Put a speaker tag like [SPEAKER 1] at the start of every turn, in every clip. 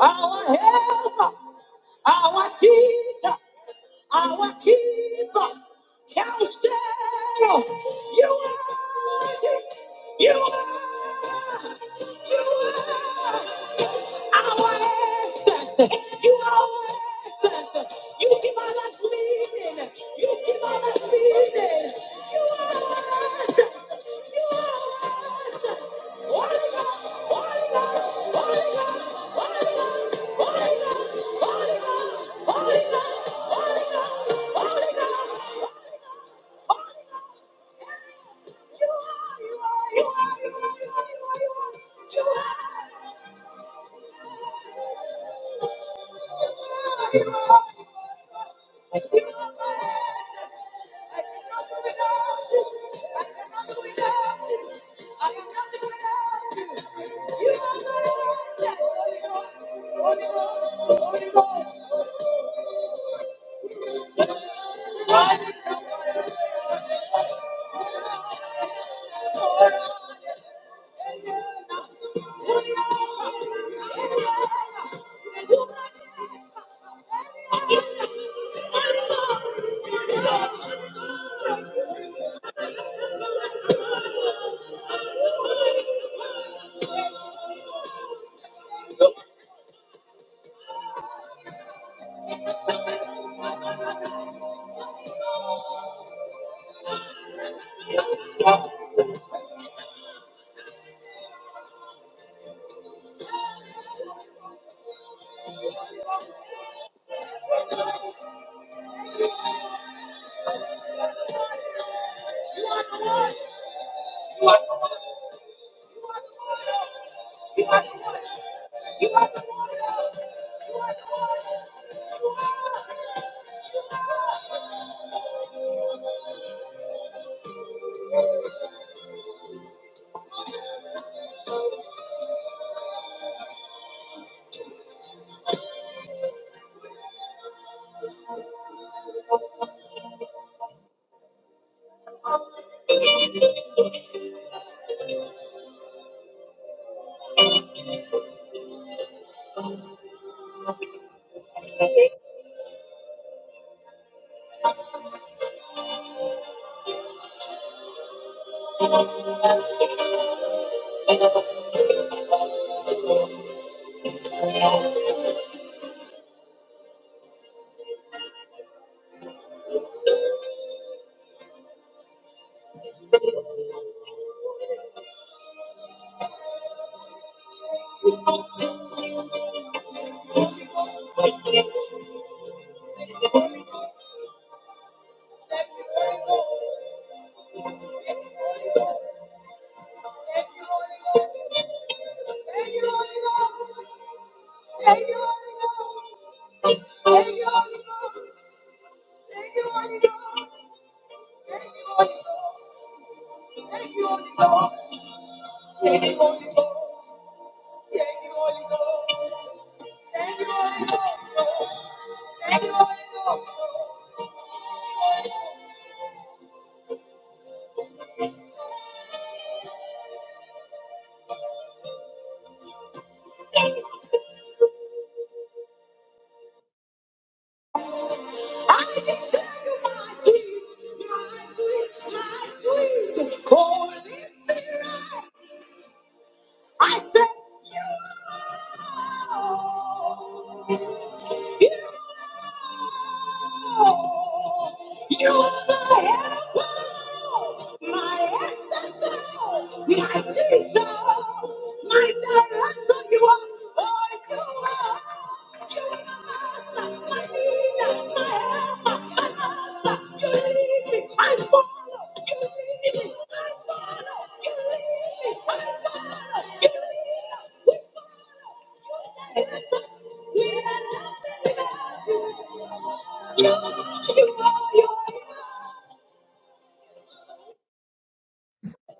[SPEAKER 1] our helper, our teacher, our keeper, counselor. You are with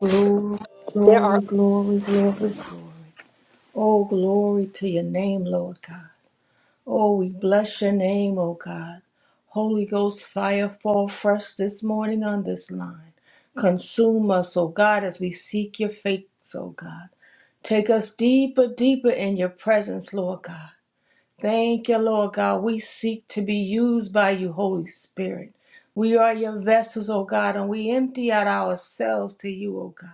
[SPEAKER 2] Glory, glory, glory, glory. glory! Oh, glory to your name, Lord God. Oh, we bless your name, oh God. Holy Ghost fire fall fresh this morning on this line. Consume us, oh God, as we seek your face, oh God. Take us deeper, deeper in your presence, Lord God. Thank you, Lord God. We seek to be used by you, Holy Spirit. We are your vessels, O God, and we empty out ourselves to you, O God.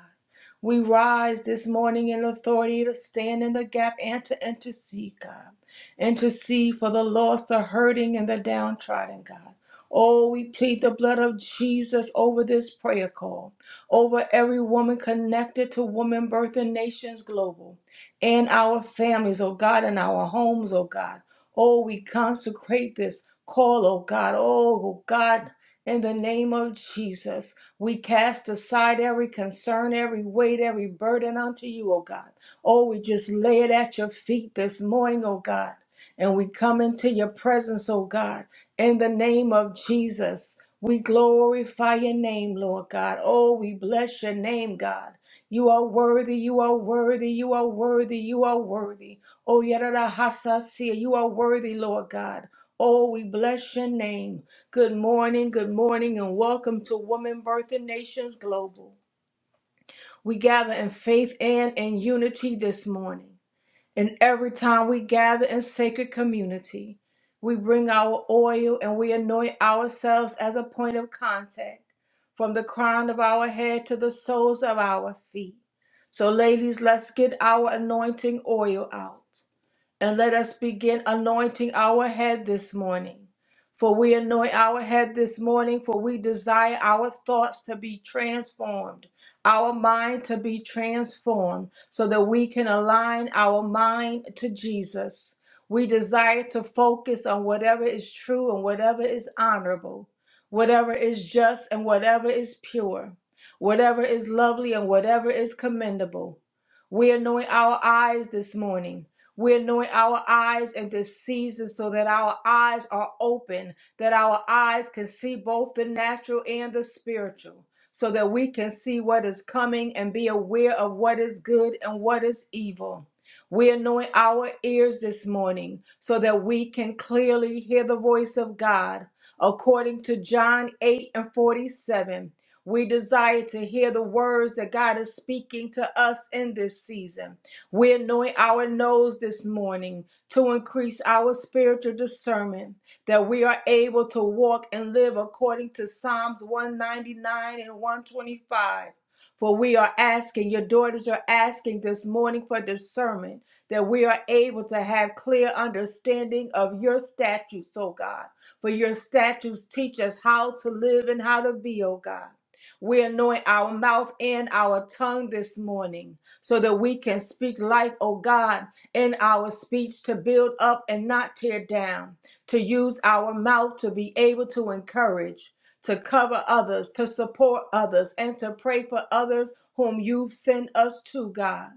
[SPEAKER 2] We rise this morning in authority to stand in the gap and to intercede, God. Intercede for the lost, the hurting, and the downtrodden, God. Oh, we plead the blood of Jesus over this prayer call, over every woman connected to Woman Birth and Nations Global in our families, oh God, in our homes, oh God. Oh, we consecrate this call, oh God. Oh, oh God, in the name of Jesus, we cast aside every concern, every weight, every burden unto you, oh God. Oh, we just lay it at your feet this morning, oh God. And we come into your presence, oh God, in the name of Jesus. We glorify your name, Lord God. Oh, we bless your name, God. You are worthy, you are worthy, you are worthy, you are worthy. Oh, Yadadahasasia, you are worthy, Lord God. Oh, we bless your name. Good morning, good morning, and welcome to Woman Birth and Nations Global. We gather in faith and in unity this morning. And every time we gather in sacred community, we bring our oil and we anoint ourselves as a point of contact from the crown of our head to the soles of our feet. So, ladies, let's get our anointing oil out. And let us begin anointing our head this morning. For we anoint our head this morning, for we desire our thoughts to be transformed, our mind to be transformed, so that we can align our mind to Jesus. We desire to focus on whatever is true and whatever is honorable, whatever is just and whatever is pure, whatever is lovely and whatever is commendable. We anoint our eyes this morning we're anointing our eyes in this season so that our eyes are open, that our eyes can see both the natural and the spiritual, so that we can see what is coming and be aware of what is good and what is evil. We anoint our ears this morning so that we can clearly hear the voice of God. According to John 8 and 47, we desire to hear the words that God is speaking to us in this season. We anoint our nose this morning to increase our spiritual discernment, that we are able to walk and live according to Psalms 199 and 125. For we are asking, your daughters are asking this morning for discernment, that we are able to have clear understanding of your statutes, oh God. For your statutes teach us how to live and how to be, oh God. We anoint our mouth and our tongue this morning so that we can speak life, oh God, in our speech to build up and not tear down, to use our mouth to be able to encourage, to cover others, to support others, and to pray for others whom you've sent us to, God.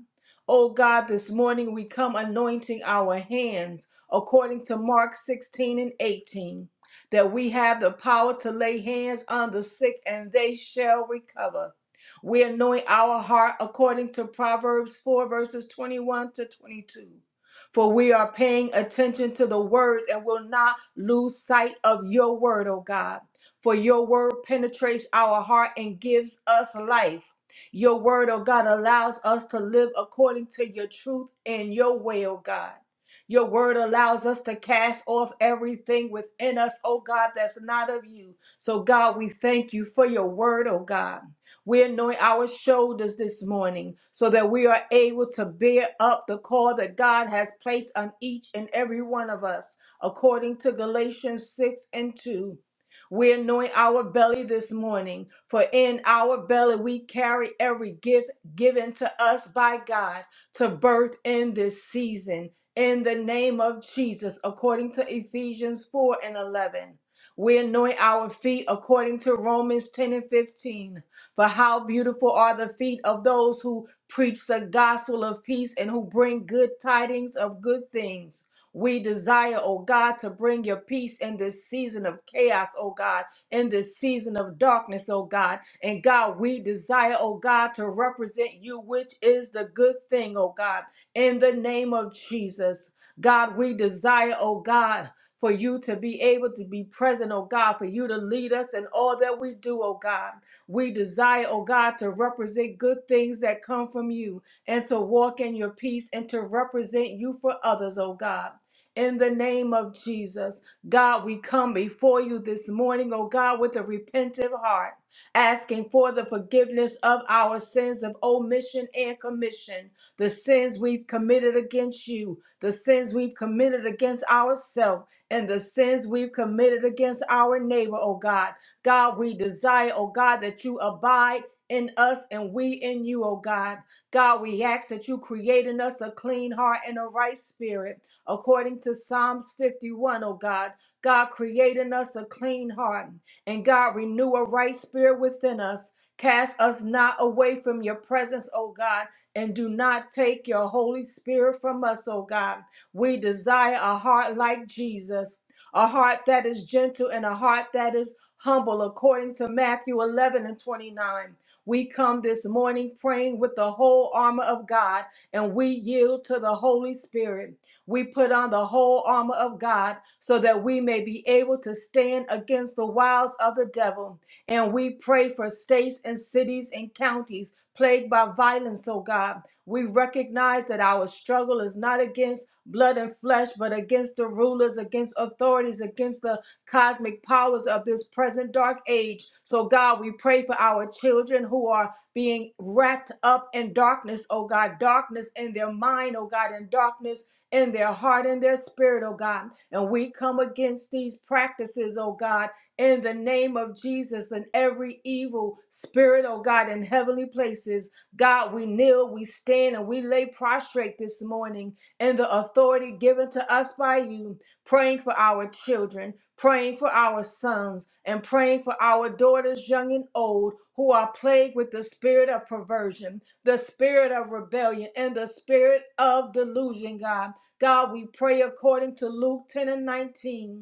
[SPEAKER 2] Oh God, this morning we come anointing our hands according to Mark 16 and 18, that we have the power to lay hands on the sick and they shall recover. We anoint our heart according to Proverbs 4, verses 21 to 22. For we are paying attention to the words and will not lose sight of your word, O God. For your word penetrates our heart and gives us life. Your word, O God, allows us to live according to your truth and your way, O God. Your word allows us to cast off everything within us, O God, that's not of you. So, God, we thank you for your word, O God. We anoint our shoulders this morning so that we are able to bear up the call that God has placed on each and every one of us, according to Galatians 6 and 2. We anoint our belly this morning, for in our belly we carry every gift given to us by God to birth in this season. In the name of Jesus, according to Ephesians 4 and 11. We anoint our feet according to Romans 10 and 15 for how beautiful are the feet of those who preach the gospel of peace and who bring good tidings of good things. We desire, oh God, to bring your peace in this season of chaos, oh God, in this season of darkness, oh God. And God, we desire, oh God, to represent you, which is the good thing, oh God, in the name of Jesus. God, we desire, oh God, for you to be able to be present, oh God, for you to lead us in all that we do, oh God. We desire, oh God, to represent good things that come from you and to walk in your peace and to represent you for others, oh God. In the name of Jesus, God, we come before you this morning, oh God, with a repentant heart, asking for the forgiveness of our sins of omission and commission, the sins we've committed against you, the sins we've committed against ourselves, and the sins we've committed against our neighbor, oh God. God, we desire, oh God, that you abide in us and we in you, oh God. God, we ask that you create in us a clean heart and a right spirit, according to Psalms 51, oh God. God, create in us a clean heart, and God, renew a right spirit within us. Cast us not away from your presence, oh God, and do not take your Holy Spirit from us, oh God. We desire a heart like Jesus, a heart that is gentle and a heart that is humble according to Matthew 11 and 29. We come this morning praying with the whole armor of God and we yield to the Holy Spirit. We put on the whole armor of God so that we may be able to stand against the wiles of the devil. And we pray for states and cities and counties plagued by violence, oh God. We recognize that our struggle is not against blood and flesh, but against the rulers, against authorities, against the cosmic powers of this present dark age. So, God, we pray for our children who are being wrapped up in darkness, oh God, darkness in their mind, oh God, and darkness in their heart and their spirit, oh God. And we come against these practices, oh God, in the name of Jesus and every evil spirit, oh God, in heavenly places. God, we kneel, we stand, and we lay prostrate this morning in the authority given to us by you praying for our children, praying for our sons, and praying for our daughters, young and old, who are plagued with the spirit of perversion, the spirit of rebellion, and the spirit of delusion, God. God, we pray according to Luke 10 and 19.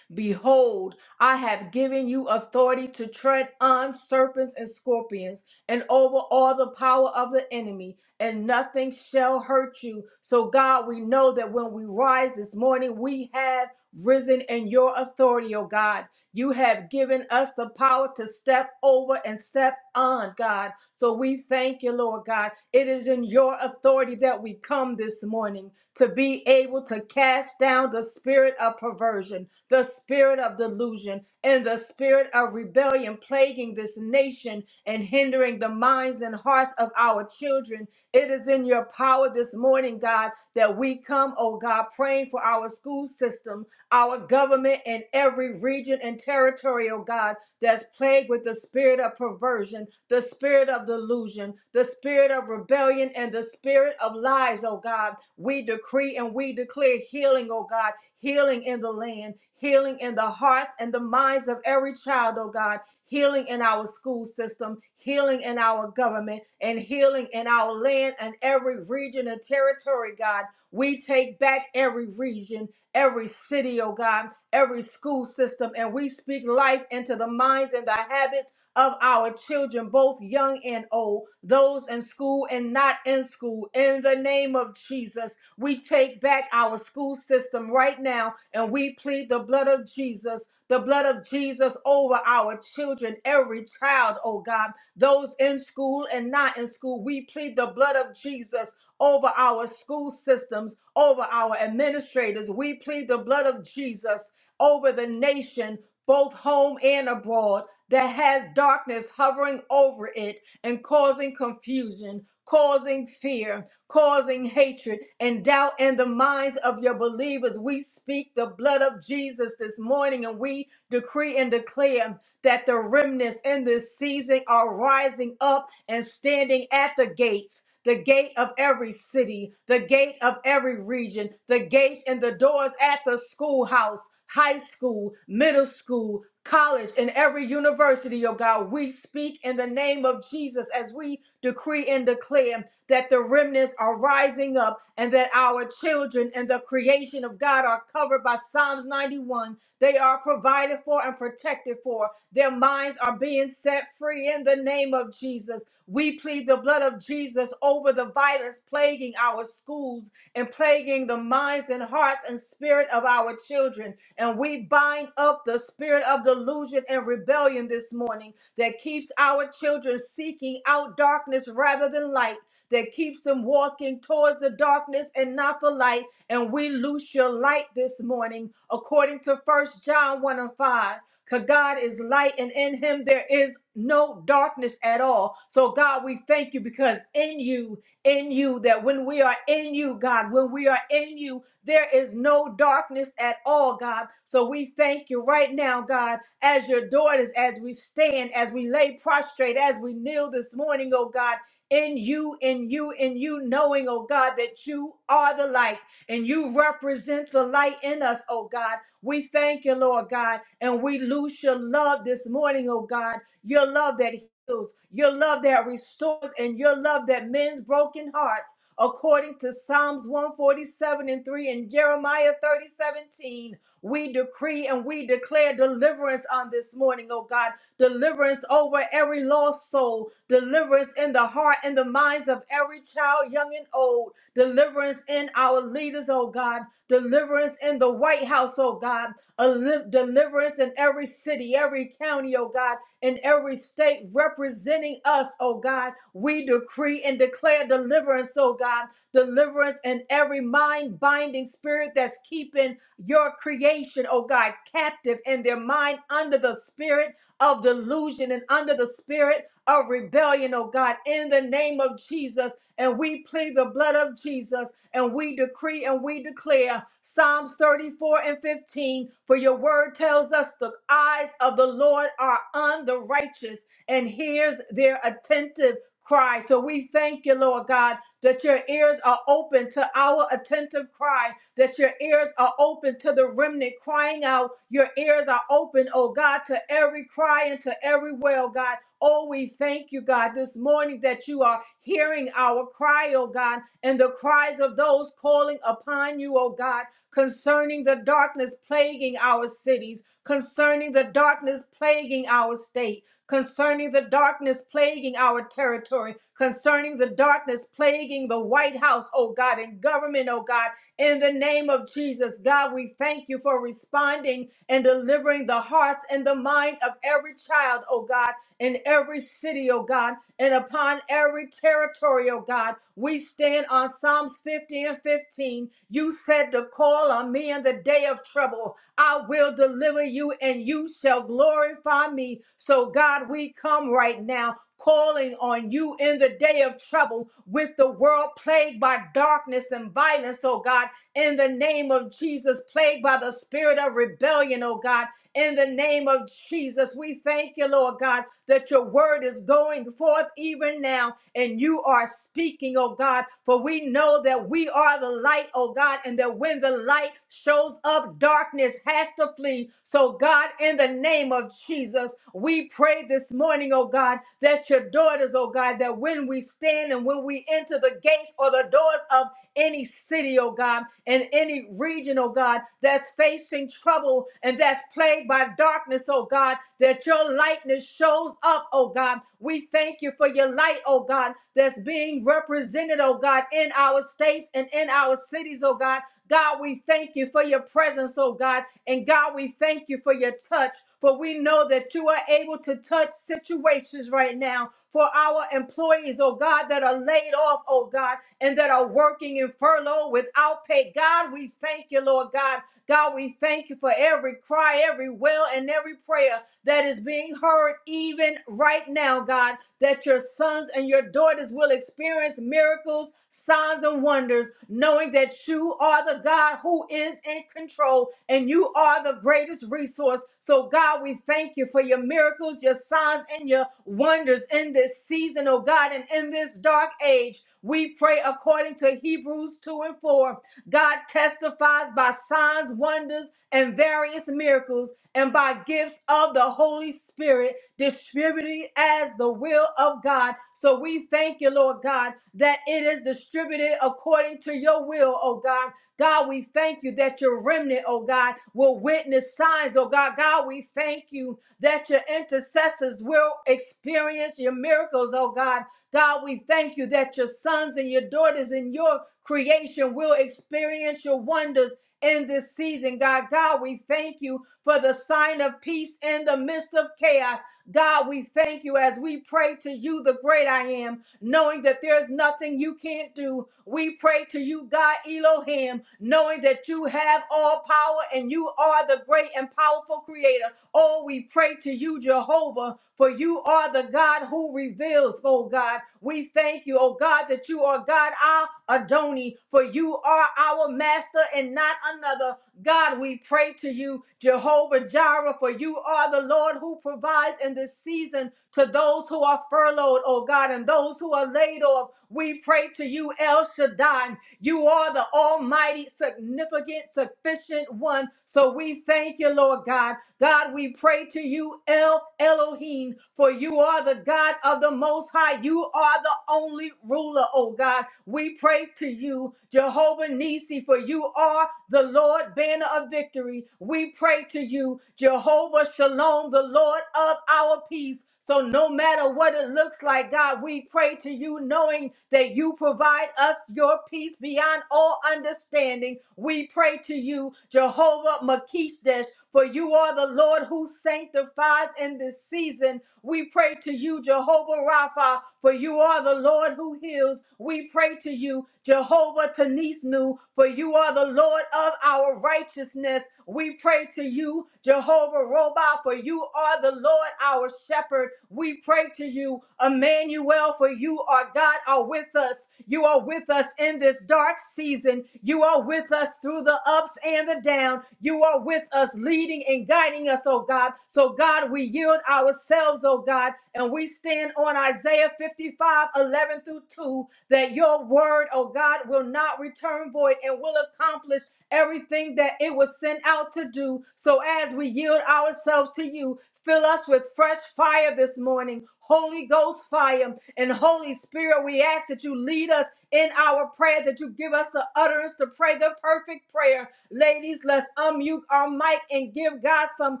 [SPEAKER 2] Behold, I have given you authority to tread on serpents and scorpions and over all the power of the enemy, and nothing shall hurt you. So, God, we know that when we rise this morning, we have risen in your authority, oh God. You have given us the power to step over and step on, God. So we thank you, Lord God. It is in your authority that we come this morning to be able to cast down the spirit of perversion the spirit of delusion and the spirit of rebellion plaguing this nation and hindering the minds and hearts of our children. It is in your power this morning, God, that we come, oh God, praying for our school system, our government, and every region and territory, oh God that's plagued with the spirit of perversion, the spirit of delusion, the spirit of rebellion, and the spirit of lies, oh God. We decree and we declare healing, oh God, healing in the land, healing in the hearts and the minds of every child, oh God, healing in our school system, healing in our government, and healing in our land and every region and territory, God. We take back every region every city, oh God, every school system, and we speak life into the minds and the habits of our children, both young and old, those in school and not in school. In the name of Jesus, we take back our school system right now and we plead the blood of Jesus. The blood of Jesus over our children, every child, oh God, those in school and not in school. We plead the blood of Jesus over our school systems, over our administrators. We plead the blood of Jesus over the nation, both home and abroad, that has darkness hovering over it and causing confusion, causing fear, causing hatred and doubt in the minds of your believers. We speak the blood of Jesus this morning and we decree and declare that the remnants in this season are rising up and standing at the gates the gate of every city, the gate of every region, the gates and the doors at the schoolhouse, high school, middle school, college, and every university, oh God. We speak in the name of Jesus as we decree and declare that the remnants are rising up and that our children and the creation of God are covered by Psalms 91. They are provided for and protected for. Their minds are being set free in the name of Jesus. We plead the blood of Jesus over the violence plaguing our schools and plaguing the minds and hearts and spirit of our children. And we bind up the spirit of delusion and rebellion this morning that keeps our children seeking out darkness rather than light. That keeps them walking towards the darkness and not the light. And we loose your light this morning, according to First John 1 and 5. Because God is light and in him there is no darkness at all. So, God, we thank you because in you, in you, that when we are in you, God, when we are in you, there is no darkness at all, God. So, we thank you right now, God, as your daughters, as we stand, as we lay prostrate, as we kneel this morning, oh God. In you, in you, in you, knowing, oh God, that you are the light and you represent the light in us, oh God. We thank you, Lord God, and we loose your love this morning, oh God, your love that heals, your love that restores, and your love that mends broken hearts. According to Psalms 147 and 3 and Jeremiah thirty-seventeen. we decree and we declare deliverance on this morning, oh God, deliverance over every lost soul, deliverance in the heart and the minds of every child, young and old, deliverance in our leaders, oh God, deliverance in the White House, oh God, a li- deliverance in every city, every county, oh God, in every state representing us, oh God. We decree and declare deliverance, oh God, deliverance in every mind binding spirit that's keeping your creation, oh God, captive in their mind under the spirit of delusion and under the spirit of rebellion, oh God, in the name of Jesus. And we plead the blood of Jesus and we decree and we declare Psalms 34 and 15. For your word tells us the eyes of the Lord are on the righteous and hears their attentive cry. So we thank you, Lord God that your ears are open to our attentive cry, that your ears are open to the remnant crying out. Your ears are open, oh God, to every cry and to every wail, God. Oh, we thank you, God, this morning that you are hearing our cry, oh God, and the cries of those calling upon you, oh God, concerning the darkness plaguing our cities, concerning the darkness plaguing our state concerning the darkness plaguing our territory, concerning the darkness plaguing the White House, oh God, and government, oh God, in the name of Jesus. God, we thank you for responding and delivering the hearts and the mind of every child, oh God, in every city, oh God, and upon every territory, oh God. We stand on Psalms 50 and 15. You said to call on me in the day of trouble I will deliver you and you shall glorify me. So, God, we come right now calling on you in the day of trouble with the world plagued by darkness and violence, oh God, in the name of Jesus, plagued by the spirit of rebellion, oh God in the name of Jesus. We thank you, Lord God, that your word is going forth even now and you are speaking, oh God, for we know that we are the light, oh God, and that when the light shows up, darkness has to flee. So, God, in the name of Jesus, we pray this morning, oh God, that your daughters, oh God, that when we stand and when we enter the gates or the doors of any city, oh God, and any region, oh God, that's facing trouble and that's plagued by darkness, oh God, that your lightness shows up, oh God. We thank you for your light, oh God, that's being represented, oh God, in our states and in our cities, oh God. God, we thank you for your presence, oh God. And God, we thank you for your touch, for we know that you are able to touch situations right now for our employees, oh God, that are laid off, oh God, and that are working in furlough without pay. God, we thank you, Lord God. God, we thank you for every cry, every wail, and every prayer that is being heard even right now, God, that your sons and your daughters will experience miracles, signs, and wonders, knowing that you are the God who is in control and you are the greatest resource. So, God, we thank you for your miracles, your signs, and your wonders in this season, oh God, and in this dark age. We pray according to Hebrews 2 and 4. God testifies by signs, wonders, and various miracles and by gifts of the Holy Spirit, distributed as the will of God. So we thank you, Lord God, that it is distributed according to your will, oh God. God, we thank you that your remnant, oh God, will witness signs, oh God. God, we thank you that your intercessors will experience your miracles, oh God. God, we thank you that your sons and your daughters and your creation will experience your wonders in this season, God. God, we thank you for the sign of peace in the midst of chaos. God, we thank you as we pray to you, the great I am, knowing that there's nothing you can't do. We pray to you, God Elohim, knowing that you have all power and you are the great and powerful creator. Oh, we pray to you, Jehovah, for you are the God who reveals, oh God. We thank you, oh God, that you are God, our Adoni, for you are our master and not another. God, we pray to you, Jehovah Jireh, for you are the Lord who provides in this season to those who are furloughed, oh God, and those who are laid off. We pray to you, El Shaddai. You are the almighty, significant, sufficient one. So we thank you, Lord God. God, we pray to you, El Elohim, for you are the God of the Most High. You are the only ruler, oh God. We pray to you, Jehovah Nisi, for you are the Lord banner of victory. We pray to you, Jehovah Shalom, the Lord of our peace. So no matter what it looks like, God, we pray to you knowing that you provide us your peace beyond all understanding. We pray to you, Jehovah Makishtesh, for you are the Lord who sanctifies in this season. We pray to you, Jehovah Rapha, for you are the Lord who heals. We pray to you, Jehovah Tanisnu, for you are the Lord of our righteousness. We pray to you, Jehovah Roba, you are the Lord our shepherd. We pray to you, Emmanuel, for you are God, are with us. You are with us in this dark season. You are with us through the ups and the down. You are with us, leading and guiding us, oh God. So, God, we yield ourselves, oh God, and we stand on Isaiah 55 11 through 2 that your word, oh God, will not return void and will accomplish everything that it was sent out to do. So as we yield ourselves to you, fill us with fresh fire this morning, Holy Ghost fire. And Holy Spirit, we ask that you lead us in our prayer, that you give us the utterance to pray the perfect prayer prayer. Ladies, let's unmute our mic and give God some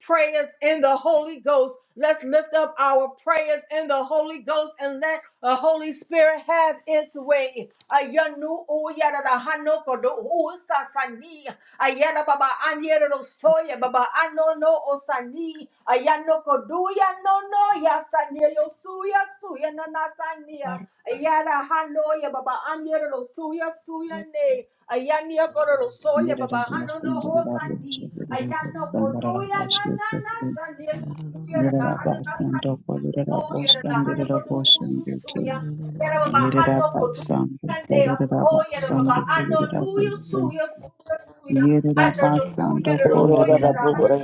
[SPEAKER 2] prayers in the Holy Ghost. Let's lift up our prayers in the Holy Ghost and let the Holy Spirit have its way. Ayanu uyara da hano kodo usa sani. Ayana baba anyere do soya baba ano no osani. Ayano koduya no no ya sani yo suya suya na na sani.
[SPEAKER 3] Thank
[SPEAKER 2] Ayana hano ya baba anyere do suya suya ne. Ayania korolo soya baba hano no
[SPEAKER 1] us.
[SPEAKER 2] no, ho
[SPEAKER 4] Shabbat
[SPEAKER 2] sandi. Ayano koduya na na na sandi. Ayusuya na hana na sandi. Oya na hana kodu ususuya. Yera baba hano kodu sandi. Oya na baba ano nuyo suya suya suya.
[SPEAKER 5] Korora da bohore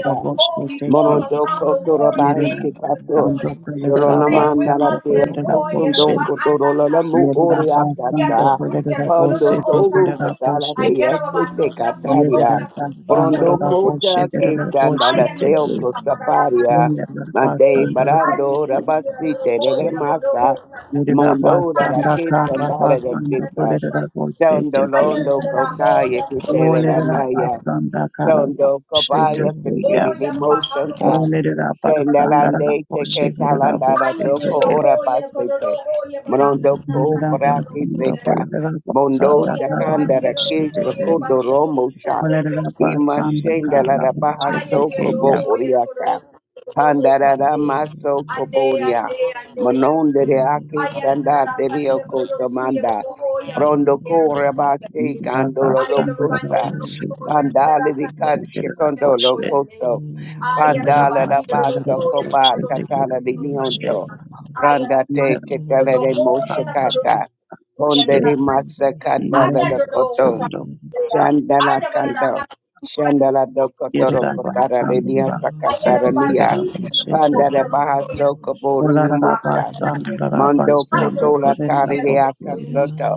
[SPEAKER 1] There
[SPEAKER 2] Oh, we
[SPEAKER 1] are
[SPEAKER 2] call upon
[SPEAKER 5] Monondoko
[SPEAKER 2] the warring
[SPEAKER 5] torobahi
[SPEAKER 2] angels
[SPEAKER 1] Yereraba
[SPEAKER 2] this
[SPEAKER 5] sikato.
[SPEAKER 1] sando
[SPEAKER 2] morning to
[SPEAKER 1] kolereraba
[SPEAKER 2] stand with
[SPEAKER 5] Solonamanda la
[SPEAKER 1] sando
[SPEAKER 2] us
[SPEAKER 5] te
[SPEAKER 2] and war.
[SPEAKER 5] oko
[SPEAKER 1] kolereraba she.
[SPEAKER 5] sundoko dorolala mu ore
[SPEAKER 1] Yereraba sando
[SPEAKER 5] akasa.
[SPEAKER 1] kolereraba
[SPEAKER 5] Pondo
[SPEAKER 1] she
[SPEAKER 5] togo
[SPEAKER 1] tekereraba
[SPEAKER 5] katala
[SPEAKER 1] she.
[SPEAKER 5] te yase te kataria.
[SPEAKER 1] Yereraba sando
[SPEAKER 5] Prondo
[SPEAKER 1] reraba she
[SPEAKER 5] mota ke
[SPEAKER 1] dereraba
[SPEAKER 5] tanda
[SPEAKER 1] she
[SPEAKER 5] la te
[SPEAKER 1] teke.
[SPEAKER 5] oko saparia.
[SPEAKER 1] Yereraba
[SPEAKER 5] Mande
[SPEAKER 1] sando
[SPEAKER 5] barando
[SPEAKER 1] reraba
[SPEAKER 5] rabasite te
[SPEAKER 1] she.
[SPEAKER 5] masa.
[SPEAKER 1] Yereraba
[SPEAKER 5] Mondo la la
[SPEAKER 1] sando
[SPEAKER 5] ke
[SPEAKER 4] Thank
[SPEAKER 1] karaba
[SPEAKER 5] sandala de
[SPEAKER 1] sando
[SPEAKER 5] kisa.
[SPEAKER 2] I
[SPEAKER 1] kolereraba she
[SPEAKER 5] Tondo
[SPEAKER 2] Ay,
[SPEAKER 1] teke.
[SPEAKER 2] ya
[SPEAKER 5] londo
[SPEAKER 2] te la
[SPEAKER 5] kota
[SPEAKER 2] joya,
[SPEAKER 5] ke te
[SPEAKER 2] soy de la
[SPEAKER 1] Olereraba
[SPEAKER 5] le
[SPEAKER 2] janta.
[SPEAKER 1] sando
[SPEAKER 5] Chondo
[SPEAKER 1] karaba she
[SPEAKER 5] Kobaya
[SPEAKER 1] teke ya.
[SPEAKER 5] Sindeli
[SPEAKER 2] Oye, bajando por
[SPEAKER 5] Moshanta
[SPEAKER 2] tu
[SPEAKER 1] Olereraba
[SPEAKER 2] casa.
[SPEAKER 1] sando
[SPEAKER 5] Chendelande
[SPEAKER 1] reraba
[SPEAKER 5] Teke
[SPEAKER 1] she dereraba
[SPEAKER 5] Talandana
[SPEAKER 2] Ay,
[SPEAKER 1] she
[SPEAKER 2] el
[SPEAKER 5] Doko
[SPEAKER 2] mío,
[SPEAKER 1] teke.
[SPEAKER 5] Ora
[SPEAKER 2] joya, el condoro,
[SPEAKER 5] Basete
[SPEAKER 2] oye, bajando
[SPEAKER 5] Mondo
[SPEAKER 2] la
[SPEAKER 5] Ko
[SPEAKER 1] Yerera
[SPEAKER 2] sangre, no
[SPEAKER 5] Brati
[SPEAKER 1] basanda
[SPEAKER 2] soy.
[SPEAKER 5] Seta Mondo
[SPEAKER 1] basanda
[SPEAKER 2] Oye, la
[SPEAKER 5] Dakandara
[SPEAKER 2] compañera, no
[SPEAKER 5] Ke
[SPEAKER 2] soy,
[SPEAKER 5] Sokondo
[SPEAKER 2] bajando por tu
[SPEAKER 5] Romo Sha
[SPEAKER 2] sangre, no soy.
[SPEAKER 5] Ima Shendela Baha
[SPEAKER 2] Ay, el
[SPEAKER 5] Soko
[SPEAKER 2] yo
[SPEAKER 5] Bo
[SPEAKER 2] voy
[SPEAKER 5] Uriaka
[SPEAKER 2] a
[SPEAKER 5] Pandarada Maso
[SPEAKER 2] Ande,
[SPEAKER 5] Koboria
[SPEAKER 2] ande, ande, ande.
[SPEAKER 5] Monondere Ake
[SPEAKER 2] Ay, el
[SPEAKER 5] Sanda
[SPEAKER 2] la
[SPEAKER 5] Derio
[SPEAKER 2] sanía con los suyos,
[SPEAKER 5] Kotomanda
[SPEAKER 2] como voy a
[SPEAKER 5] Rondo
[SPEAKER 2] ser los
[SPEAKER 5] Korabate
[SPEAKER 2] suyos.
[SPEAKER 5] Kandolo
[SPEAKER 2] Ay, el bandido
[SPEAKER 5] Lokosa
[SPEAKER 2] voy a la
[SPEAKER 5] Pandale di
[SPEAKER 2] sanía,
[SPEAKER 5] Cachikondo
[SPEAKER 2] voy a ande.
[SPEAKER 5] Locoso,
[SPEAKER 2] Ay, el
[SPEAKER 5] Pandala
[SPEAKER 4] you.
[SPEAKER 5] la
[SPEAKER 2] bandido los
[SPEAKER 5] Basso
[SPEAKER 2] suyos, como
[SPEAKER 5] Coba,
[SPEAKER 2] los
[SPEAKER 4] Russia,
[SPEAKER 5] Catala di
[SPEAKER 2] suyos, ande.
[SPEAKER 5] Nionto,
[SPEAKER 2] Ay, el
[SPEAKER 5] Prandate
[SPEAKER 2] bandido
[SPEAKER 5] Catala de
[SPEAKER 2] voy a la
[SPEAKER 5] Moshakata,
[SPEAKER 2] I
[SPEAKER 5] Ponde di Massa Candala la Coto, Chandala Cando, Chandala do Cotoro Cotara de Niasa Catarania, Pandala Bahaso Cobori Mucha, Mondo
[SPEAKER 1] Olarabasandarabasandu
[SPEAKER 5] Cotola Tari de
[SPEAKER 1] Purinabose,
[SPEAKER 5] Acasoto,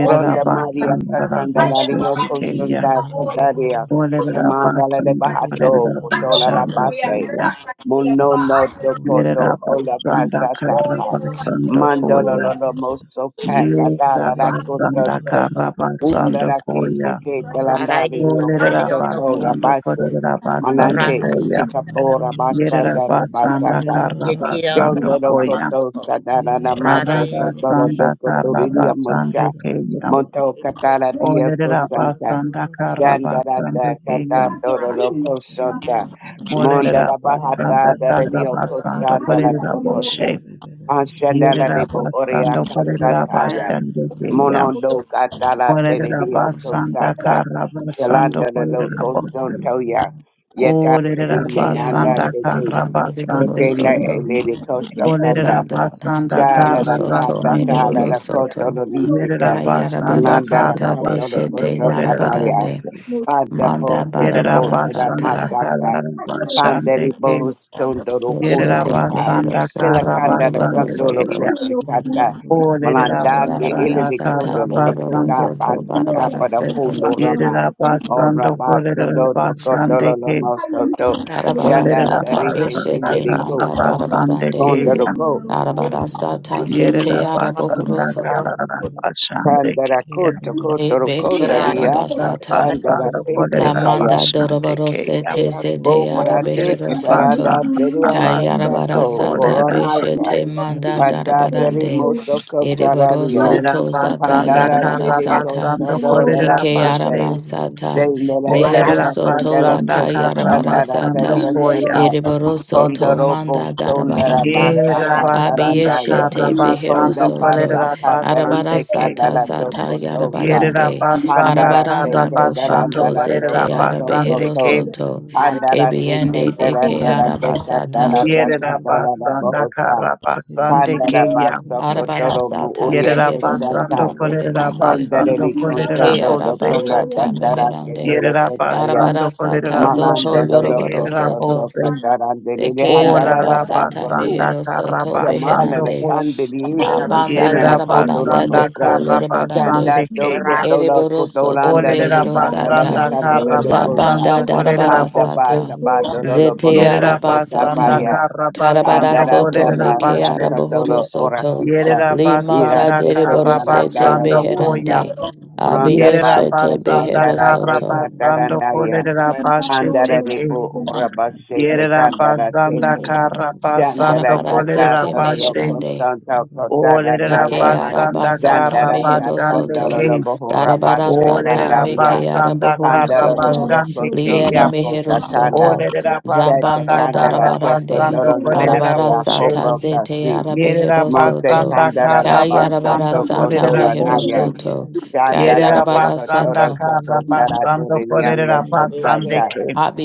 [SPEAKER 5] Pronda Maria Sasandara Yoko
[SPEAKER 1] Tekeya,
[SPEAKER 5] Sunda Sandaria Shamandala de
[SPEAKER 1] Olerabasandu
[SPEAKER 5] Bahato
[SPEAKER 2] know
[SPEAKER 5] Kotola
[SPEAKER 2] for
[SPEAKER 5] la
[SPEAKER 1] Purinabasandu
[SPEAKER 2] do
[SPEAKER 5] Base
[SPEAKER 1] Puya,
[SPEAKER 5] Muno no Dokoto
[SPEAKER 2] it,
[SPEAKER 5] Ola
[SPEAKER 1] Yerabasanda
[SPEAKER 5] Casa
[SPEAKER 2] Oh pero
[SPEAKER 5] Tata
[SPEAKER 2] oh
[SPEAKER 1] Karabasandu
[SPEAKER 5] Mandolo
[SPEAKER 1] Koya,
[SPEAKER 5] Lolo Moso Catala la
[SPEAKER 1] Yerabasanda
[SPEAKER 5] Costoto
[SPEAKER 6] Nama,
[SPEAKER 2] que
[SPEAKER 1] Karabasandu
[SPEAKER 5] Undara
[SPEAKER 2] los voy
[SPEAKER 5] Kise
[SPEAKER 1] Koya,
[SPEAKER 5] Kate
[SPEAKER 2] a
[SPEAKER 6] Rada
[SPEAKER 5] Landali
[SPEAKER 6] is the
[SPEAKER 5] Yoko
[SPEAKER 6] Kennedy on the
[SPEAKER 5] Soto da
[SPEAKER 6] Punama,
[SPEAKER 1] Olerabasandu
[SPEAKER 5] Base
[SPEAKER 1] Purinabasandu
[SPEAKER 5] Manante
[SPEAKER 6] Rada
[SPEAKER 4] Russia,
[SPEAKER 6] is
[SPEAKER 1] Koya,
[SPEAKER 6] the Canada
[SPEAKER 5] Echekabora
[SPEAKER 6] Matuno,
[SPEAKER 5] Basanda la
[SPEAKER 1] Yerabasanda
[SPEAKER 5] Basaka
[SPEAKER 6] Jetia
[SPEAKER 1] Karabasandu Koya,
[SPEAKER 6] Sabababasto,
[SPEAKER 5] Yondorokoto Sadarada
[SPEAKER 6] Rada
[SPEAKER 5] Masa
[SPEAKER 6] is the
[SPEAKER 5] Sotoro
[SPEAKER 6] Canada,
[SPEAKER 1] Arabasanda
[SPEAKER 5] Dokotoridia
[SPEAKER 1] Karabasandu
[SPEAKER 5] Mosha
[SPEAKER 1] Keya,
[SPEAKER 5] Monto Katara Dia
[SPEAKER 1] Olerera
[SPEAKER 5] Santa
[SPEAKER 1] basanda kara basanda
[SPEAKER 5] Yandarata Kata
[SPEAKER 1] keya.
[SPEAKER 6] Rada,
[SPEAKER 5] Tororo Kosota
[SPEAKER 1] Olerera
[SPEAKER 5] Mondara
[SPEAKER 1] basanda
[SPEAKER 5] Bahata
[SPEAKER 1] karra
[SPEAKER 5] Dario
[SPEAKER 1] basanda
[SPEAKER 5] Kostandala
[SPEAKER 1] kolerera
[SPEAKER 5] Tokoshe
[SPEAKER 1] boshe.
[SPEAKER 5] Anshandala
[SPEAKER 1] Yerera
[SPEAKER 5] Libo Oria
[SPEAKER 1] basanda kolerera
[SPEAKER 6] I am
[SPEAKER 5] Kasataya
[SPEAKER 1] basanda keya.
[SPEAKER 5] Monondo Katala
[SPEAKER 1] Olerera
[SPEAKER 5] Teridio
[SPEAKER 1] basanda
[SPEAKER 5] Kostata
[SPEAKER 1] karra
[SPEAKER 5] Shalanda
[SPEAKER 1] basanda kolerera
[SPEAKER 5] Loko
[SPEAKER 1] boshe.
[SPEAKER 5] Sontoya Yeta
[SPEAKER 1] Olerera
[SPEAKER 7] Eke
[SPEAKER 5] Terinananda
[SPEAKER 1] basanda karra
[SPEAKER 7] arabasata meriboro
[SPEAKER 5] Kete
[SPEAKER 1] basanda
[SPEAKER 5] na
[SPEAKER 1] ke.
[SPEAKER 7] soto.
[SPEAKER 5] elede koso kanda.
[SPEAKER 1] Olerera
[SPEAKER 7] Zanda
[SPEAKER 1] basanda
[SPEAKER 5] Jala
[SPEAKER 7] boro
[SPEAKER 4] Thank
[SPEAKER 5] la
[SPEAKER 1] karra
[SPEAKER 7] soto
[SPEAKER 5] kata
[SPEAKER 1] basanda
[SPEAKER 5] tala
[SPEAKER 7] meriboro
[SPEAKER 1] ke.
[SPEAKER 5] la
[SPEAKER 6] here,
[SPEAKER 5] koto
[SPEAKER 7] soto.
[SPEAKER 5] lo nisike.
[SPEAKER 1] Yerera
[SPEAKER 7] Kayarabara
[SPEAKER 1] basanda
[SPEAKER 5] Kalanda la
[SPEAKER 1] kara
[SPEAKER 7] sata
[SPEAKER 5] koto lo
[SPEAKER 1] basanda
[SPEAKER 7] beshete
[SPEAKER 5] koto
[SPEAKER 1] kolerera
[SPEAKER 5] tabaya.
[SPEAKER 7] narabarande.
[SPEAKER 1] boshe.
[SPEAKER 5] Pada
[SPEAKER 7] Manda
[SPEAKER 5] poso
[SPEAKER 1] Yerera
[SPEAKER 7] barabara
[SPEAKER 5] tapoto la
[SPEAKER 1] basanda
[SPEAKER 7] sata.
[SPEAKER 5] masaka.
[SPEAKER 1] karara
[SPEAKER 5] Panderi
[SPEAKER 1] basande ke.
[SPEAKER 5] boho
[SPEAKER 6] and
[SPEAKER 5] sondo lo
[SPEAKER 1] Yerera
[SPEAKER 7] Beshete
[SPEAKER 5] kusunda.
[SPEAKER 7] mehero
[SPEAKER 1] basanda
[SPEAKER 5] Hela
[SPEAKER 7] soto
[SPEAKER 1] karra
[SPEAKER 5] kanda la
[SPEAKER 7] meriboro
[SPEAKER 1] basande
[SPEAKER 5] kondo
[SPEAKER 1] ke.
[SPEAKER 5] lo
[SPEAKER 7] soto.
[SPEAKER 1] ya.
[SPEAKER 5] koshikata.
[SPEAKER 1] Olerera
[SPEAKER 5] Malandake
[SPEAKER 7] Kayarabara
[SPEAKER 1] basanda
[SPEAKER 5] ilili
[SPEAKER 7] sata
[SPEAKER 5] kondo
[SPEAKER 1] karra
[SPEAKER 5] lo lo
[SPEAKER 7] meriboro
[SPEAKER 5] kota
[SPEAKER 1] basando ko.
[SPEAKER 7] soto
[SPEAKER 5] pasaka
[SPEAKER 7] barabara
[SPEAKER 5] pada
[SPEAKER 7] soto.
[SPEAKER 5] kundo rama.
[SPEAKER 1] Yerera
[SPEAKER 5] Ora
[SPEAKER 1] basando
[SPEAKER 5] basta
[SPEAKER 1] kolerera
[SPEAKER 5] do do koto lo
[SPEAKER 1] basande
[SPEAKER 5] lo
[SPEAKER 1] ke.
[SPEAKER 2] Hallelujah.
[SPEAKER 5] mosoto.
[SPEAKER 7] Yarabara
[SPEAKER 5] Shanda
[SPEAKER 1] Olerera
[SPEAKER 7] sata
[SPEAKER 6] the
[SPEAKER 5] tarike
[SPEAKER 6] Rada
[SPEAKER 1] basanda
[SPEAKER 7] beshete
[SPEAKER 5] se
[SPEAKER 1] karra
[SPEAKER 7] nanda
[SPEAKER 1] basande
[SPEAKER 7] barabarande.
[SPEAKER 1] ke. ya.
[SPEAKER 5] Tondaroko,
[SPEAKER 7] Arabara sata zete
[SPEAKER 1] Yerera
[SPEAKER 7] araboro
[SPEAKER 1] basanda
[SPEAKER 7] soto.
[SPEAKER 1] karara basande ke.
[SPEAKER 5] Tandarako,
[SPEAKER 1] ya.
[SPEAKER 7] Ebeke
[SPEAKER 5] Tokotorokondaria,
[SPEAKER 1] Olerera
[SPEAKER 7] arabasata.
[SPEAKER 1] basando
[SPEAKER 5] Kasandarate,
[SPEAKER 7] La
[SPEAKER 1] kolerera
[SPEAKER 5] Pletaya,
[SPEAKER 7] manda
[SPEAKER 1] basande ke.
[SPEAKER 7] dorobarose te zete
[SPEAKER 5] Boparate,
[SPEAKER 1] Yerera
[SPEAKER 7] arabehero
[SPEAKER 4] you.
[SPEAKER 7] soto.
[SPEAKER 5] Ketaranda,
[SPEAKER 1] basanda
[SPEAKER 5] Teria,
[SPEAKER 4] Thank
[SPEAKER 1] abasanda
[SPEAKER 7] Kayarabara
[SPEAKER 5] Kasato,
[SPEAKER 7] sata
[SPEAKER 1] kolerera
[SPEAKER 5] Goramaisa,
[SPEAKER 1] bashe.
[SPEAKER 7] beshete manda
[SPEAKER 5] Padatari,
[SPEAKER 7] darabarande.
[SPEAKER 5] Mosoko,
[SPEAKER 7] Ereboro
[SPEAKER 5] Tararia,
[SPEAKER 1] Yerera
[SPEAKER 7] soto zata
[SPEAKER 1] basanda
[SPEAKER 5] Pandala,
[SPEAKER 7] yarabara
[SPEAKER 5] Tedeko,
[SPEAKER 7] sata.
[SPEAKER 1] karabasanda
[SPEAKER 5] Sodo,
[SPEAKER 1] kolerera
[SPEAKER 7] Ike
[SPEAKER 5] Larase,
[SPEAKER 1] bashe.
[SPEAKER 7] arabasata.
[SPEAKER 5] Zainela,
[SPEAKER 7] Mehero
[SPEAKER 1] Kolerera
[SPEAKER 5] Kasa,
[SPEAKER 7] soto
[SPEAKER 5] Kotela,
[SPEAKER 7] la
[SPEAKER 1] basanda
[SPEAKER 5] Toko,
[SPEAKER 7] kayarabara
[SPEAKER 5] Sandara,
[SPEAKER 1] karabasanda
[SPEAKER 7] sata.
[SPEAKER 1] koya.
[SPEAKER 5] Tekasata,
[SPEAKER 7] Ereboro soto
[SPEAKER 5] Pondorobo,
[SPEAKER 7] manda darabarande.
[SPEAKER 5] Sondarabasa,
[SPEAKER 1] Yerera basanda
[SPEAKER 5] Katarandaya,
[SPEAKER 7] Abiyeshete behero
[SPEAKER 1] karabasanda
[SPEAKER 5] Tonda,
[SPEAKER 7] soto.
[SPEAKER 5] basa Katale,
[SPEAKER 7] Arabara
[SPEAKER 1] basande ke.
[SPEAKER 7] sata
[SPEAKER 5] Tekandala,
[SPEAKER 2] Hallelujah.
[SPEAKER 7] zata
[SPEAKER 2] I
[SPEAKER 5] Tokotosa,
[SPEAKER 2] want
[SPEAKER 1] Yerera
[SPEAKER 7] yarabarande.
[SPEAKER 1] basanda
[SPEAKER 5] Pandara
[SPEAKER 2] to
[SPEAKER 7] Arabaranda
[SPEAKER 5] teke
[SPEAKER 1] karabasanda
[SPEAKER 7] boshoto
[SPEAKER 5] tarandara
[SPEAKER 1] kolerera
[SPEAKER 7] zete
[SPEAKER 5] toko toko
[SPEAKER 1] basande
[SPEAKER 7] arabehero
[SPEAKER 1] ke.
[SPEAKER 5] to.
[SPEAKER 2] be
[SPEAKER 7] soto.
[SPEAKER 5] Pandara teke
[SPEAKER 7] Ebiyende deke
[SPEAKER 5] tarandara teka
[SPEAKER 7] arabasata.
[SPEAKER 5] tarata
[SPEAKER 1] Yerera
[SPEAKER 5] kandara
[SPEAKER 1] basanda
[SPEAKER 5] bohosa.
[SPEAKER 1] karabasande ke
[SPEAKER 5] Pandara
[SPEAKER 1] ya.
[SPEAKER 5] basto
[SPEAKER 7] Arabara
[SPEAKER 5] kotoro mu
[SPEAKER 7] sata
[SPEAKER 5] uria
[SPEAKER 1] Yerera
[SPEAKER 7] behero
[SPEAKER 1] basanda
[SPEAKER 5] kesanta.
[SPEAKER 7] soto
[SPEAKER 1] kolerera
[SPEAKER 7] beherande.
[SPEAKER 5] Tondere
[SPEAKER 1] basanda
[SPEAKER 5] li
[SPEAKER 2] your
[SPEAKER 4] you.
[SPEAKER 1] kolerera
[SPEAKER 7] Ike
[SPEAKER 5] conchondo do
[SPEAKER 1] bose.
[SPEAKER 5] kona
[SPEAKER 4] Thank
[SPEAKER 7] arabasata
[SPEAKER 5] tatara
[SPEAKER 7] meherande.
[SPEAKER 5] ketele kesaya.
[SPEAKER 7] Arabara
[SPEAKER 1] Yerabasando
[SPEAKER 7] sata zoto
[SPEAKER 5] Manando
[SPEAKER 1] Coleraboshe
[SPEAKER 5] lo lo
[SPEAKER 7] yoroboro
[SPEAKER 5] koso
[SPEAKER 7] soto.
[SPEAKER 5] to
[SPEAKER 1] Tekerabose.
[SPEAKER 5] katarandere li
[SPEAKER 7] Deke
[SPEAKER 1] O
[SPEAKER 5] handara la
[SPEAKER 7] arabasata
[SPEAKER 5] basto.
[SPEAKER 1] Larabasanda
[SPEAKER 7] mehero soto
[SPEAKER 5] Yamala
[SPEAKER 1] Carabasando
[SPEAKER 5] le
[SPEAKER 7] beherande.
[SPEAKER 1] Co.
[SPEAKER 5] candeli isi
[SPEAKER 7] Abanda
[SPEAKER 5] kitena le koto lo
[SPEAKER 7] darabaranda
[SPEAKER 1] Yerabasanda
[SPEAKER 5] kosa.
[SPEAKER 7] doko lorabarande
[SPEAKER 5] Kanda
[SPEAKER 1] Carabasande
[SPEAKER 5] doko
[SPEAKER 1] Kea.
[SPEAKER 5] tolo
[SPEAKER 7] ereboroso
[SPEAKER 1] O
[SPEAKER 7] to
[SPEAKER 5] kotolanda lele katala de
[SPEAKER 7] beherosata
[SPEAKER 1] Lerabasanda
[SPEAKER 5] kandala dokosa.
[SPEAKER 1] Carabasando
[SPEAKER 7] zabanda
[SPEAKER 5] Panda
[SPEAKER 1] Coleraboshe.
[SPEAKER 5] bata
[SPEAKER 7] darabarasata
[SPEAKER 5] bando rolo
[SPEAKER 7] zete
[SPEAKER 5] borokoso
[SPEAKER 1] Yerabasanda
[SPEAKER 7] arabasata
[SPEAKER 5] tabaya.
[SPEAKER 1] Carabasando
[SPEAKER 5] Pandara
[SPEAKER 7] karabarasoto
[SPEAKER 5] da
[SPEAKER 7] meke
[SPEAKER 5] basta
[SPEAKER 1] Colerabashe.
[SPEAKER 5] satolo ora
[SPEAKER 7] araborosoto
[SPEAKER 5] fisha.
[SPEAKER 7] limanda
[SPEAKER 5] Ira
[SPEAKER 1] Yerabasanda
[SPEAKER 5] seke kala
[SPEAKER 7] deriborosete
[SPEAKER 5] dala
[SPEAKER 1] Carabasando Koya.
[SPEAKER 5] lokosa.
[SPEAKER 7] beherande
[SPEAKER 5] Pronda
[SPEAKER 2] man.
[SPEAKER 7] abiyeshete
[SPEAKER 5] basta
[SPEAKER 1] Yerabasanda
[SPEAKER 5] kandala de
[SPEAKER 7] beherosoto
[SPEAKER 5] kandala
[SPEAKER 1] Carabasando
[SPEAKER 5] naya.
[SPEAKER 1] Colerabashe
[SPEAKER 5] Pandara
[SPEAKER 2] Hallelujah.
[SPEAKER 5] de
[SPEAKER 1] Teke.
[SPEAKER 5] bu ora basete
[SPEAKER 1] Yerera
[SPEAKER 5] kandala
[SPEAKER 1] basanda
[SPEAKER 5] teke.
[SPEAKER 1] kara
[SPEAKER 5] Dandala
[SPEAKER 1] basando
[SPEAKER 5] katata
[SPEAKER 1] kolerera
[SPEAKER 7] darabarasete
[SPEAKER 1] bashe.
[SPEAKER 7] meherande
[SPEAKER 5] lokosa
[SPEAKER 4] you.
[SPEAKER 5] kotana
[SPEAKER 1] Olerera
[SPEAKER 5] naya.
[SPEAKER 7] Eke
[SPEAKER 6] is
[SPEAKER 1] basanda
[SPEAKER 7] arabasata
[SPEAKER 1] kara
[SPEAKER 5] Gandara
[SPEAKER 7] mehero
[SPEAKER 1] basande
[SPEAKER 7] soto.
[SPEAKER 5] Tandala
[SPEAKER 1] ke.
[SPEAKER 5] Bohora Basha
[SPEAKER 7] Darabarasata
[SPEAKER 1] Olerera
[SPEAKER 5] Kandaria
[SPEAKER 7] meke
[SPEAKER 1] basanda
[SPEAKER 7] arabohoro
[SPEAKER 1] kara
[SPEAKER 5] Pandala
[SPEAKER 7] soto.
[SPEAKER 5] Broko
[SPEAKER 1] basande ke
[SPEAKER 7] Liene
[SPEAKER 1] ya.
[SPEAKER 5] Santa Kota
[SPEAKER 7] mehero
[SPEAKER 5] Tanda
[SPEAKER 7] soto.
[SPEAKER 1] Olerera
[SPEAKER 5] Sete
[SPEAKER 1] basanda
[SPEAKER 7] Zabanda
[SPEAKER 5] Candela
[SPEAKER 1] kara
[SPEAKER 5] Choco
[SPEAKER 7] darabarande.
[SPEAKER 1] basando
[SPEAKER 5] Toro
[SPEAKER 1] kolerera
[SPEAKER 5] Narate
[SPEAKER 1] boshe.
[SPEAKER 7] Arabarasata
[SPEAKER 5] Acobroca
[SPEAKER 7] zete
[SPEAKER 5] Si
[SPEAKER 1] Yerera
[SPEAKER 7] arabehero
[SPEAKER 5] Monte
[SPEAKER 7] soto.
[SPEAKER 1] basanda
[SPEAKER 5] Candela La
[SPEAKER 1] kara
[SPEAKER 5] Basso
[SPEAKER 1] basando
[SPEAKER 5] Toco
[SPEAKER 7] Kayarabarasata
[SPEAKER 1] kolerera
[SPEAKER 5] Dola
[SPEAKER 7] mehero
[SPEAKER 5] Naya
[SPEAKER 1] boshe.
[SPEAKER 7] soto.
[SPEAKER 6] Thank
[SPEAKER 5] Candela
[SPEAKER 1] Yerera
[SPEAKER 5] Toco
[SPEAKER 1] basanda
[SPEAKER 5] Toro
[SPEAKER 7] Kayarabarasata
[SPEAKER 1] kara
[SPEAKER 5] Toco Dara
[SPEAKER 1] basando
[SPEAKER 5] Duriano
[SPEAKER 1] kolerera basande
[SPEAKER 5] Costata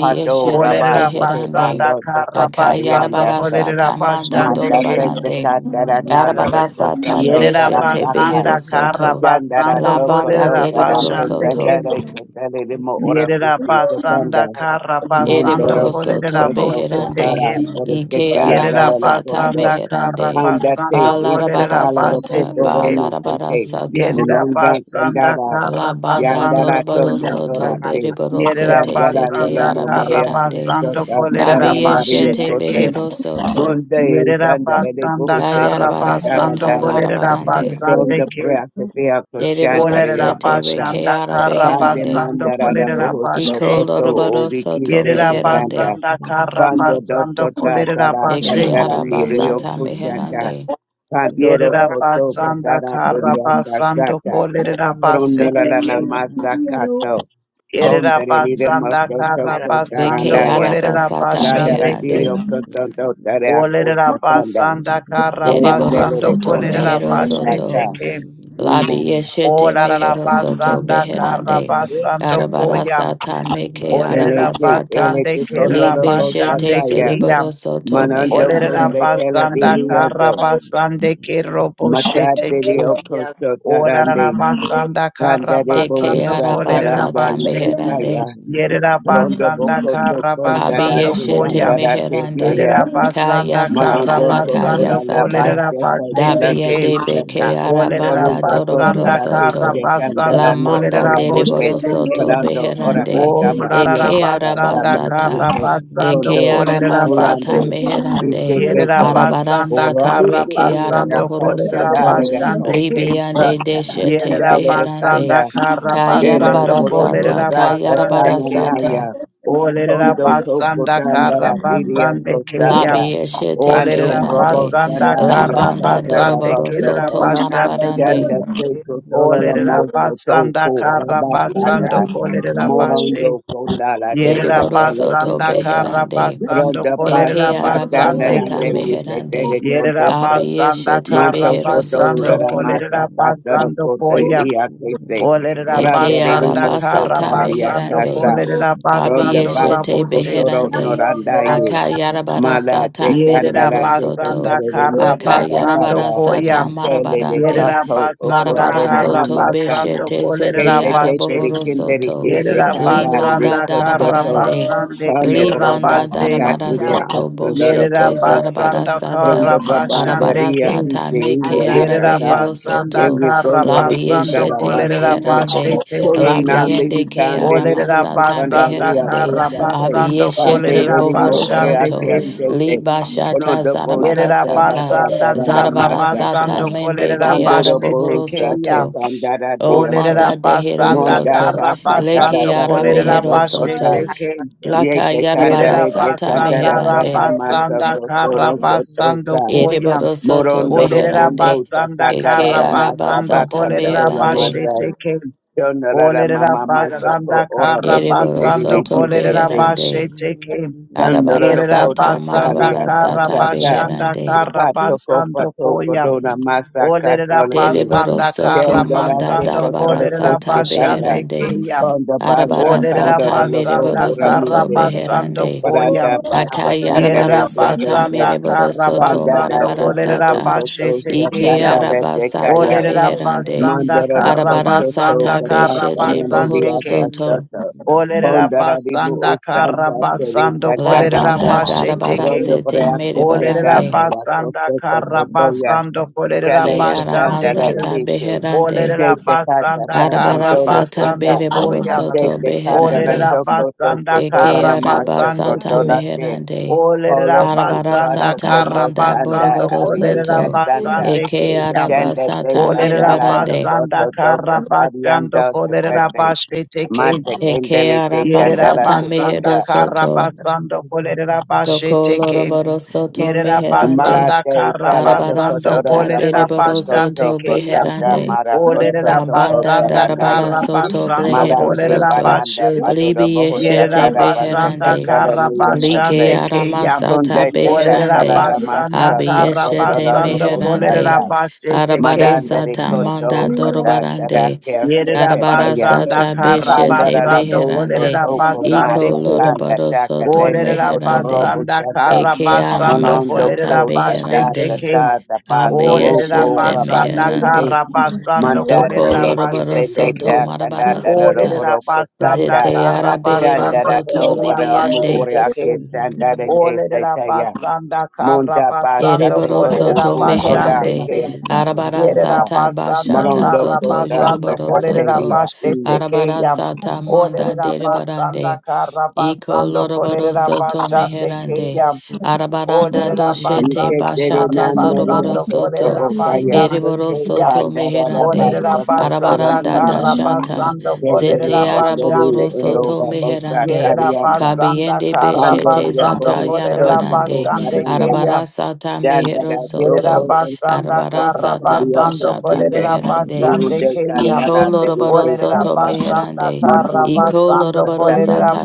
[SPEAKER 5] Pado
[SPEAKER 1] Olerera
[SPEAKER 5] Rabaso Ke
[SPEAKER 7] beherande.
[SPEAKER 1] basanda
[SPEAKER 5] Bando Toco
[SPEAKER 1] kara basando
[SPEAKER 5] Tarianda
[SPEAKER 1] kolerera
[SPEAKER 7] Akayarabarasata manda
[SPEAKER 1] basande ke.
[SPEAKER 5] Mandate
[SPEAKER 7] dorobarande.
[SPEAKER 5] Candela Nala
[SPEAKER 7] Arabarasa
[SPEAKER 5] Costanto
[SPEAKER 7] tabe
[SPEAKER 1] Yerera
[SPEAKER 7] shete
[SPEAKER 5] Tarataka
[SPEAKER 7] behero
[SPEAKER 1] basanda kara
[SPEAKER 7] soto.
[SPEAKER 5] Yandara
[SPEAKER 1] basando
[SPEAKER 7] La
[SPEAKER 5] doko
[SPEAKER 7] banda
[SPEAKER 5] to
[SPEAKER 1] kolerera
[SPEAKER 7] deriboro
[SPEAKER 5] tarake
[SPEAKER 1] basande
[SPEAKER 7] soto.
[SPEAKER 1] ke.
[SPEAKER 5] sandare to salirimo ora
[SPEAKER 1] Yerera
[SPEAKER 5] busi to
[SPEAKER 1] basanda kara basando
[SPEAKER 5] Mandoro
[SPEAKER 7] Eriboro
[SPEAKER 4] Sheba Baba,
[SPEAKER 1] kolerera
[SPEAKER 7] soto
[SPEAKER 5] koso to
[SPEAKER 1] basete
[SPEAKER 7] beherande.
[SPEAKER 1] ke.
[SPEAKER 5] kotara
[SPEAKER 4] Yelena
[SPEAKER 5] torike
[SPEAKER 7] Ike
[SPEAKER 1] Yerera
[SPEAKER 5] kalandala la
[SPEAKER 7] aramasata
[SPEAKER 4] Baba,
[SPEAKER 5] koso.
[SPEAKER 1] basanda kara
[SPEAKER 7] beherande.
[SPEAKER 4] Thank you.
[SPEAKER 5] Mandate
[SPEAKER 1] basando
[SPEAKER 5] iste
[SPEAKER 1] kolerera
[SPEAKER 5] kala lo
[SPEAKER 7] Balarabarasata.
[SPEAKER 1] basete
[SPEAKER 5] koto
[SPEAKER 1] ke.
[SPEAKER 5] romo sute.
[SPEAKER 7] Balarabarasata.
[SPEAKER 1] Yerera
[SPEAKER 5] Munonga
[SPEAKER 1] basanda
[SPEAKER 5] kandara
[SPEAKER 7] La
[SPEAKER 1] kara
[SPEAKER 7] banda
[SPEAKER 1] basando
[SPEAKER 5] yandara to
[SPEAKER 7] doroboro
[SPEAKER 1] kolya.
[SPEAKER 5] kotora
[SPEAKER 7] soto
[SPEAKER 5] te.
[SPEAKER 7] beriboro
[SPEAKER 1] Yerera
[SPEAKER 7] sete
[SPEAKER 5] Kandara
[SPEAKER 7] zete
[SPEAKER 1] basanda
[SPEAKER 5] lolomo
[SPEAKER 1] kara
[SPEAKER 5] maria
[SPEAKER 7] arameherande.
[SPEAKER 5] koso
[SPEAKER 1] basando kolerera
[SPEAKER 5] kandara
[SPEAKER 7] Kabiye
[SPEAKER 5] nario
[SPEAKER 7] shete
[SPEAKER 1] basete ke.
[SPEAKER 5] kose.
[SPEAKER 7] behero soto.
[SPEAKER 5] Munde
[SPEAKER 1] Yerera
[SPEAKER 5] kandala de
[SPEAKER 1] basanda
[SPEAKER 5] buhuse
[SPEAKER 1] karra
[SPEAKER 5] te kakara
[SPEAKER 1] basando
[SPEAKER 7] Kayarabarasata
[SPEAKER 5] daya.
[SPEAKER 1] kolerera
[SPEAKER 7] larabarande.
[SPEAKER 5] From
[SPEAKER 1] basande
[SPEAKER 5] the
[SPEAKER 1] ke.
[SPEAKER 5] prayer to fear to
[SPEAKER 7] Deriboro
[SPEAKER 1] Olerera
[SPEAKER 7] sete
[SPEAKER 5] shandare
[SPEAKER 7] reke
[SPEAKER 1] basanda karra
[SPEAKER 5] Pande
[SPEAKER 7] arabeherande.
[SPEAKER 1] basando
[SPEAKER 5] mandarara
[SPEAKER 1] kolerera
[SPEAKER 5] bohoso
[SPEAKER 7] Iko
[SPEAKER 1] bashe.
[SPEAKER 5] koto
[SPEAKER 7] loroboro
[SPEAKER 5] oriki
[SPEAKER 7] soto
[SPEAKER 1] Yerera
[SPEAKER 5] sete kanda.
[SPEAKER 7] meherande.
[SPEAKER 1] basanda karra
[SPEAKER 5] Pando
[SPEAKER 1] basando
[SPEAKER 5] doko
[SPEAKER 1] kolerera
[SPEAKER 5] tatara
[SPEAKER 7] Eke
[SPEAKER 1] bashe.
[SPEAKER 5] katara nirio
[SPEAKER 7] arabasata
[SPEAKER 5] kusata.
[SPEAKER 7] meherande.
[SPEAKER 5] Pantoro
[SPEAKER 1] Yerera
[SPEAKER 5] koto
[SPEAKER 1] basanda
[SPEAKER 5] katara
[SPEAKER 1] karra
[SPEAKER 5] teria
[SPEAKER 1] basando
[SPEAKER 5] kasata.
[SPEAKER 1] kolerera
[SPEAKER 5] Porondala
[SPEAKER 1] basete
[SPEAKER 5] la
[SPEAKER 1] ke.
[SPEAKER 5] namasa kato.
[SPEAKER 1] Yerera
[SPEAKER 5] Kondere lire
[SPEAKER 1] basanda
[SPEAKER 5] moso
[SPEAKER 1] karra
[SPEAKER 5] toko
[SPEAKER 1] basando
[SPEAKER 7] Beke
[SPEAKER 5] tarandaya.
[SPEAKER 1] kolerera
[SPEAKER 7] arabasata
[SPEAKER 4] Thank
[SPEAKER 5] Radara
[SPEAKER 1] basande ke.
[SPEAKER 7] meherande.
[SPEAKER 5] tirio kosondo tare
[SPEAKER 1] Olerera
[SPEAKER 5] akusya kanda.
[SPEAKER 1] basanda karra
[SPEAKER 7] Deriboro
[SPEAKER 5] Olandele le
[SPEAKER 1] basando
[SPEAKER 7] soto
[SPEAKER 1] kolerera
[SPEAKER 5] kondolo
[SPEAKER 7] mehero
[SPEAKER 5] kosata.
[SPEAKER 7] soto.
[SPEAKER 1] basete ke.
[SPEAKER 7] Labi
[SPEAKER 5] Mm.
[SPEAKER 7] yeshete
[SPEAKER 1] Olarara
[SPEAKER 7] mehero soto
[SPEAKER 1] basanda kara
[SPEAKER 7] beherande.
[SPEAKER 1] basando koya.
[SPEAKER 7] Arabarasata meke
[SPEAKER 1] Olerera
[SPEAKER 5] Elete,
[SPEAKER 7] arabasata.
[SPEAKER 1] basande
[SPEAKER 5] elete
[SPEAKER 8] Thank
[SPEAKER 5] sono
[SPEAKER 1] kerera
[SPEAKER 5] lo
[SPEAKER 7] Libeshete
[SPEAKER 1] basande
[SPEAKER 5] bosataya.
[SPEAKER 1] keya.
[SPEAKER 7] zereboro soto
[SPEAKER 5] Manando
[SPEAKER 1] Olerera
[SPEAKER 7] meherande.
[SPEAKER 5] Costa Tele de
[SPEAKER 1] basanda kara
[SPEAKER 5] Leondo,
[SPEAKER 1] karabasande
[SPEAKER 4] you.
[SPEAKER 1] kerobo
[SPEAKER 5] Matate de
[SPEAKER 1] sheteke.
[SPEAKER 5] Ocosto
[SPEAKER 1] Olarara
[SPEAKER 5] Tarande,
[SPEAKER 1] basanda
[SPEAKER 5] Tanda de
[SPEAKER 7] Eke
[SPEAKER 1] karabasando
[SPEAKER 5] Bohusa
[SPEAKER 1] kolerera
[SPEAKER 5] Taranda
[SPEAKER 7] arabasata
[SPEAKER 1] bashe.
[SPEAKER 7] meherande.
[SPEAKER 5] Yucataya,
[SPEAKER 1] Yerera
[SPEAKER 5] Rondo
[SPEAKER 1] basanda
[SPEAKER 5] Bocoto
[SPEAKER 1] kara basando
[SPEAKER 5] Condarate
[SPEAKER 7] Kabiyeshete
[SPEAKER 1] koya.
[SPEAKER 7] meherande.
[SPEAKER 5] Candarate
[SPEAKER 1] Yerera
[SPEAKER 7] Kaya
[SPEAKER 1] basanda kara
[SPEAKER 7] sata
[SPEAKER 5] Manondo
[SPEAKER 7] la kaya
[SPEAKER 5] Kotora
[SPEAKER 1] basando
[SPEAKER 7] sata.
[SPEAKER 1] kolerera
[SPEAKER 5] Labaste Kotara de
[SPEAKER 1] bashe
[SPEAKER 7] Dabiyende beke
[SPEAKER 5] Isaka.
[SPEAKER 1] Olerera
[SPEAKER 7] arabanda
[SPEAKER 5] Manondo
[SPEAKER 1] basanda
[SPEAKER 5] Kotara
[SPEAKER 1] kara
[SPEAKER 7] doroborosoto. La
[SPEAKER 5] Kisekandala
[SPEAKER 1] basando
[SPEAKER 5] no
[SPEAKER 7] manda
[SPEAKER 1] kolerera
[SPEAKER 5] Olamite.
[SPEAKER 1] boshete ke.
[SPEAKER 7] dereborosoto
[SPEAKER 5] Manondo
[SPEAKER 4] Thank
[SPEAKER 7] beherande.
[SPEAKER 5] Orakatama
[SPEAKER 1] Olarara
[SPEAKER 7] Eke
[SPEAKER 5] Yokota
[SPEAKER 1] basanda
[SPEAKER 7] arabasata.
[SPEAKER 1] kara
[SPEAKER 5] Tamasiko.
[SPEAKER 1] basando
[SPEAKER 7] Eke
[SPEAKER 5] Kondo
[SPEAKER 1] kolerera
[SPEAKER 7] arabasata
[SPEAKER 1] bashe.
[SPEAKER 5] Ulande
[SPEAKER 7] meherande.
[SPEAKER 1] Yerera
[SPEAKER 5] Iseketo.
[SPEAKER 1] basanda
[SPEAKER 7] Arabarasata
[SPEAKER 1] kara
[SPEAKER 5] Urahiki
[SPEAKER 7] reke
[SPEAKER 1] basando kolerera
[SPEAKER 7] arabohorosoto.
[SPEAKER 5] Rakaskanale Leko.
[SPEAKER 1] basande ke.
[SPEAKER 5] Pra
[SPEAKER 7] Libiyande deshete
[SPEAKER 1] Yerera
[SPEAKER 5] Kandale
[SPEAKER 7] beherande.
[SPEAKER 1] basanda
[SPEAKER 5] Lekanda.
[SPEAKER 1] kara
[SPEAKER 5] Dele
[SPEAKER 1] basando
[SPEAKER 5] Boroko
[SPEAKER 7] Kayarabarasata.
[SPEAKER 1] kolerera
[SPEAKER 5] Santa
[SPEAKER 1] basande
[SPEAKER 5] Tana
[SPEAKER 1] ke.
[SPEAKER 7] Kayarabarasata.
[SPEAKER 5] Naya.
[SPEAKER 1] Olerera
[SPEAKER 5] Tondo Toko
[SPEAKER 1] basanda kara
[SPEAKER 5] Tandara Bidio
[SPEAKER 1] basande ke ya.
[SPEAKER 7] Labi Eshete
[SPEAKER 5] Pando
[SPEAKER 1] Olerera
[SPEAKER 5] Robo
[SPEAKER 7] Meherande,
[SPEAKER 1] basanda
[SPEAKER 5] Sandaria
[SPEAKER 1] kara
[SPEAKER 2] Yes,
[SPEAKER 7] Lambanda
[SPEAKER 1] basande
[SPEAKER 7] Doroboro
[SPEAKER 1] kerera
[SPEAKER 5] Sandarabasoko
[SPEAKER 7] Soto
[SPEAKER 1] basande ke.
[SPEAKER 7] Marabarande,
[SPEAKER 5] Chanda Teko Solo
[SPEAKER 1] Olerera
[SPEAKER 5] Moso
[SPEAKER 1] basanda
[SPEAKER 5] Toko
[SPEAKER 1] kara basando
[SPEAKER 5] Rabasata
[SPEAKER 1] kolerera bashe.
[SPEAKER 5] Morondo Kondala
[SPEAKER 1] Yerera
[SPEAKER 5] Teka
[SPEAKER 7] Ereboro
[SPEAKER 5] Solo
[SPEAKER 7] Soto
[SPEAKER 1] basanda
[SPEAKER 5] Tokota
[SPEAKER 1] kara
[SPEAKER 7] Beherande,
[SPEAKER 1] basando
[SPEAKER 5] Ronda
[SPEAKER 7] Eke
[SPEAKER 1] kolerera
[SPEAKER 5] Pasa Katala
[SPEAKER 1] basande
[SPEAKER 7] Arabasata
[SPEAKER 5] Nande
[SPEAKER 1] kere.
[SPEAKER 5] Yise Tele
[SPEAKER 7] Meherande,
[SPEAKER 1] Yerera
[SPEAKER 4] you.
[SPEAKER 5] Kodosa
[SPEAKER 7] Abi
[SPEAKER 1] basanda
[SPEAKER 7] Eshete
[SPEAKER 1] kara
[SPEAKER 5] Manto
[SPEAKER 4] Thank
[SPEAKER 7] Behero
[SPEAKER 5] Koto
[SPEAKER 1] basando
[SPEAKER 7] Soto,
[SPEAKER 5] Ramasa
[SPEAKER 1] kolerera
[SPEAKER 5] Katoro
[SPEAKER 1] basando
[SPEAKER 5] Koto
[SPEAKER 1] koya.
[SPEAKER 5] Ria Kese
[SPEAKER 1] Olerera
[SPEAKER 7] Eke
[SPEAKER 5] Pranda Riri
[SPEAKER 1] basanda
[SPEAKER 5] Moso
[SPEAKER 1] kara
[SPEAKER 7] Arabasata
[SPEAKER 5] Taria
[SPEAKER 1] basando
[SPEAKER 7] Meherande,
[SPEAKER 5] Kasa
[SPEAKER 1] kolerera
[SPEAKER 5] Ronda
[SPEAKER 1] basando
[SPEAKER 5] Baso
[SPEAKER 7] Abiyeshete
[SPEAKER 1] raboshe.
[SPEAKER 5] Kotoro
[SPEAKER 7] beherande.
[SPEAKER 5] Noranda
[SPEAKER 7] Akayarabara
[SPEAKER 5] Mala
[SPEAKER 7] sata
[SPEAKER 5] te
[SPEAKER 1] Yerera
[SPEAKER 5] candala te
[SPEAKER 7] meriborosoto.
[SPEAKER 1] basanda
[SPEAKER 5] cotare de
[SPEAKER 1] kara
[SPEAKER 5] mosa
[SPEAKER 1] basando
[SPEAKER 7] Akayarabara
[SPEAKER 5] tacada,
[SPEAKER 1] koya.
[SPEAKER 7] sata
[SPEAKER 5] tele de
[SPEAKER 7] marabarande.
[SPEAKER 1] Yerera
[SPEAKER 5] cato o
[SPEAKER 1] basanda
[SPEAKER 7] Marabara
[SPEAKER 5] condora
[SPEAKER 1] kara
[SPEAKER 7] soto
[SPEAKER 5] namasan,
[SPEAKER 1] basando
[SPEAKER 7] beshete
[SPEAKER 5] que
[SPEAKER 7] zete
[SPEAKER 1] kolerera
[SPEAKER 5] te pete
[SPEAKER 1] bashe.
[SPEAKER 5] de kinderi
[SPEAKER 7] araborosoto.
[SPEAKER 5] que se
[SPEAKER 1] Yerera
[SPEAKER 5] sandal de
[SPEAKER 7] Limanda
[SPEAKER 1] basanda kara
[SPEAKER 5] costoto,
[SPEAKER 7] darabarande.
[SPEAKER 1] basande
[SPEAKER 5] tando
[SPEAKER 1] kera
[SPEAKER 5] roba
[SPEAKER 7] Libanda
[SPEAKER 1] baste.
[SPEAKER 7] darabara
[SPEAKER 5] sacati de
[SPEAKER 7] soto
[SPEAKER 5] astondoro
[SPEAKER 1] Yerera
[SPEAKER 7] boshete
[SPEAKER 5] condoste,
[SPEAKER 7] zarabara
[SPEAKER 1] basanda
[SPEAKER 7] sata.
[SPEAKER 1] kara
[SPEAKER 5] pronto
[SPEAKER 7] Arabara
[SPEAKER 1] basande
[SPEAKER 5] babanderia
[SPEAKER 1] ke.
[SPEAKER 7] sata
[SPEAKER 5] quise
[SPEAKER 7] meke
[SPEAKER 1] Yerera
[SPEAKER 5] inelicatas, e
[SPEAKER 1] basanda
[SPEAKER 7] arabeherosoto.
[SPEAKER 5] ye
[SPEAKER 1] kara
[SPEAKER 5] gondola
[SPEAKER 1] basando
[SPEAKER 5] condara
[SPEAKER 7] Labiyeshete
[SPEAKER 1] kolera
[SPEAKER 5] basso
[SPEAKER 1] baste
[SPEAKER 7] meherande.
[SPEAKER 5] Kola
[SPEAKER 1] teke ya.
[SPEAKER 5] nam lady
[SPEAKER 7] Labiende ke
[SPEAKER 5] candele
[SPEAKER 1] Olera
[SPEAKER 5] kuchu
[SPEAKER 7] aramasata
[SPEAKER 1] basanda
[SPEAKER 5] candalia
[SPEAKER 7] beherande.
[SPEAKER 1] kara
[SPEAKER 5] kushate.
[SPEAKER 1] basando
[SPEAKER 5] Pate
[SPEAKER 4] you.
[SPEAKER 7] Abiyeshete
[SPEAKER 1] kolera
[SPEAKER 5] lady mo
[SPEAKER 7] bohoro
[SPEAKER 1] basande
[SPEAKER 4] Thank
[SPEAKER 7] soto.
[SPEAKER 5] oreakia
[SPEAKER 1] ke.
[SPEAKER 5] shake. Kono
[SPEAKER 7] Libashata
[SPEAKER 5] do bosa
[SPEAKER 1] Yerera
[SPEAKER 5] te
[SPEAKER 7] zarabarasata.
[SPEAKER 5] batata
[SPEAKER 1] basanda
[SPEAKER 5] da da
[SPEAKER 1] kara
[SPEAKER 5] masaka.
[SPEAKER 7] Zarabarasata
[SPEAKER 1] basando
[SPEAKER 7] mende
[SPEAKER 1] kolera
[SPEAKER 7] ke
[SPEAKER 5] Pando do
[SPEAKER 1] baste
[SPEAKER 2] Oh,
[SPEAKER 7] arabohoro
[SPEAKER 5] bosa
[SPEAKER 1] teke
[SPEAKER 5] te
[SPEAKER 1] ya.
[SPEAKER 7] soto.
[SPEAKER 5] candada
[SPEAKER 7] O
[SPEAKER 5] dioko.
[SPEAKER 1] Olera
[SPEAKER 7] manda dehero
[SPEAKER 1] basanda
[SPEAKER 5] Monda
[SPEAKER 7] soto.
[SPEAKER 5] ta
[SPEAKER 1] kara
[SPEAKER 7] Leke
[SPEAKER 5] katara
[SPEAKER 1] basando
[SPEAKER 5] da koto
[SPEAKER 1] kolera
[SPEAKER 5] do
[SPEAKER 7] arabehero
[SPEAKER 1] baste
[SPEAKER 5] kota.
[SPEAKER 7] soto.
[SPEAKER 1] teke.
[SPEAKER 5] Ye
[SPEAKER 7] Laka
[SPEAKER 5] te candele
[SPEAKER 1] Yerera
[SPEAKER 5] te
[SPEAKER 7] yarabarasata
[SPEAKER 5] candada
[SPEAKER 1] basanda
[SPEAKER 5] da
[SPEAKER 1] ra
[SPEAKER 5] da
[SPEAKER 7] meherande.
[SPEAKER 5] masa
[SPEAKER 1] basanda
[SPEAKER 5] koto
[SPEAKER 1] kara
[SPEAKER 5] do koto
[SPEAKER 1] basando
[SPEAKER 5] sa.
[SPEAKER 1] koya.
[SPEAKER 7] Ereboro soto
[SPEAKER 5] Morondo do
[SPEAKER 1] Olerera
[SPEAKER 7] meherande.
[SPEAKER 5] kondo ta
[SPEAKER 1] basanda
[SPEAKER 7] Eke
[SPEAKER 5] candada
[SPEAKER 1] kara
[SPEAKER 5] da masa
[SPEAKER 1] basando
[SPEAKER 7] arabasata
[SPEAKER 5] baka toro
[SPEAKER 1] kolerera
[SPEAKER 5] la
[SPEAKER 7] meherande.
[SPEAKER 5] masa
[SPEAKER 1] bashete ke.
[SPEAKER 5] Yonarara
[SPEAKER 1] Olerera
[SPEAKER 5] mama masako
[SPEAKER 1] basanda
[SPEAKER 5] ora
[SPEAKER 1] kara
[SPEAKER 5] bashi
[SPEAKER 7] Ereboro
[SPEAKER 5] terere
[SPEAKER 1] basando
[SPEAKER 7] soto
[SPEAKER 1] kolerera
[SPEAKER 5] bisete.
[SPEAKER 7] beherande.
[SPEAKER 1] bashete ke.
[SPEAKER 7] Arabara
[SPEAKER 5] Sandororo
[SPEAKER 1] Yerera
[SPEAKER 7] sata
[SPEAKER 5] kota
[SPEAKER 1] basanda
[SPEAKER 5] karia
[SPEAKER 7] marabara
[SPEAKER 1] kara
[SPEAKER 7] sata
[SPEAKER 5] kasata.
[SPEAKER 1] basanda
[SPEAKER 7] beherande.
[SPEAKER 1] kara
[SPEAKER 5] Patoko
[SPEAKER 1] basando
[SPEAKER 5] patoko
[SPEAKER 1] koya.
[SPEAKER 5] dona masaka
[SPEAKER 1] Olerera
[SPEAKER 5] toleri.
[SPEAKER 7] Deriboro
[SPEAKER 1] basanda
[SPEAKER 7] soto
[SPEAKER 1] kara
[SPEAKER 5] Tendala
[SPEAKER 7] manda
[SPEAKER 1] basando
[SPEAKER 5] teko
[SPEAKER 7] darabara
[SPEAKER 5] tolo
[SPEAKER 1] kolerera
[SPEAKER 7] sata
[SPEAKER 5] koske
[SPEAKER 4] you.
[SPEAKER 5] kanda.
[SPEAKER 1] bashande
[SPEAKER 7] beherande.
[SPEAKER 1] keya.
[SPEAKER 5] Honda
[SPEAKER 4] Thank
[SPEAKER 5] basa
[SPEAKER 7] Arabara
[SPEAKER 1] Olerera
[SPEAKER 7] sata
[SPEAKER 5] kandoro lobo
[SPEAKER 1] basanda
[SPEAKER 7] meriboro
[SPEAKER 5] ora
[SPEAKER 1] kara
[SPEAKER 7] soto
[SPEAKER 5] museka.
[SPEAKER 1] basando
[SPEAKER 7] beherande.
[SPEAKER 1] koya.
[SPEAKER 5] Paranda basa kandere
[SPEAKER 7] Akayarabara sata
[SPEAKER 5] tekese.
[SPEAKER 1] Yerabasanda
[SPEAKER 7] meriboro soto
[SPEAKER 5] Panda
[SPEAKER 1] Karabasando
[SPEAKER 5] dato
[SPEAKER 7] marabara
[SPEAKER 1] Kolera
[SPEAKER 5] koto
[SPEAKER 7] sata.
[SPEAKER 5] koto
[SPEAKER 7] Ike
[SPEAKER 5] shatanda
[SPEAKER 1] Bashetekeya.
[SPEAKER 7] araba sata
[SPEAKER 5] letekaya.
[SPEAKER 1] Olera
[SPEAKER 7] meherande.
[SPEAKER 1] Basanda
[SPEAKER 5] Mandara la
[SPEAKER 7] Arabara
[SPEAKER 5] costo to
[SPEAKER 1] Karabasanda
[SPEAKER 7] sata
[SPEAKER 5] catata
[SPEAKER 7] beshete
[SPEAKER 1] Karabasande
[SPEAKER 7] bohoro
[SPEAKER 5] nandiria
[SPEAKER 1] Kem.
[SPEAKER 7] soto.
[SPEAKER 5] casato.
[SPEAKER 1] Olera
[SPEAKER 5] Pondara di
[SPEAKER 1] Basanda
[SPEAKER 5] muustanta teri
[SPEAKER 1] Karabasando
[SPEAKER 7] La
[SPEAKER 1] Kolera
[SPEAKER 5] catarata.
[SPEAKER 7] banda darabara
[SPEAKER 1] Basheteke.
[SPEAKER 5] Rondo
[SPEAKER 7] sete
[SPEAKER 5] breacu
[SPEAKER 1] Olera
[SPEAKER 7] meribarande.
[SPEAKER 5] cerdanda la
[SPEAKER 1] Basanda
[SPEAKER 5] costo to cotoya.
[SPEAKER 1] Karabasando Kolera
[SPEAKER 5] Cale
[SPEAKER 7] Ke
[SPEAKER 5] te canda
[SPEAKER 1] Basande
[SPEAKER 5] la
[SPEAKER 1] Kem.
[SPEAKER 7] aramasata
[SPEAKER 5] tise.
[SPEAKER 7] beherande.
[SPEAKER 1] Olera
[SPEAKER 5] Shete cata
[SPEAKER 1] Basanda
[SPEAKER 7] Arabara
[SPEAKER 5] sacandolo
[SPEAKER 7] sata Arabarasata
[SPEAKER 5] sosa.
[SPEAKER 1] Karabasando Koya.
[SPEAKER 7] bereborosoto
[SPEAKER 5] Shete canda la
[SPEAKER 7] beherande.
[SPEAKER 1] Olera
[SPEAKER 5] toco
[SPEAKER 1] Basanda
[SPEAKER 5] toco
[SPEAKER 7] Eke
[SPEAKER 5] torana macho
[SPEAKER 1] Karabasande
[SPEAKER 7] arabasata
[SPEAKER 1] Kem.
[SPEAKER 5] cotorate.
[SPEAKER 7] meherande.
[SPEAKER 1] Olera
[SPEAKER 5] Polo to
[SPEAKER 7] Arabara
[SPEAKER 1] basanda
[SPEAKER 5] brato
[SPEAKER 7] sata
[SPEAKER 1] kara
[SPEAKER 5] cobo
[SPEAKER 7] manda
[SPEAKER 5] sanda
[SPEAKER 1] basando kolera
[SPEAKER 5] alidica
[SPEAKER 7] boroborosoto.
[SPEAKER 5] santa.
[SPEAKER 1] basande
[SPEAKER 7] Eke
[SPEAKER 1] keya.
[SPEAKER 5] Shende te
[SPEAKER 7] arabasata
[SPEAKER 1] Olera
[SPEAKER 5] candala
[SPEAKER 7] merebarande.
[SPEAKER 5] toko
[SPEAKER 1] basanda
[SPEAKER 5] toko to
[SPEAKER 1] kara basando
[SPEAKER 5] katarianda to
[SPEAKER 1] kolera
[SPEAKER 5] kete.
[SPEAKER 1] basete ke.
[SPEAKER 5] Mate
[SPEAKER 7] Eke
[SPEAKER 5] kendele te
[SPEAKER 7] araba
[SPEAKER 1] Yerera
[SPEAKER 5] candala
[SPEAKER 7] sata arabasata
[SPEAKER 5] to
[SPEAKER 1] basanda
[SPEAKER 5] sonda.
[SPEAKER 1] kara
[SPEAKER 7] meherosoto.
[SPEAKER 1] basando kolera
[SPEAKER 7] Doko
[SPEAKER 1] basete ke.
[SPEAKER 7] loroborosoto
[SPEAKER 1] Yerera
[SPEAKER 7] meherande.
[SPEAKER 1] basanda
[SPEAKER 5] Malate
[SPEAKER 1] kara
[SPEAKER 5] kala toko
[SPEAKER 1] basando
[SPEAKER 5] kotora
[SPEAKER 7] Arabarasata
[SPEAKER 1] kolera
[SPEAKER 4] you.
[SPEAKER 5] tabasho koto
[SPEAKER 1] basande
[SPEAKER 7] bereborosoto
[SPEAKER 1] keya.
[SPEAKER 5] kotata
[SPEAKER 7] beherande.
[SPEAKER 4] Thank
[SPEAKER 5] marakoso
[SPEAKER 1] Olera
[SPEAKER 5] to
[SPEAKER 7] Abanda
[SPEAKER 1] basanda
[SPEAKER 7] darabara
[SPEAKER 5] kotarandaya.
[SPEAKER 1] kara
[SPEAKER 7] soto darabarasoto
[SPEAKER 1] basando
[SPEAKER 5] Malate
[SPEAKER 1] kolera
[SPEAKER 7] bleherosoto.
[SPEAKER 5] baranda
[SPEAKER 1] bashe.
[SPEAKER 5] badura
[SPEAKER 7] Libi
[SPEAKER 5] boho
[SPEAKER 1] Yerera
[SPEAKER 7] yeshete
[SPEAKER 5] satara basa
[SPEAKER 1] basanda
[SPEAKER 7] beherande.
[SPEAKER 5] katara
[SPEAKER 1] kara
[SPEAKER 5] niyo
[SPEAKER 7] Like
[SPEAKER 1] basande
[SPEAKER 5] kose.
[SPEAKER 1] keya.
[SPEAKER 7] aramasata
[SPEAKER 5] Sunde te
[SPEAKER 1] Olerera
[SPEAKER 5] katala
[SPEAKER 7] beherande,
[SPEAKER 5] la
[SPEAKER 1] basanda
[SPEAKER 5] masa to
[SPEAKER 1] kara
[SPEAKER 7] abiyeshete
[SPEAKER 5] kotora
[SPEAKER 1] basando
[SPEAKER 5] lobo
[SPEAKER 1] kolerera
[SPEAKER 7] meherande,
[SPEAKER 5] sata.
[SPEAKER 1] basete ke.
[SPEAKER 5] Madanda de
[SPEAKER 7] arabarasata manda
[SPEAKER 5] koto katatara
[SPEAKER 7] dorobarande,
[SPEAKER 5] kerske
[SPEAKER 1] Yerera
[SPEAKER 5] te kaya.
[SPEAKER 1] basanda
[SPEAKER 7] arabarasata
[SPEAKER 1] kara
[SPEAKER 5] Pandara
[SPEAKER 7] beshete
[SPEAKER 5] la
[SPEAKER 1] basando
[SPEAKER 5] boso
[SPEAKER 7] beherande,
[SPEAKER 1] kolerera
[SPEAKER 5] toko
[SPEAKER 7] iko
[SPEAKER 1] basande
[SPEAKER 5] masa
[SPEAKER 1] ke.
[SPEAKER 5] kanda taka
[SPEAKER 7] lorobarosoto
[SPEAKER 5] dete
[SPEAKER 1] Olerera
[SPEAKER 5] koto
[SPEAKER 7] meherande,
[SPEAKER 5] robo
[SPEAKER 1] basanda
[SPEAKER 5] shata
[SPEAKER 1] kara
[SPEAKER 7] eke
[SPEAKER 1] basando
[SPEAKER 5] monondo ko
[SPEAKER 7] aramasata
[SPEAKER 1] kolerera
[SPEAKER 5] tata
[SPEAKER 1] basete
[SPEAKER 7] beherande,
[SPEAKER 1] ke.
[SPEAKER 5] tata da baso oko
[SPEAKER 1] Olerera
[SPEAKER 7] abiyeshete
[SPEAKER 1] basanda
[SPEAKER 5] rabaste ke
[SPEAKER 7] meherande,
[SPEAKER 1] kara basando
[SPEAKER 5] mandate
[SPEAKER 7] doko
[SPEAKER 1] kolerera
[SPEAKER 5] reke
[SPEAKER 1] basete
[SPEAKER 5] sende
[SPEAKER 7] lorobarosoto
[SPEAKER 1] ke.
[SPEAKER 5] taka nada doro
[SPEAKER 7] marabarasata,
[SPEAKER 1] Olerera
[SPEAKER 5] boroko
[SPEAKER 1] basanda
[SPEAKER 5] sata
[SPEAKER 7] zete
[SPEAKER 1] kara
[SPEAKER 6] you.
[SPEAKER 1] basando
[SPEAKER 5] Dandara to
[SPEAKER 7] arabeherosoto
[SPEAKER 1] kolerera
[SPEAKER 5] bara mu
[SPEAKER 7] libiande,
[SPEAKER 5] ore
[SPEAKER 1] basete ke.
[SPEAKER 5] ake standare ke
[SPEAKER 1] Olerera
[SPEAKER 5] setaya
[SPEAKER 1] basanda karra
[SPEAKER 5] Munda basa
[SPEAKER 1] basando
[SPEAKER 7] Ereboro
[SPEAKER 5] tebo
[SPEAKER 7] soto
[SPEAKER 1] kolerera
[SPEAKER 5] uku sonda
[SPEAKER 1] basande
[SPEAKER 7] meherande,
[SPEAKER 1] ke.
[SPEAKER 5] maria
[SPEAKER 2] Hallelujah.
[SPEAKER 5] sata
[SPEAKER 7] arabara
[SPEAKER 5] sanda
[SPEAKER 1] Yerera
[SPEAKER 7] sata
[SPEAKER 1] basanda
[SPEAKER 2] Thank you.
[SPEAKER 7] bashata
[SPEAKER 5] monondo
[SPEAKER 1] karra
[SPEAKER 5] ko
[SPEAKER 7] zoto
[SPEAKER 5] tasa
[SPEAKER 1] basando
[SPEAKER 7] yoroboro
[SPEAKER 1] kolerera
[SPEAKER 7] soto,
[SPEAKER 5] kateria
[SPEAKER 1] basete ke
[SPEAKER 7] arabara
[SPEAKER 1] ya.
[SPEAKER 7] sata manda
[SPEAKER 1] Olerera
[SPEAKER 7] derebarande,
[SPEAKER 1] basanda karra
[SPEAKER 7] Iko
[SPEAKER 1] basando
[SPEAKER 7] loroboro
[SPEAKER 1] kolerera
[SPEAKER 7] soto
[SPEAKER 1] basande ke
[SPEAKER 7] meherande.
[SPEAKER 1] ya.
[SPEAKER 7] Arabaranda
[SPEAKER 1] Olerera
[SPEAKER 6] Ora
[SPEAKER 7] doshete
[SPEAKER 1] basanda
[SPEAKER 5] Iketere
[SPEAKER 1] karra
[SPEAKER 7] bashata
[SPEAKER 5] na noria
[SPEAKER 7] zoroboro
[SPEAKER 1] basando
[SPEAKER 5] kosa
[SPEAKER 1] kolerera
[SPEAKER 7] soto.
[SPEAKER 5] botaya.
[SPEAKER 1] basande
[SPEAKER 7] Eriboro
[SPEAKER 1] ke ya.
[SPEAKER 4] you.
[SPEAKER 7] soto
[SPEAKER 5] Pandarara
[SPEAKER 7] meherande.
[SPEAKER 1] Olerera
[SPEAKER 5] basa kotora
[SPEAKER 4] Ida da ba ba ba, Ida da ba ba sha
[SPEAKER 1] basanda
[SPEAKER 7] Arabaranda
[SPEAKER 5] taya.
[SPEAKER 1] karra
[SPEAKER 7] dashata.
[SPEAKER 1] basando
[SPEAKER 4] ba
[SPEAKER 5] Kendele
[SPEAKER 1] kolerera
[SPEAKER 7] Zete
[SPEAKER 5] kotori
[SPEAKER 1] basande
[SPEAKER 7] arabohoro
[SPEAKER 1] ke.
[SPEAKER 7] soto
[SPEAKER 5] enora bosa
[SPEAKER 7] meherande.
[SPEAKER 1] Yerera
[SPEAKER 5] tarianda.
[SPEAKER 1] basanda
[SPEAKER 7] Kabiende
[SPEAKER 1] kara
[SPEAKER 7] beshete
[SPEAKER 5] Pandarara
[SPEAKER 1] basando
[SPEAKER 7] zata
[SPEAKER 5] boho
[SPEAKER 1] kolerera
[SPEAKER 5] soto
[SPEAKER 7] yarabarande.
[SPEAKER 1] basande
[SPEAKER 5] kotaranda.
[SPEAKER 1] keya.
[SPEAKER 7] Arabarasata mehero
[SPEAKER 5] Dandara
[SPEAKER 1] Yerera
[SPEAKER 5] soko
[SPEAKER 7] soto.
[SPEAKER 5] enora
[SPEAKER 1] basanda
[SPEAKER 5] kosa
[SPEAKER 1] kara
[SPEAKER 7] Arabarasata
[SPEAKER 5] taria
[SPEAKER 1] basando
[SPEAKER 7] bashata
[SPEAKER 5] kotrite.
[SPEAKER 1] kolerera
[SPEAKER 7] beherande.
[SPEAKER 1] basande
[SPEAKER 5] Mulunde
[SPEAKER 1] keya.
[SPEAKER 7] Iko
[SPEAKER 5] katara deri
[SPEAKER 7] lorobaro
[SPEAKER 1] Olerera
[SPEAKER 7] soto
[SPEAKER 5] sata
[SPEAKER 1] basanda
[SPEAKER 7] meherande.
[SPEAKER 1] kara
[SPEAKER 5] Manunde
[SPEAKER 7] Iko
[SPEAKER 5] kosa
[SPEAKER 1] basando
[SPEAKER 7] lorobaro
[SPEAKER 5] tata.
[SPEAKER 1] kolerera
[SPEAKER 7] sata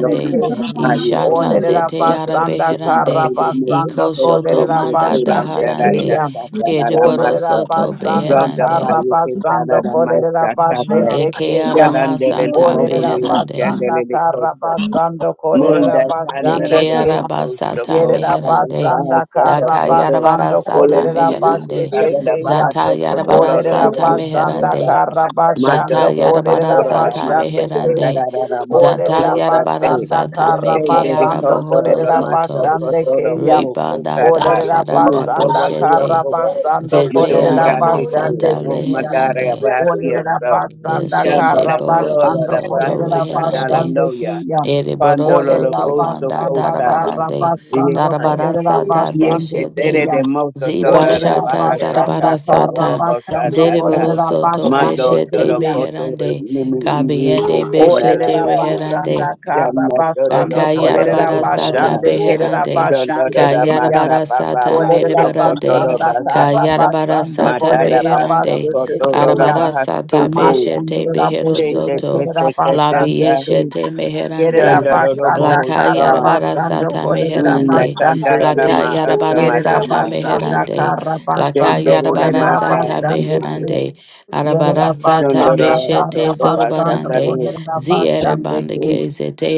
[SPEAKER 5] Yo
[SPEAKER 1] keya.
[SPEAKER 5] kosa
[SPEAKER 7] Ishata
[SPEAKER 5] tayo
[SPEAKER 1] Olerera
[SPEAKER 7] zete ara
[SPEAKER 1] basanda
[SPEAKER 5] Munda
[SPEAKER 1] kara
[SPEAKER 7] beherande.
[SPEAKER 5] Sandra
[SPEAKER 1] basando
[SPEAKER 7] Iko shoto
[SPEAKER 1] kolerera
[SPEAKER 7] manda
[SPEAKER 1] basande
[SPEAKER 7] daharande.
[SPEAKER 1] keya.
[SPEAKER 7] Ereboro
[SPEAKER 1] Olerera
[SPEAKER 7] soto
[SPEAKER 1] basanda
[SPEAKER 7] beherande.
[SPEAKER 1] kara basando kolerera basete
[SPEAKER 7] Eke ara
[SPEAKER 1] keya.
[SPEAKER 7] masata
[SPEAKER 1] Olerera
[SPEAKER 7] beherande.
[SPEAKER 1] basanda kara basando kolerera basande
[SPEAKER 7] Deke
[SPEAKER 1] ke.
[SPEAKER 7] ara
[SPEAKER 5] Locoto
[SPEAKER 7] basata
[SPEAKER 5] Soco
[SPEAKER 1] Yerera
[SPEAKER 7] meherande.
[SPEAKER 1] basanda
[SPEAKER 5] Alabasta
[SPEAKER 1] kara
[SPEAKER 7] Daka
[SPEAKER 5] Socoto
[SPEAKER 7] yarabara
[SPEAKER 1] basando
[SPEAKER 7] sata
[SPEAKER 4] ba,
[SPEAKER 1] kolerera
[SPEAKER 5] Olombin Ike
[SPEAKER 7] meherande.
[SPEAKER 1] basete
[SPEAKER 4] Ida
[SPEAKER 5] Sadala
[SPEAKER 1] ke
[SPEAKER 4] da
[SPEAKER 1] ya.
[SPEAKER 4] da ba
[SPEAKER 7] Zata
[SPEAKER 5] Bahato
[SPEAKER 4] ba sha.
[SPEAKER 7] yarabara
[SPEAKER 5] Cotolo Roma
[SPEAKER 1] Olerera
[SPEAKER 7] sata
[SPEAKER 4] Ora
[SPEAKER 1] basanda
[SPEAKER 7] meherande.
[SPEAKER 5] Socota
[SPEAKER 1] kara
[SPEAKER 5] Mando
[SPEAKER 7] Zata
[SPEAKER 1] basando
[SPEAKER 7] yarabara
[SPEAKER 1] kolerera
[SPEAKER 5] Socotora
[SPEAKER 7] sata
[SPEAKER 5] Lamasa
[SPEAKER 1] basande ke.
[SPEAKER 7] meherande.
[SPEAKER 5] Catarara Rama
[SPEAKER 7] Zata
[SPEAKER 1] Olerera
[SPEAKER 7] yarabara
[SPEAKER 5] Socota
[SPEAKER 1] basanda
[SPEAKER 7] sata
[SPEAKER 1] kara
[SPEAKER 7] meke
[SPEAKER 5] David
[SPEAKER 1] basando
[SPEAKER 5] Kotoro
[SPEAKER 7] arabohoro
[SPEAKER 1] kolerera
[SPEAKER 5] Lamasa
[SPEAKER 7] soto.
[SPEAKER 1] basande
[SPEAKER 5] Kotoro
[SPEAKER 1] ke ya.
[SPEAKER 5] Boho
[SPEAKER 7] Ribanda
[SPEAKER 5] Kosata
[SPEAKER 1] Olerera
[SPEAKER 5] Uma
[SPEAKER 7] darabaranda
[SPEAKER 1] basanda
[SPEAKER 5] Ewadio
[SPEAKER 1] kara
[SPEAKER 7] boshete.
[SPEAKER 5] Koba
[SPEAKER 1] basando
[SPEAKER 7] Zete
[SPEAKER 5] Madom
[SPEAKER 1] kolerera
[SPEAKER 5] Bratike
[SPEAKER 1] basande
[SPEAKER 7] aramasata
[SPEAKER 1] ke
[SPEAKER 5] Roma
[SPEAKER 1] ya.
[SPEAKER 5] Dare
[SPEAKER 7] leherande.
[SPEAKER 5] Abasia
[SPEAKER 1] Olerera
[SPEAKER 5] So
[SPEAKER 1] basanda
[SPEAKER 7] Shete
[SPEAKER 1] kara
[SPEAKER 5] Shandala
[SPEAKER 7] bohoro
[SPEAKER 5] la
[SPEAKER 1] basando
[SPEAKER 7] soto
[SPEAKER 1] kolerera
[SPEAKER 5] Labasika
[SPEAKER 7] reherande.
[SPEAKER 5] Dala
[SPEAKER 1] basando
[SPEAKER 5] Noya
[SPEAKER 1] kuya.
[SPEAKER 7] Ereboro
[SPEAKER 5] Pandolo
[SPEAKER 1] Olerera
[SPEAKER 7] soto
[SPEAKER 5] Loboso
[SPEAKER 7] manda
[SPEAKER 1] basanda
[SPEAKER 5] Kota
[SPEAKER 1] kara
[SPEAKER 7] darabarande
[SPEAKER 5] Yeke
[SPEAKER 1] basando
[SPEAKER 7] darabara
[SPEAKER 1] kolerera
[SPEAKER 7] sata
[SPEAKER 1] basando
[SPEAKER 5] Tere
[SPEAKER 7] beshete
[SPEAKER 1] kuya.
[SPEAKER 5] de Moso
[SPEAKER 7] ziba
[SPEAKER 5] Tora
[SPEAKER 1] Olerera
[SPEAKER 7] shata
[SPEAKER 5] Labaha Sata
[SPEAKER 7] zarabara
[SPEAKER 1] basanda
[SPEAKER 5] Bo
[SPEAKER 1] kara
[SPEAKER 7] sata
[SPEAKER 5] Orobo
[SPEAKER 1] basando
[SPEAKER 5] sata
[SPEAKER 2] Thank
[SPEAKER 5] ta.
[SPEAKER 7] zereboro
[SPEAKER 1] kolerera
[SPEAKER 7] soto
[SPEAKER 5] Mado
[SPEAKER 1] basando
[SPEAKER 7] beshete
[SPEAKER 5] Toro
[SPEAKER 1] kuya.
[SPEAKER 5] Koto
[SPEAKER 7] beherande
[SPEAKER 5] Nimi Iwi
[SPEAKER 7] kabiende
[SPEAKER 5] Keke
[SPEAKER 7] beshete
[SPEAKER 1] Olerera
[SPEAKER 5] Nalandaya
[SPEAKER 7] reherande
[SPEAKER 1] basanda kara
[SPEAKER 5] Shamma Toro
[SPEAKER 1] basando
[SPEAKER 5] Koso
[SPEAKER 1] kolerera
[SPEAKER 7] akayarabara
[SPEAKER 5] Kotama
[SPEAKER 7] sata
[SPEAKER 1] basando kerera
[SPEAKER 7] beherande
[SPEAKER 5] Dun, dun,
[SPEAKER 1] basando
[SPEAKER 5] dun, dun,
[SPEAKER 4] Thank
[SPEAKER 5] ba,
[SPEAKER 1] kuya.
[SPEAKER 5] sa,
[SPEAKER 7] kayarabara
[SPEAKER 5] ba, ba,
[SPEAKER 7] sata
[SPEAKER 5] ba,
[SPEAKER 1] Olerera
[SPEAKER 5] so, ko, dun,
[SPEAKER 7] merebarande
[SPEAKER 5] dun, ba,
[SPEAKER 1] basanda
[SPEAKER 5] sa.
[SPEAKER 1] kara
[SPEAKER 7] kayarabara
[SPEAKER 1] basando
[SPEAKER 5] Ma,
[SPEAKER 7] sata
[SPEAKER 5] da, da,
[SPEAKER 1] kolerera
[SPEAKER 5] ba, so,
[SPEAKER 7] beherande
[SPEAKER 5] ko,
[SPEAKER 1] basando
[SPEAKER 5] dun, dun, dun,
[SPEAKER 1] kuya.
[SPEAKER 5] ba,
[SPEAKER 7] arabara
[SPEAKER 5] ha,
[SPEAKER 7] sata
[SPEAKER 5] su, ko.
[SPEAKER 7] beshete
[SPEAKER 1] Masandera
[SPEAKER 7] behero
[SPEAKER 1] Boshe
[SPEAKER 5] She, te, ke,
[SPEAKER 7] soto
[SPEAKER 1] Kerera
[SPEAKER 5] se, ke, te,
[SPEAKER 7] labi
[SPEAKER 1] Basando
[SPEAKER 5] sa.
[SPEAKER 1] Ku
[SPEAKER 7] yeshete meherande
[SPEAKER 5] Dun,
[SPEAKER 1] Yerera
[SPEAKER 5] dun, dun, dun, bo,
[SPEAKER 7] La
[SPEAKER 1] Basanda
[SPEAKER 5] ho, sa.
[SPEAKER 7] kaya
[SPEAKER 1] Kara
[SPEAKER 7] bara
[SPEAKER 1] Basando
[SPEAKER 7] sata
[SPEAKER 1] Korera
[SPEAKER 5] Mm, na,
[SPEAKER 7] meherande.
[SPEAKER 5] sa, da,
[SPEAKER 1] Basando
[SPEAKER 5] da,
[SPEAKER 7] La
[SPEAKER 5] da,
[SPEAKER 1] Ku
[SPEAKER 5] ma,
[SPEAKER 7] kaya
[SPEAKER 5] uh, sa,
[SPEAKER 7] bara
[SPEAKER 5] ma,
[SPEAKER 1] Yerera
[SPEAKER 5] sa, ma.
[SPEAKER 7] sata
[SPEAKER 2] you.
[SPEAKER 1] Basanda
[SPEAKER 7] meherande.
[SPEAKER 1] Kara
[SPEAKER 7] La
[SPEAKER 5] She, te,
[SPEAKER 1] Basando
[SPEAKER 5] re,
[SPEAKER 7] kayara
[SPEAKER 5] da,
[SPEAKER 7] bara
[SPEAKER 5] ma,
[SPEAKER 1] Korera
[SPEAKER 5] sa.
[SPEAKER 7] sata
[SPEAKER 1] Basando Ku
[SPEAKER 7] beherande.
[SPEAKER 1] Yerera
[SPEAKER 7] Arabara
[SPEAKER 5] Dun,
[SPEAKER 7] sata
[SPEAKER 5] dun,
[SPEAKER 1] Basanda
[SPEAKER 5] dun, so,
[SPEAKER 7] beshete
[SPEAKER 1] Kara
[SPEAKER 5] ko, ba, sa,
[SPEAKER 1] Basando
[SPEAKER 5] sa,
[SPEAKER 7] zorobarande.
[SPEAKER 5] re.
[SPEAKER 1] Korera
[SPEAKER 7] Ziere
[SPEAKER 2] Yes,
[SPEAKER 1] Basando
[SPEAKER 7] bande
[SPEAKER 1] Ku
[SPEAKER 7] keze te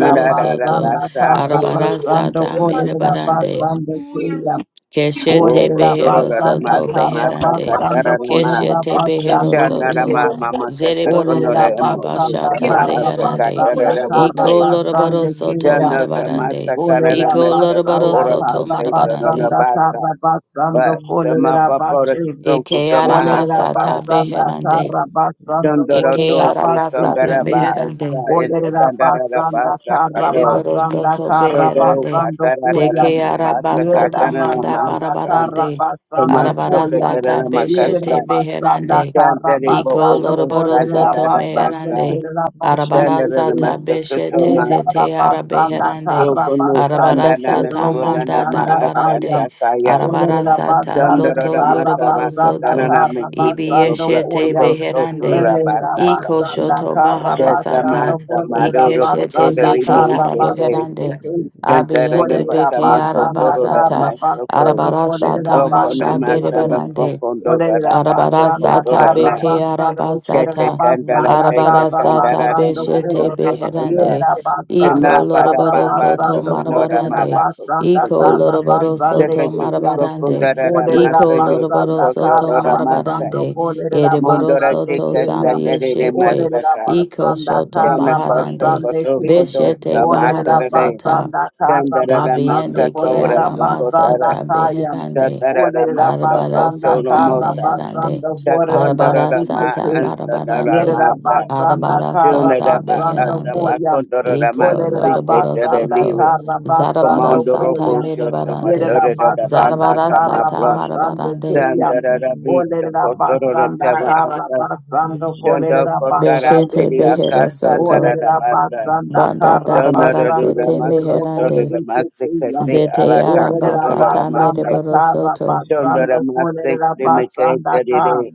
[SPEAKER 5] Na, da, da, da, ba,
[SPEAKER 7] soto.
[SPEAKER 1] Basanda
[SPEAKER 5] sa.
[SPEAKER 1] Kara
[SPEAKER 7] Arabara
[SPEAKER 1] Basando
[SPEAKER 7] sata
[SPEAKER 1] Korera
[SPEAKER 7] merebarande.
[SPEAKER 1] Basando Ku
[SPEAKER 5] Wo,
[SPEAKER 7] Keshete
[SPEAKER 5] ko,
[SPEAKER 1] Olerera
[SPEAKER 5] dun, dun,
[SPEAKER 7] behero
[SPEAKER 5] dun, dun, ma,
[SPEAKER 1] Basanda
[SPEAKER 7] soto
[SPEAKER 5] sa, ma,
[SPEAKER 1] Kara
[SPEAKER 5] sa, ka,
[SPEAKER 7] beherande.
[SPEAKER 5] da, da,
[SPEAKER 1] Basando
[SPEAKER 5] da, ma.
[SPEAKER 1] Korera
[SPEAKER 7] Keshete behero
[SPEAKER 5] Sha,
[SPEAKER 1] Basando
[SPEAKER 5] na, da,
[SPEAKER 1] Ku
[SPEAKER 7] soto.
[SPEAKER 5] ma, ma, ma, ka, sa, ko,
[SPEAKER 7] Zerebaro
[SPEAKER 5] no, da,
[SPEAKER 1] Olerera
[SPEAKER 7] sata
[SPEAKER 5] mo, so,
[SPEAKER 1] basanda
[SPEAKER 5] sa,
[SPEAKER 7] bashata
[SPEAKER 5] ma, uh,
[SPEAKER 1] karra
[SPEAKER 5] sa,
[SPEAKER 4] you.
[SPEAKER 5] ka,
[SPEAKER 7] zeherande.
[SPEAKER 5] da,
[SPEAKER 1] basanda
[SPEAKER 5] da, da, bo,
[SPEAKER 1] karra
[SPEAKER 5] se.
[SPEAKER 7] Iko
[SPEAKER 4] Thank
[SPEAKER 1] basanda
[SPEAKER 7] lorobaro soto
[SPEAKER 1] keyan.
[SPEAKER 5] Janaza
[SPEAKER 7] marabarande.
[SPEAKER 5] Masakanara
[SPEAKER 1] Olerera
[SPEAKER 7] Iko
[SPEAKER 5] Masaka
[SPEAKER 7] lorobaro
[SPEAKER 1] basanda
[SPEAKER 5] Ora
[SPEAKER 7] soto
[SPEAKER 1] karra
[SPEAKER 5] Kose Tanana
[SPEAKER 7] marabarande.
[SPEAKER 1] basanda
[SPEAKER 5] Basa
[SPEAKER 1] karra basanda
[SPEAKER 5] Ba Sama
[SPEAKER 1] kolerera
[SPEAKER 5] Papora
[SPEAKER 1] bashe.
[SPEAKER 5] Zonku
[SPEAKER 7] Eke ara
[SPEAKER 1] Olerera
[SPEAKER 5] Tamahasa
[SPEAKER 7] masata
[SPEAKER 5] Bahasa
[SPEAKER 1] basanda
[SPEAKER 5] Ba
[SPEAKER 7] beherande.
[SPEAKER 1] kara basando
[SPEAKER 5] Dondoro
[SPEAKER 7] Eke
[SPEAKER 1] kolerera
[SPEAKER 7] ara
[SPEAKER 5] Doku
[SPEAKER 7] basata
[SPEAKER 5] Sondara
[SPEAKER 1] basheteke.
[SPEAKER 7] beherande.
[SPEAKER 5] Basa and
[SPEAKER 1] Olerera
[SPEAKER 5] Kandara
[SPEAKER 1] basanda
[SPEAKER 5] Basa
[SPEAKER 1] kara
[SPEAKER 5] Kato
[SPEAKER 7] Dereboro
[SPEAKER 1] basanda
[SPEAKER 7] soto
[SPEAKER 1] kara
[SPEAKER 5] Shondo
[SPEAKER 7] beherande.
[SPEAKER 1] basando koya.
[SPEAKER 5] Katarara
[SPEAKER 7] Deke
[SPEAKER 5] Mabasa
[SPEAKER 1] Yerera
[SPEAKER 7] arabasata
[SPEAKER 5] Katarana
[SPEAKER 7] manda
[SPEAKER 1] basanda
[SPEAKER 5] Mahasan
[SPEAKER 1] kara
[SPEAKER 7] barabarande.
[SPEAKER 5] Tomas
[SPEAKER 1] basando koya.
[SPEAKER 5] Dokatara
[SPEAKER 7] Arabarasata
[SPEAKER 1] Yerera
[SPEAKER 7] beshete
[SPEAKER 5] Makasla
[SPEAKER 4] you.
[SPEAKER 1] basanda
[SPEAKER 7] beherande.
[SPEAKER 1] kara
[SPEAKER 5] Dandari Bo
[SPEAKER 7] Iko
[SPEAKER 1] basando
[SPEAKER 5] Oko
[SPEAKER 7] loroboro
[SPEAKER 1] kolerera
[SPEAKER 5] Sandara
[SPEAKER 7] soto
[SPEAKER 1] basando
[SPEAKER 5] Basa
[SPEAKER 7] meherande.
[SPEAKER 1] kerera
[SPEAKER 5] Sandara
[SPEAKER 1] basheteke.
[SPEAKER 7] Arabarasata
[SPEAKER 5] Masaka
[SPEAKER 7] beshete
[SPEAKER 1] Ora
[SPEAKER 5] Soma
[SPEAKER 7] zete
[SPEAKER 1] rabasanda
[SPEAKER 7] arabeherande.
[SPEAKER 5] Dokono
[SPEAKER 1] karabasanda
[SPEAKER 5] sandana nana
[SPEAKER 7] Arabarasata
[SPEAKER 5] maasata
[SPEAKER 7] manda
[SPEAKER 1] kerobosanda kaya.
[SPEAKER 7] darabarande.
[SPEAKER 5] kaya.
[SPEAKER 1] Ora
[SPEAKER 7] Arabarasata
[SPEAKER 1] rabasanda
[SPEAKER 5] Sandarada
[SPEAKER 7] zoto
[SPEAKER 5] nama
[SPEAKER 7] yoroboro
[SPEAKER 5] sabaka
[SPEAKER 1] karabasanda
[SPEAKER 7] soto.
[SPEAKER 5] tanana mekisa to
[SPEAKER 1] karabasanda
[SPEAKER 5] blood
[SPEAKER 7] Ibiyeshete
[SPEAKER 1] koya.
[SPEAKER 5] toko
[SPEAKER 7] beherande.
[SPEAKER 5] sotura
[SPEAKER 1] Ora
[SPEAKER 5] basata.
[SPEAKER 7] Iko
[SPEAKER 1] rabasanda
[SPEAKER 7] shoto
[SPEAKER 5] Shesa
[SPEAKER 7] baharasata.
[SPEAKER 4] Thank
[SPEAKER 1] karabasanda
[SPEAKER 5] masa
[SPEAKER 1] ora
[SPEAKER 5] maduro
[SPEAKER 7] Ikeshete
[SPEAKER 5] kotoda
[SPEAKER 1] rabasanda
[SPEAKER 7] zete
[SPEAKER 5] limo ushete.
[SPEAKER 7] arabeherande.
[SPEAKER 1] karabasete ke.
[SPEAKER 5] Sandara
[SPEAKER 7] Abiyende
[SPEAKER 1] Ora
[SPEAKER 5] nama
[SPEAKER 7] beke
[SPEAKER 5] sama
[SPEAKER 1] rabasanda
[SPEAKER 5] kotoro
[SPEAKER 7] arabasata.
[SPEAKER 5] nama soko.
[SPEAKER 1] karabasanda ora
[SPEAKER 7] Arabarasata
[SPEAKER 5] Oko
[SPEAKER 7] manda
[SPEAKER 1] rabasete
[SPEAKER 5] nama
[SPEAKER 1] ke.
[SPEAKER 5] sama
[SPEAKER 7] berebarande.
[SPEAKER 5] fokondo
[SPEAKER 1] Olerera
[SPEAKER 5] daraba soko
[SPEAKER 1] basanda
[SPEAKER 7] Arabarasata
[SPEAKER 1] kara
[SPEAKER 5] torana.
[SPEAKER 7] beke
[SPEAKER 1] basando
[SPEAKER 5] Shete
[SPEAKER 1] kerera
[SPEAKER 7] arabasata
[SPEAKER 5] kandala
[SPEAKER 1] basanda
[SPEAKER 5] teka
[SPEAKER 1] kara
[SPEAKER 7] arabarasata
[SPEAKER 5] kandara
[SPEAKER 1] basando
[SPEAKER 5] nama
[SPEAKER 1] ko.
[SPEAKER 7] beshete
[SPEAKER 5] soko sosa.
[SPEAKER 7] beherande
[SPEAKER 1] Yerera
[SPEAKER 7] iko
[SPEAKER 1] basanda
[SPEAKER 5] Tena
[SPEAKER 1] kara
[SPEAKER 7] loroboro
[SPEAKER 5] barababa
[SPEAKER 7] soto
[SPEAKER 1] basando
[SPEAKER 5] soko nora
[SPEAKER 1] kolerera
[SPEAKER 7] marabarande
[SPEAKER 5] malako soko
[SPEAKER 1] basanda
[SPEAKER 7] iko
[SPEAKER 1] kara
[SPEAKER 7] loroboro
[SPEAKER 1] basande
[SPEAKER 7] soto
[SPEAKER 5] Shakato
[SPEAKER 1] kiyam.
[SPEAKER 7] marabarande
[SPEAKER 5] Skokundarara
[SPEAKER 1] Olerera
[SPEAKER 7] iko
[SPEAKER 5] Masa
[SPEAKER 7] loroboro
[SPEAKER 1] basanda
[SPEAKER 5] Yosokoto
[SPEAKER 7] soto
[SPEAKER 1] kara
[SPEAKER 5] Dora Masa
[SPEAKER 1] basando
[SPEAKER 7] marabarande
[SPEAKER 1] kolerera
[SPEAKER 7] ereboro
[SPEAKER 5] Mundora
[SPEAKER 1] basande
[SPEAKER 7] soto
[SPEAKER 5] Tika
[SPEAKER 1] kiyam.
[SPEAKER 5] Sakarere
[SPEAKER 7] zabiyeshete
[SPEAKER 1] Olerera
[SPEAKER 5] Masaka
[SPEAKER 7] iko
[SPEAKER 1] basanda
[SPEAKER 7] shoto
[SPEAKER 1] kara
[SPEAKER 5] Tanaka
[SPEAKER 7] maharande
[SPEAKER 5] koto
[SPEAKER 1] basande
[SPEAKER 5] Koto
[SPEAKER 1] kiyam.
[SPEAKER 5] koto
[SPEAKER 7] beshete
[SPEAKER 1] Olerera
[SPEAKER 5] Tamatarare
[SPEAKER 7] baharasata
[SPEAKER 1] basanda kara
[SPEAKER 5] Tandarara
[SPEAKER 1] basando
[SPEAKER 5] Masa
[SPEAKER 7] dabiende ke
[SPEAKER 5] Kovra
[SPEAKER 1] kolerera
[SPEAKER 5] Sokotara
[SPEAKER 1] basanda
[SPEAKER 7] aramasata
[SPEAKER 1] kayam.
[SPEAKER 7] beherande
[SPEAKER 5] Tandarara
[SPEAKER 1] Olerera
[SPEAKER 5] Masa
[SPEAKER 7] Arabara
[SPEAKER 1] basanda
[SPEAKER 5] Koto
[SPEAKER 7] sata
[SPEAKER 1] karra
[SPEAKER 5] Lomosa
[SPEAKER 7] meherande.
[SPEAKER 1] basando korere
[SPEAKER 7] Arabara
[SPEAKER 5] Takondarara
[SPEAKER 1] başlıçı
[SPEAKER 5] Ma
[SPEAKER 7] sata
[SPEAKER 1] kıyım.
[SPEAKER 5] Ansadara
[SPEAKER 7] barabarande.
[SPEAKER 1] Yerera
[SPEAKER 5] Masa
[SPEAKER 4] you.
[SPEAKER 1] basanda
[SPEAKER 7] Arabara
[SPEAKER 1] karra
[SPEAKER 7] sata
[SPEAKER 5] Yunadaba
[SPEAKER 4] Thank
[SPEAKER 1] basando
[SPEAKER 5] Atama
[SPEAKER 7] beherande.
[SPEAKER 1] koyam.
[SPEAKER 4] you.
[SPEAKER 5] Kondorara
[SPEAKER 7] Iko
[SPEAKER 1] Olerera
[SPEAKER 5] Masike
[SPEAKER 7] lorobaro
[SPEAKER 5] Tere
[SPEAKER 1] basanda
[SPEAKER 7] soto.
[SPEAKER 5] Liwe
[SPEAKER 1] karra
[SPEAKER 7] Zarabara
[SPEAKER 1] basando
[SPEAKER 5] Commando
[SPEAKER 7] sata
[SPEAKER 5] Robo
[SPEAKER 1] koyam.
[SPEAKER 5] Shoto
[SPEAKER 7] merebarande.
[SPEAKER 1] Yerera
[SPEAKER 5] Matarara Masa
[SPEAKER 1] basanda
[SPEAKER 7] Zarabara
[SPEAKER 1] karra
[SPEAKER 7] sata
[SPEAKER 5] Kamablo
[SPEAKER 1] basando
[SPEAKER 7] marabarande.
[SPEAKER 1] keyam.
[SPEAKER 5] Sandarabita
[SPEAKER 1] Olerera basanda
[SPEAKER 5] Kotorotava
[SPEAKER 1] karra
[SPEAKER 5] Asa
[SPEAKER 1] basando
[SPEAKER 5] Shondo
[SPEAKER 1] kolerera
[SPEAKER 5] Kotara
[SPEAKER 7] Beshete
[SPEAKER 1] basando
[SPEAKER 5] Siri
[SPEAKER 1] kıyım.
[SPEAKER 7] behero soto.
[SPEAKER 1] Olerera
[SPEAKER 5] Akasandarabasa
[SPEAKER 1] basanda
[SPEAKER 7] Banda
[SPEAKER 1] karra
[SPEAKER 7] darabara
[SPEAKER 1] basando
[SPEAKER 5] Sonorudura
[SPEAKER 7] sete
[SPEAKER 1] kırdı
[SPEAKER 5] Makotora
[SPEAKER 1] bostu
[SPEAKER 7] meherande.
[SPEAKER 1] kıyam.
[SPEAKER 5] Masikati
[SPEAKER 7] Zete
[SPEAKER 5] Alatako
[SPEAKER 7] araba
[SPEAKER 1] Olerera
[SPEAKER 5] Dolara
[SPEAKER 7] sata
[SPEAKER 1] basanda
[SPEAKER 5] Mase
[SPEAKER 7] merebaro
[SPEAKER 1] ka
[SPEAKER 7] soto.
[SPEAKER 5] Shondora
[SPEAKER 1] rabasando
[SPEAKER 5] Masik
[SPEAKER 1] kolerera basanda ka.
[SPEAKER 5] Dimikatari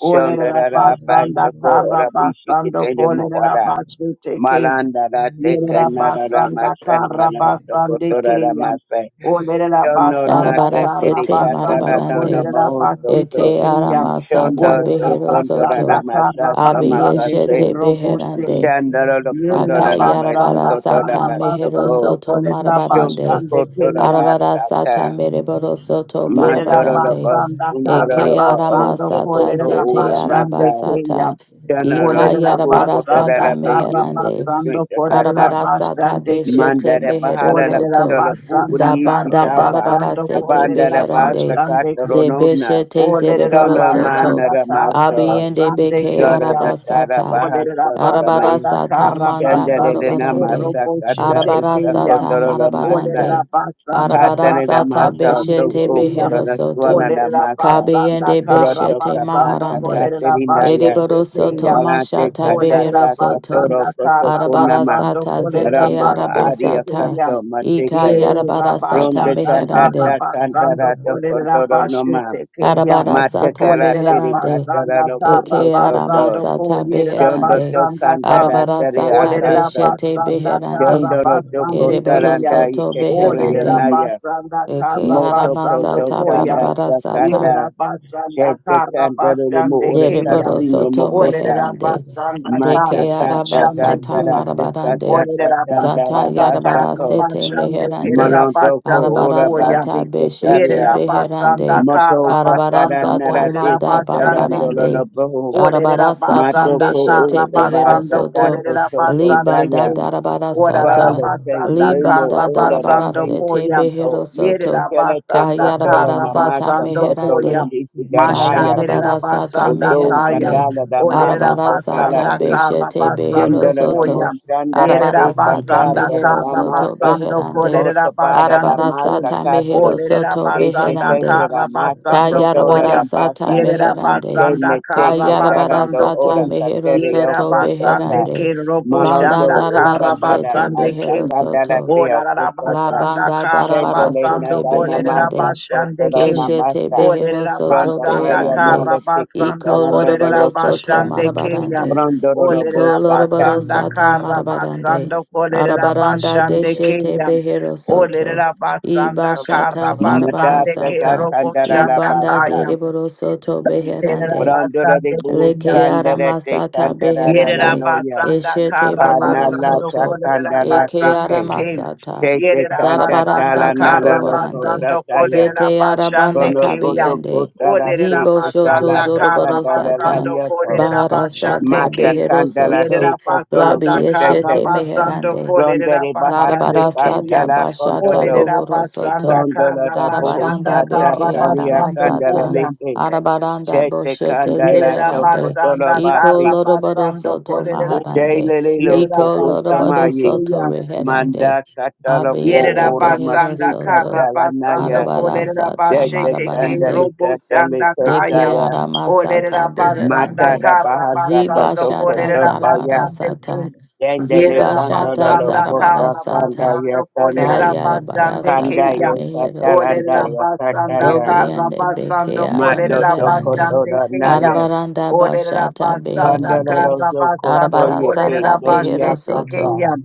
[SPEAKER 1] Olerera basanda ka
[SPEAKER 5] Basako Rabishi
[SPEAKER 1] rabasando
[SPEAKER 5] Kitade
[SPEAKER 1] kolerera
[SPEAKER 5] Moara
[SPEAKER 1] basete ke.
[SPEAKER 5] Maranda Teke
[SPEAKER 1] Yerera
[SPEAKER 5] Narada
[SPEAKER 1] basanda ka
[SPEAKER 5] Masar Banasa
[SPEAKER 1] rabasande ke
[SPEAKER 5] Kotora
[SPEAKER 1] yan.
[SPEAKER 5] Mase
[SPEAKER 1] Olerera
[SPEAKER 5] Shono
[SPEAKER 1] basanda
[SPEAKER 7] Darabara
[SPEAKER 5] Nada
[SPEAKER 1] ka
[SPEAKER 7] sete
[SPEAKER 1] rabasando
[SPEAKER 5] Dedicandara
[SPEAKER 7] marabarande.
[SPEAKER 5] Dona
[SPEAKER 1] kolerera
[SPEAKER 5] Mohoso
[SPEAKER 7] Eke
[SPEAKER 5] so,
[SPEAKER 1] basete ke yan.
[SPEAKER 7] aramasata
[SPEAKER 5] Shonda
[SPEAKER 1] Olerera
[SPEAKER 7] behero
[SPEAKER 5] Tosondo
[SPEAKER 1] basanda
[SPEAKER 7] soto.
[SPEAKER 1] ka
[SPEAKER 5] Ramasa
[SPEAKER 4] Thank
[SPEAKER 1] rabasande ke
[SPEAKER 5] Samakase
[SPEAKER 7] Abiyeshete
[SPEAKER 1] robose.
[SPEAKER 7] beherande.
[SPEAKER 5] Shandara Lokondo
[SPEAKER 1] Yerera
[SPEAKER 5] Ramasa
[SPEAKER 7] Akayarabara
[SPEAKER 1] basanda ka
[SPEAKER 5] Koto
[SPEAKER 7] sata mehero
[SPEAKER 5] Rabasoko
[SPEAKER 1] rabasando
[SPEAKER 7] soto
[SPEAKER 1] kolerera
[SPEAKER 5] Shunto
[SPEAKER 7] marabarande.
[SPEAKER 1] basande ke
[SPEAKER 5] Koto
[SPEAKER 1] yan.
[SPEAKER 7] Arabara sata
[SPEAKER 5] Rabasata
[SPEAKER 7] mereboro soto
[SPEAKER 1] Yerera
[SPEAKER 5] Mandoro
[SPEAKER 7] barabarande.
[SPEAKER 5] Rabo
[SPEAKER 1] basanda
[SPEAKER 5] Sundoro
[SPEAKER 1] kara
[SPEAKER 7] Eke
[SPEAKER 5] Rabo
[SPEAKER 1] basando
[SPEAKER 7] aramasata
[SPEAKER 5] Sokoto
[SPEAKER 1] kolerera
[SPEAKER 7] zete
[SPEAKER 1] basande
[SPEAKER 5] Uramasa
[SPEAKER 1] keya.
[SPEAKER 7] arabasata. Ika
[SPEAKER 5] Shanara
[SPEAKER 1] Olerera
[SPEAKER 7] yarabara
[SPEAKER 5] Shoguko
[SPEAKER 1] basanda
[SPEAKER 7] sata
[SPEAKER 5] Tarabe
[SPEAKER 1] kara
[SPEAKER 5] Yuko
[SPEAKER 7] meherande.
[SPEAKER 1] basando
[SPEAKER 5] Srinta
[SPEAKER 1] kolerera
[SPEAKER 5] Kata
[SPEAKER 7] Arabara sata
[SPEAKER 1] basande ke.
[SPEAKER 7] beshete
[SPEAKER 5] Mandara
[SPEAKER 7] mehero
[SPEAKER 5] Bahala
[SPEAKER 1] Olerera
[SPEAKER 5] Lakando
[SPEAKER 7] soto.
[SPEAKER 5] Labu
[SPEAKER 1] basanda
[SPEAKER 5] Uriiti
[SPEAKER 1] kara
[SPEAKER 7] Zabanda
[SPEAKER 5] Tapa
[SPEAKER 7] darabara
[SPEAKER 1] basando
[SPEAKER 7] sete
[SPEAKER 5] Abanda
[SPEAKER 1] kolerera
[SPEAKER 5] Rabasa
[SPEAKER 7] beherande.
[SPEAKER 1] basande
[SPEAKER 5] Kata
[SPEAKER 1] ke.
[SPEAKER 5] Ronona
[SPEAKER 7] Zebeshete
[SPEAKER 1] Olerera
[SPEAKER 7] zereboro
[SPEAKER 5] Sona
[SPEAKER 7] soto.
[SPEAKER 1] basanda
[SPEAKER 5] Manara
[SPEAKER 1] kara
[SPEAKER 5] Maso.
[SPEAKER 7] Abiende
[SPEAKER 1] basande
[SPEAKER 7] beke
[SPEAKER 5] Shara
[SPEAKER 1] keya.
[SPEAKER 5] da da
[SPEAKER 7] arabasata.
[SPEAKER 5] baha
[SPEAKER 1] Olerera
[SPEAKER 5] shara da
[SPEAKER 7] Arabara
[SPEAKER 5] mai
[SPEAKER 1] Rabasanda
[SPEAKER 7] sata
[SPEAKER 1] kara
[SPEAKER 7] manda
[SPEAKER 5] shanda da da
[SPEAKER 1] basande
[SPEAKER 5] na
[SPEAKER 1] kero
[SPEAKER 7] borobarande.
[SPEAKER 5] masa kata
[SPEAKER 1] boshete
[SPEAKER 7] Arabara
[SPEAKER 5] isa
[SPEAKER 1] keya.
[SPEAKER 7] sata
[SPEAKER 5] kotoro da masa
[SPEAKER 1] Olerera
[SPEAKER 7] marabarande.
[SPEAKER 1] basanda
[SPEAKER 5] kata
[SPEAKER 7] Arabara
[SPEAKER 5] ne da
[SPEAKER 1] kara
[SPEAKER 7] sata
[SPEAKER 5] masa to
[SPEAKER 1] basande
[SPEAKER 7] beshete
[SPEAKER 5] oko
[SPEAKER 1] keya.
[SPEAKER 5] da
[SPEAKER 7] behero
[SPEAKER 5] na suana
[SPEAKER 7] soto.
[SPEAKER 5] da
[SPEAKER 1] Olerera
[SPEAKER 5] masa
[SPEAKER 1] basanda
[SPEAKER 7] Kabiende
[SPEAKER 1] kara
[SPEAKER 5] proto
[SPEAKER 7] beshete
[SPEAKER 1] basando
[SPEAKER 5] kapaka
[SPEAKER 7] maharande.
[SPEAKER 5] kata
[SPEAKER 1] kolerera
[SPEAKER 5] ya
[SPEAKER 7] Ereboro soto
[SPEAKER 1] keya.
[SPEAKER 5] malate
[SPEAKER 7] mashata
[SPEAKER 5] kata
[SPEAKER 7] behero
[SPEAKER 1] Olerera
[SPEAKER 5] ta
[SPEAKER 7] soto.
[SPEAKER 5] kotoro
[SPEAKER 1] basanda
[SPEAKER 5] koto
[SPEAKER 1] kara
[SPEAKER 5] kunama
[SPEAKER 1] basando
[SPEAKER 7] Arabarasata
[SPEAKER 1] kolerera
[SPEAKER 7] zete
[SPEAKER 5] rando ba aria
[SPEAKER 7] arabasata.
[SPEAKER 1] keya.
[SPEAKER 5] kaso
[SPEAKER 7] Ika
[SPEAKER 5] mateke
[SPEAKER 1] Ye
[SPEAKER 4] you.
[SPEAKER 7] yarabarasata
[SPEAKER 5] ronde
[SPEAKER 1] rabashanda
[SPEAKER 5] kanda
[SPEAKER 1] kara
[SPEAKER 5] ta
[SPEAKER 7] meherande.
[SPEAKER 4] Thank
[SPEAKER 5] kanda ra
[SPEAKER 1] basando
[SPEAKER 5] do
[SPEAKER 1] kolerera
[SPEAKER 5] kondoro noma
[SPEAKER 1] keya.
[SPEAKER 5] mate
[SPEAKER 7] Arabarasata
[SPEAKER 5] kara
[SPEAKER 1] Olerera
[SPEAKER 5] tiri
[SPEAKER 7] meherande.
[SPEAKER 5] kata ra
[SPEAKER 1] basanda
[SPEAKER 5] do
[SPEAKER 1] kara
[SPEAKER 7] Eke
[SPEAKER 5] koto soto
[SPEAKER 1] basando
[SPEAKER 7] aramasata
[SPEAKER 1] kolerera
[SPEAKER 5] Shondo
[SPEAKER 7] beherande.
[SPEAKER 1] basanda
[SPEAKER 5] tokanda
[SPEAKER 1] kam.
[SPEAKER 5] da tere
[SPEAKER 7] Arabarasata
[SPEAKER 1] Olerera
[SPEAKER 5] akasa.
[SPEAKER 7] beshete
[SPEAKER 1] basanda kara
[SPEAKER 7] beherande.
[SPEAKER 5] Shondo no toko
[SPEAKER 1] basande keya.
[SPEAKER 5] taranda
[SPEAKER 7] Ereborosoto
[SPEAKER 5] iketere
[SPEAKER 1] Olerera
[SPEAKER 7] beherande.
[SPEAKER 5] yanaya.
[SPEAKER 1] basanda
[SPEAKER 7] Eke
[SPEAKER 1] kara
[SPEAKER 5] Moto
[SPEAKER 1] basando
[SPEAKER 5] koto
[SPEAKER 7] aramasata
[SPEAKER 1] koya.
[SPEAKER 5] tanda
[SPEAKER 7] barabarasata.
[SPEAKER 5] takanda.
[SPEAKER 1] Yerera basanda
[SPEAKER 5] Shete
[SPEAKER 1] kara
[SPEAKER 5] kandere mo
[SPEAKER 1] basande
[SPEAKER 5] ore
[SPEAKER 1] keya.
[SPEAKER 5] kasino
[SPEAKER 7] Dereborosoto
[SPEAKER 5] mokota.
[SPEAKER 1] Olerera
[SPEAKER 7] meherande.
[SPEAKER 1] basanda
[SPEAKER 5] Mata
[SPEAKER 1] kara
[SPEAKER 7] Deke
[SPEAKER 5] kanda
[SPEAKER 7] araba
[SPEAKER 1] basande
[SPEAKER 7] sata
[SPEAKER 5] tandara te kanda
[SPEAKER 7] marabarande.
[SPEAKER 5] da
[SPEAKER 1] Olerera
[SPEAKER 5] tandara
[SPEAKER 7] Zata
[SPEAKER 1] basanda
[SPEAKER 7] yarabara
[SPEAKER 1] karra
[SPEAKER 5] basako.
[SPEAKER 7] sete
[SPEAKER 1] basande
[SPEAKER 7] meherande.
[SPEAKER 1] kerera
[SPEAKER 5] Malondoko
[SPEAKER 1] basando
[SPEAKER 7] Arabara
[SPEAKER 5] ora
[SPEAKER 1] koya.
[SPEAKER 7] sata
[SPEAKER 5] basike
[SPEAKER 7] beshete
[SPEAKER 1] Yerera
[SPEAKER 5] taria.
[SPEAKER 1] basanda
[SPEAKER 7] beherande.
[SPEAKER 5] Moto
[SPEAKER 1] karra
[SPEAKER 7] Arabara
[SPEAKER 5] fatara
[SPEAKER 1] basando
[SPEAKER 7] sata
[SPEAKER 5] narate
[SPEAKER 1] kolerera
[SPEAKER 7] manda
[SPEAKER 1] basande
[SPEAKER 5] katarandolo
[SPEAKER 1] ke.
[SPEAKER 7] barabarande.
[SPEAKER 5] lobo.
[SPEAKER 1] Olerera
[SPEAKER 7] Arabara sata
[SPEAKER 1] basanda
[SPEAKER 5] Matoko
[SPEAKER 1] karra
[SPEAKER 7] beshete behero
[SPEAKER 5] utabasa
[SPEAKER 1] basando
[SPEAKER 7] soto.
[SPEAKER 5] tato
[SPEAKER 1] kolerera
[SPEAKER 5] toko
[SPEAKER 1] basande
[SPEAKER 5] taya.
[SPEAKER 7] Libanda
[SPEAKER 1] ke.
[SPEAKER 7] darabara
[SPEAKER 1] Orarara
[SPEAKER 5] Father,
[SPEAKER 7] sata.
[SPEAKER 5] say,
[SPEAKER 1] basanda
[SPEAKER 5] Limo,
[SPEAKER 7] Libanda
[SPEAKER 1] karra
[SPEAKER 5] Ula, da
[SPEAKER 7] darabara
[SPEAKER 1] basando
[SPEAKER 5] Vinci,
[SPEAKER 7] sete
[SPEAKER 1] koya.
[SPEAKER 5] Cato,
[SPEAKER 7] behero soto.
[SPEAKER 1] Yerera
[SPEAKER 5] Kelete,
[SPEAKER 1] basanda
[SPEAKER 5] Cotola,
[SPEAKER 7] Kayarabara
[SPEAKER 1] karra
[SPEAKER 7] sata
[SPEAKER 5] Namasa,
[SPEAKER 1] basando
[SPEAKER 4] you.
[SPEAKER 5] Cotola,
[SPEAKER 7] meherande.
[SPEAKER 1] koya.
[SPEAKER 5] Chisi,
[SPEAKER 4] shit!
[SPEAKER 5] Ganayaku,
[SPEAKER 1] Mashandera
[SPEAKER 7] Kayarabarasata
[SPEAKER 1] basanda
[SPEAKER 5] Loto,
[SPEAKER 1] kaya.
[SPEAKER 7] meherande.
[SPEAKER 5] Gandala, da Masa,
[SPEAKER 1] Olerera
[SPEAKER 5] Cotala,
[SPEAKER 7] Arabarasata
[SPEAKER 1] basanda
[SPEAKER 5] Te,
[SPEAKER 1] karra
[SPEAKER 7] beshete behero
[SPEAKER 1] basando
[SPEAKER 5] Dindala, da
[SPEAKER 1] koya.
[SPEAKER 7] soto.
[SPEAKER 5] Mostanda, da
[SPEAKER 1] Yerera
[SPEAKER 5] Te,
[SPEAKER 7] Arabarasata
[SPEAKER 5] Cantata,
[SPEAKER 1] basanda
[SPEAKER 5] da
[SPEAKER 7] mehero
[SPEAKER 5] da
[SPEAKER 1] kara
[SPEAKER 7] soto
[SPEAKER 5] Masa,
[SPEAKER 1] basando
[SPEAKER 7] beherande.
[SPEAKER 1] kolerera
[SPEAKER 5] Cotabada, da
[SPEAKER 1] basando
[SPEAKER 5] Masa,
[SPEAKER 1] kim.
[SPEAKER 7] Arabarasata mehero
[SPEAKER 5] Cate,
[SPEAKER 1] Olerera
[SPEAKER 7] soto
[SPEAKER 5] Ese,
[SPEAKER 1] basanda
[SPEAKER 7] beherande.
[SPEAKER 5] Tete, da
[SPEAKER 1] kara
[SPEAKER 5] Masa,
[SPEAKER 1] basando
[SPEAKER 5] Cotola, da
[SPEAKER 1] koyam.
[SPEAKER 7] Kayarabarasata
[SPEAKER 5] Basa,
[SPEAKER 1] Yerera
[SPEAKER 7] meherande.
[SPEAKER 1] basanda
[SPEAKER 5] Tene, Te,
[SPEAKER 1] kara
[SPEAKER 5] Cotala, do
[SPEAKER 1] basando
[SPEAKER 7] Kayarabarasata
[SPEAKER 5] Ora,
[SPEAKER 1] kum.
[SPEAKER 7] mehero
[SPEAKER 5] Cateri,
[SPEAKER 1] Yerera
[SPEAKER 7] soto
[SPEAKER 5] Oco,
[SPEAKER 1] basande
[SPEAKER 7] beherande.
[SPEAKER 1] ke robo
[SPEAKER 7] Banda
[SPEAKER 1] shanda
[SPEAKER 5] Malondo
[SPEAKER 1] kara
[SPEAKER 5] Ukandada
[SPEAKER 7] darabarasete
[SPEAKER 1] basande
[SPEAKER 7] behero
[SPEAKER 1] kim.
[SPEAKER 5] Asakandana
[SPEAKER 7] soto.
[SPEAKER 5] Theo
[SPEAKER 1] Olerera
[SPEAKER 7] La
[SPEAKER 5] Kosota
[SPEAKER 1] basanda
[SPEAKER 7] banda
[SPEAKER 1] kara
[SPEAKER 7] darabara
[SPEAKER 5] Shendele
[SPEAKER 7] sete
[SPEAKER 1] basando
[SPEAKER 5] Nadana
[SPEAKER 1] kolerera
[SPEAKER 5] Masa
[SPEAKER 7] beherande.
[SPEAKER 1] basande
[SPEAKER 5] Kotora
[SPEAKER 1] kim.
[SPEAKER 7] Keshete
[SPEAKER 5] Namasa
[SPEAKER 7] behero
[SPEAKER 1] Olerera
[SPEAKER 7] soto
[SPEAKER 5] Pronda
[SPEAKER 1] basanda
[SPEAKER 5] Baya
[SPEAKER 7] beherande.
[SPEAKER 1] kara
[SPEAKER 5] Nale Tike
[SPEAKER 1] basando
[SPEAKER 7] Iko
[SPEAKER 5] Salandono
[SPEAKER 7] lorobaro
[SPEAKER 1] kolerera
[SPEAKER 7] soto
[SPEAKER 5] Lokosa
[SPEAKER 1] basande
[SPEAKER 7] marabarande.
[SPEAKER 5] Prondoro
[SPEAKER 1] Olerera
[SPEAKER 7] Iko
[SPEAKER 5] Bosa
[SPEAKER 7] lorobaro
[SPEAKER 5] Tan
[SPEAKER 1] basanda
[SPEAKER 7] sata
[SPEAKER 1] kara
[SPEAKER 7] marabarande.
[SPEAKER 1] basando kolerera
[SPEAKER 7] Arabaranda
[SPEAKER 1] basande
[SPEAKER 7] deshete
[SPEAKER 1] keya.
[SPEAKER 7] behero soto.
[SPEAKER 1] Olerera basanda kara
[SPEAKER 7] Ibashata zarabara
[SPEAKER 1] basande ke
[SPEAKER 5] Madata
[SPEAKER 7] sata.
[SPEAKER 1] robo
[SPEAKER 5] Kandara La
[SPEAKER 1] shanda
[SPEAKER 7] Ibanda
[SPEAKER 5] basa
[SPEAKER 1] kaya.
[SPEAKER 7] deriboro soto
[SPEAKER 1] Terera
[SPEAKER 7] beherande.
[SPEAKER 5] Prondora de
[SPEAKER 1] basande
[SPEAKER 5] Buhu
[SPEAKER 1] keya.
[SPEAKER 7] Leke ara
[SPEAKER 5] Sandere Te
[SPEAKER 7] masata
[SPEAKER 5] Kandara
[SPEAKER 1] Yerera
[SPEAKER 7] beherande,
[SPEAKER 5] Lanoya
[SPEAKER 1] basanda
[SPEAKER 7] eshete
[SPEAKER 1] kara
[SPEAKER 7] bohoro
[SPEAKER 1] basando
[SPEAKER 5] Panalata
[SPEAKER 7] soto,
[SPEAKER 1] kolerera
[SPEAKER 5] Kandala
[SPEAKER 7] eke ara
[SPEAKER 1] basande
[SPEAKER 5] Teke
[SPEAKER 1] ke.
[SPEAKER 7] masata,
[SPEAKER 5] Tete
[SPEAKER 1] Yerera
[SPEAKER 7] zarabara
[SPEAKER 1] basanda
[SPEAKER 5] Kandatala
[SPEAKER 7] sata
[SPEAKER 5] Nala
[SPEAKER 1] kara
[SPEAKER 7] bohorande,
[SPEAKER 5] Lokosa
[SPEAKER 1] basando
[SPEAKER 5] Taya
[SPEAKER 1] kolerera
[SPEAKER 7] zete arabanda
[SPEAKER 1] basande
[SPEAKER 5] Bono
[SPEAKER 1] ke
[SPEAKER 5] boto
[SPEAKER 1] yam.
[SPEAKER 7] kabiende,
[SPEAKER 5] kota la te
[SPEAKER 1] Olerera
[SPEAKER 7] zibo shoto
[SPEAKER 5] kesala
[SPEAKER 1] basanda kara
[SPEAKER 7] zoroboro
[SPEAKER 5] takanda la la
[SPEAKER 7] sata,
[SPEAKER 1] basando
[SPEAKER 5] lioko.
[SPEAKER 1] kolerera
[SPEAKER 7] bahara
[SPEAKER 1] basande
[SPEAKER 7] sata
[SPEAKER 5] Mata
[SPEAKER 1] ke.
[SPEAKER 7] behero
[SPEAKER 5] kanda la
[SPEAKER 7] soto,
[SPEAKER 1] Yerera
[SPEAKER 5] tolo kotolo
[SPEAKER 1] basanda
[SPEAKER 7] labi
[SPEAKER 1] kara
[SPEAKER 5] kochete.
[SPEAKER 7] eshete
[SPEAKER 1] basando
[SPEAKER 7] meherande,
[SPEAKER 5] Ronde
[SPEAKER 1] kolerera
[SPEAKER 5] de bahasi
[SPEAKER 1] basande ke
[SPEAKER 5] kanda
[SPEAKER 7] Larabarasata
[SPEAKER 1] yam.
[SPEAKER 7] bashata
[SPEAKER 5] kondolo.
[SPEAKER 1] Olerera basanda
[SPEAKER 7] bohorosoto.
[SPEAKER 5] Kondolo
[SPEAKER 1] kara
[SPEAKER 5] da
[SPEAKER 4] you.
[SPEAKER 5] boho
[SPEAKER 1] basanda
[SPEAKER 7] Darabaranda
[SPEAKER 5] sata
[SPEAKER 1] kara
[SPEAKER 7] beke
[SPEAKER 5] karia
[SPEAKER 1] basando
[SPEAKER 5] kanda la
[SPEAKER 7] aramasata.
[SPEAKER 1] koyam.
[SPEAKER 5] leke.
[SPEAKER 7] Arabaranda
[SPEAKER 5] Chete
[SPEAKER 7] boshete
[SPEAKER 5] kanda la
[SPEAKER 1] Yerera
[SPEAKER 5] tolo
[SPEAKER 7] zeherande.
[SPEAKER 1] basanda
[SPEAKER 7] Iko
[SPEAKER 5] basi.
[SPEAKER 1] kara basando
[SPEAKER 7] loroborosoto maharande.
[SPEAKER 5] Jele lilo to
[SPEAKER 7] Iko
[SPEAKER 1] Yerabasande
[SPEAKER 5] kosamayi.
[SPEAKER 7] loroborosoto
[SPEAKER 1] Kaya.
[SPEAKER 5] Manda
[SPEAKER 7] reherande.
[SPEAKER 5] katalo ko
[SPEAKER 7] Abiende
[SPEAKER 5] ora
[SPEAKER 1] Yerabasanda
[SPEAKER 5] masika
[SPEAKER 7] beherosoto.
[SPEAKER 1] Karabasando
[SPEAKER 5] talanaya.
[SPEAKER 7] Arabarasata
[SPEAKER 5] Chete
[SPEAKER 1] Kolerabashete K
[SPEAKER 5] kanda
[SPEAKER 7] marabarande.
[SPEAKER 5] lika
[SPEAKER 1] Robo
[SPEAKER 5] talika
[SPEAKER 7] Deke
[SPEAKER 1] Shandakaya.
[SPEAKER 5] tala.
[SPEAKER 7] arama sata
[SPEAKER 4] Thank
[SPEAKER 1] Olerabasanda
[SPEAKER 5] Mata
[SPEAKER 7] beherande.
[SPEAKER 5] da bahasa
[SPEAKER 7] Ziba
[SPEAKER 1] Karabasando
[SPEAKER 5] boto
[SPEAKER 7] shata
[SPEAKER 5] koto
[SPEAKER 7] zarabara
[SPEAKER 5] daya.
[SPEAKER 1] Kolerabasande Kaya.
[SPEAKER 7] sata.
[SPEAKER 5] Dendele
[SPEAKER 7] Ziba
[SPEAKER 5] kandolo
[SPEAKER 7] shata
[SPEAKER 5] lo
[SPEAKER 1] Yerabasanda
[SPEAKER 7] zarabara
[SPEAKER 5] posta sanda
[SPEAKER 7] sata.
[SPEAKER 5] ya
[SPEAKER 1] Karabasando
[SPEAKER 5] sana.
[SPEAKER 7] Kayarabara
[SPEAKER 1] Kolerabasande
[SPEAKER 5] Kanda
[SPEAKER 7] sata
[SPEAKER 5] ya
[SPEAKER 1] Kaya.
[SPEAKER 7] mehero
[SPEAKER 5] katalanda
[SPEAKER 7] soto.
[SPEAKER 5] ya
[SPEAKER 1] Olerabasanda
[SPEAKER 5] kataya.
[SPEAKER 7] Dobiende beke
[SPEAKER 1] Karabasando
[SPEAKER 7] ara
[SPEAKER 5] Mato to
[SPEAKER 7] meherande.
[SPEAKER 5] koto
[SPEAKER 1] Kolerabasande
[SPEAKER 5] da
[SPEAKER 1] Kaya.
[SPEAKER 5] naya.
[SPEAKER 7] Arabaranda bashata
[SPEAKER 1] Olerabasanda
[SPEAKER 5] Pandolo
[SPEAKER 7] beherande.
[SPEAKER 5] lo zo koto
[SPEAKER 1] Karabasando
[SPEAKER 7] Arabara
[SPEAKER 5] ye
[SPEAKER 4] you.
[SPEAKER 5] ke.
[SPEAKER 7] sata
[SPEAKER 5] Kedi ya
[SPEAKER 7] behero
[SPEAKER 1] Kolerabasande
[SPEAKER 7] soto
[SPEAKER 5] kasa.
[SPEAKER 1] Kaya.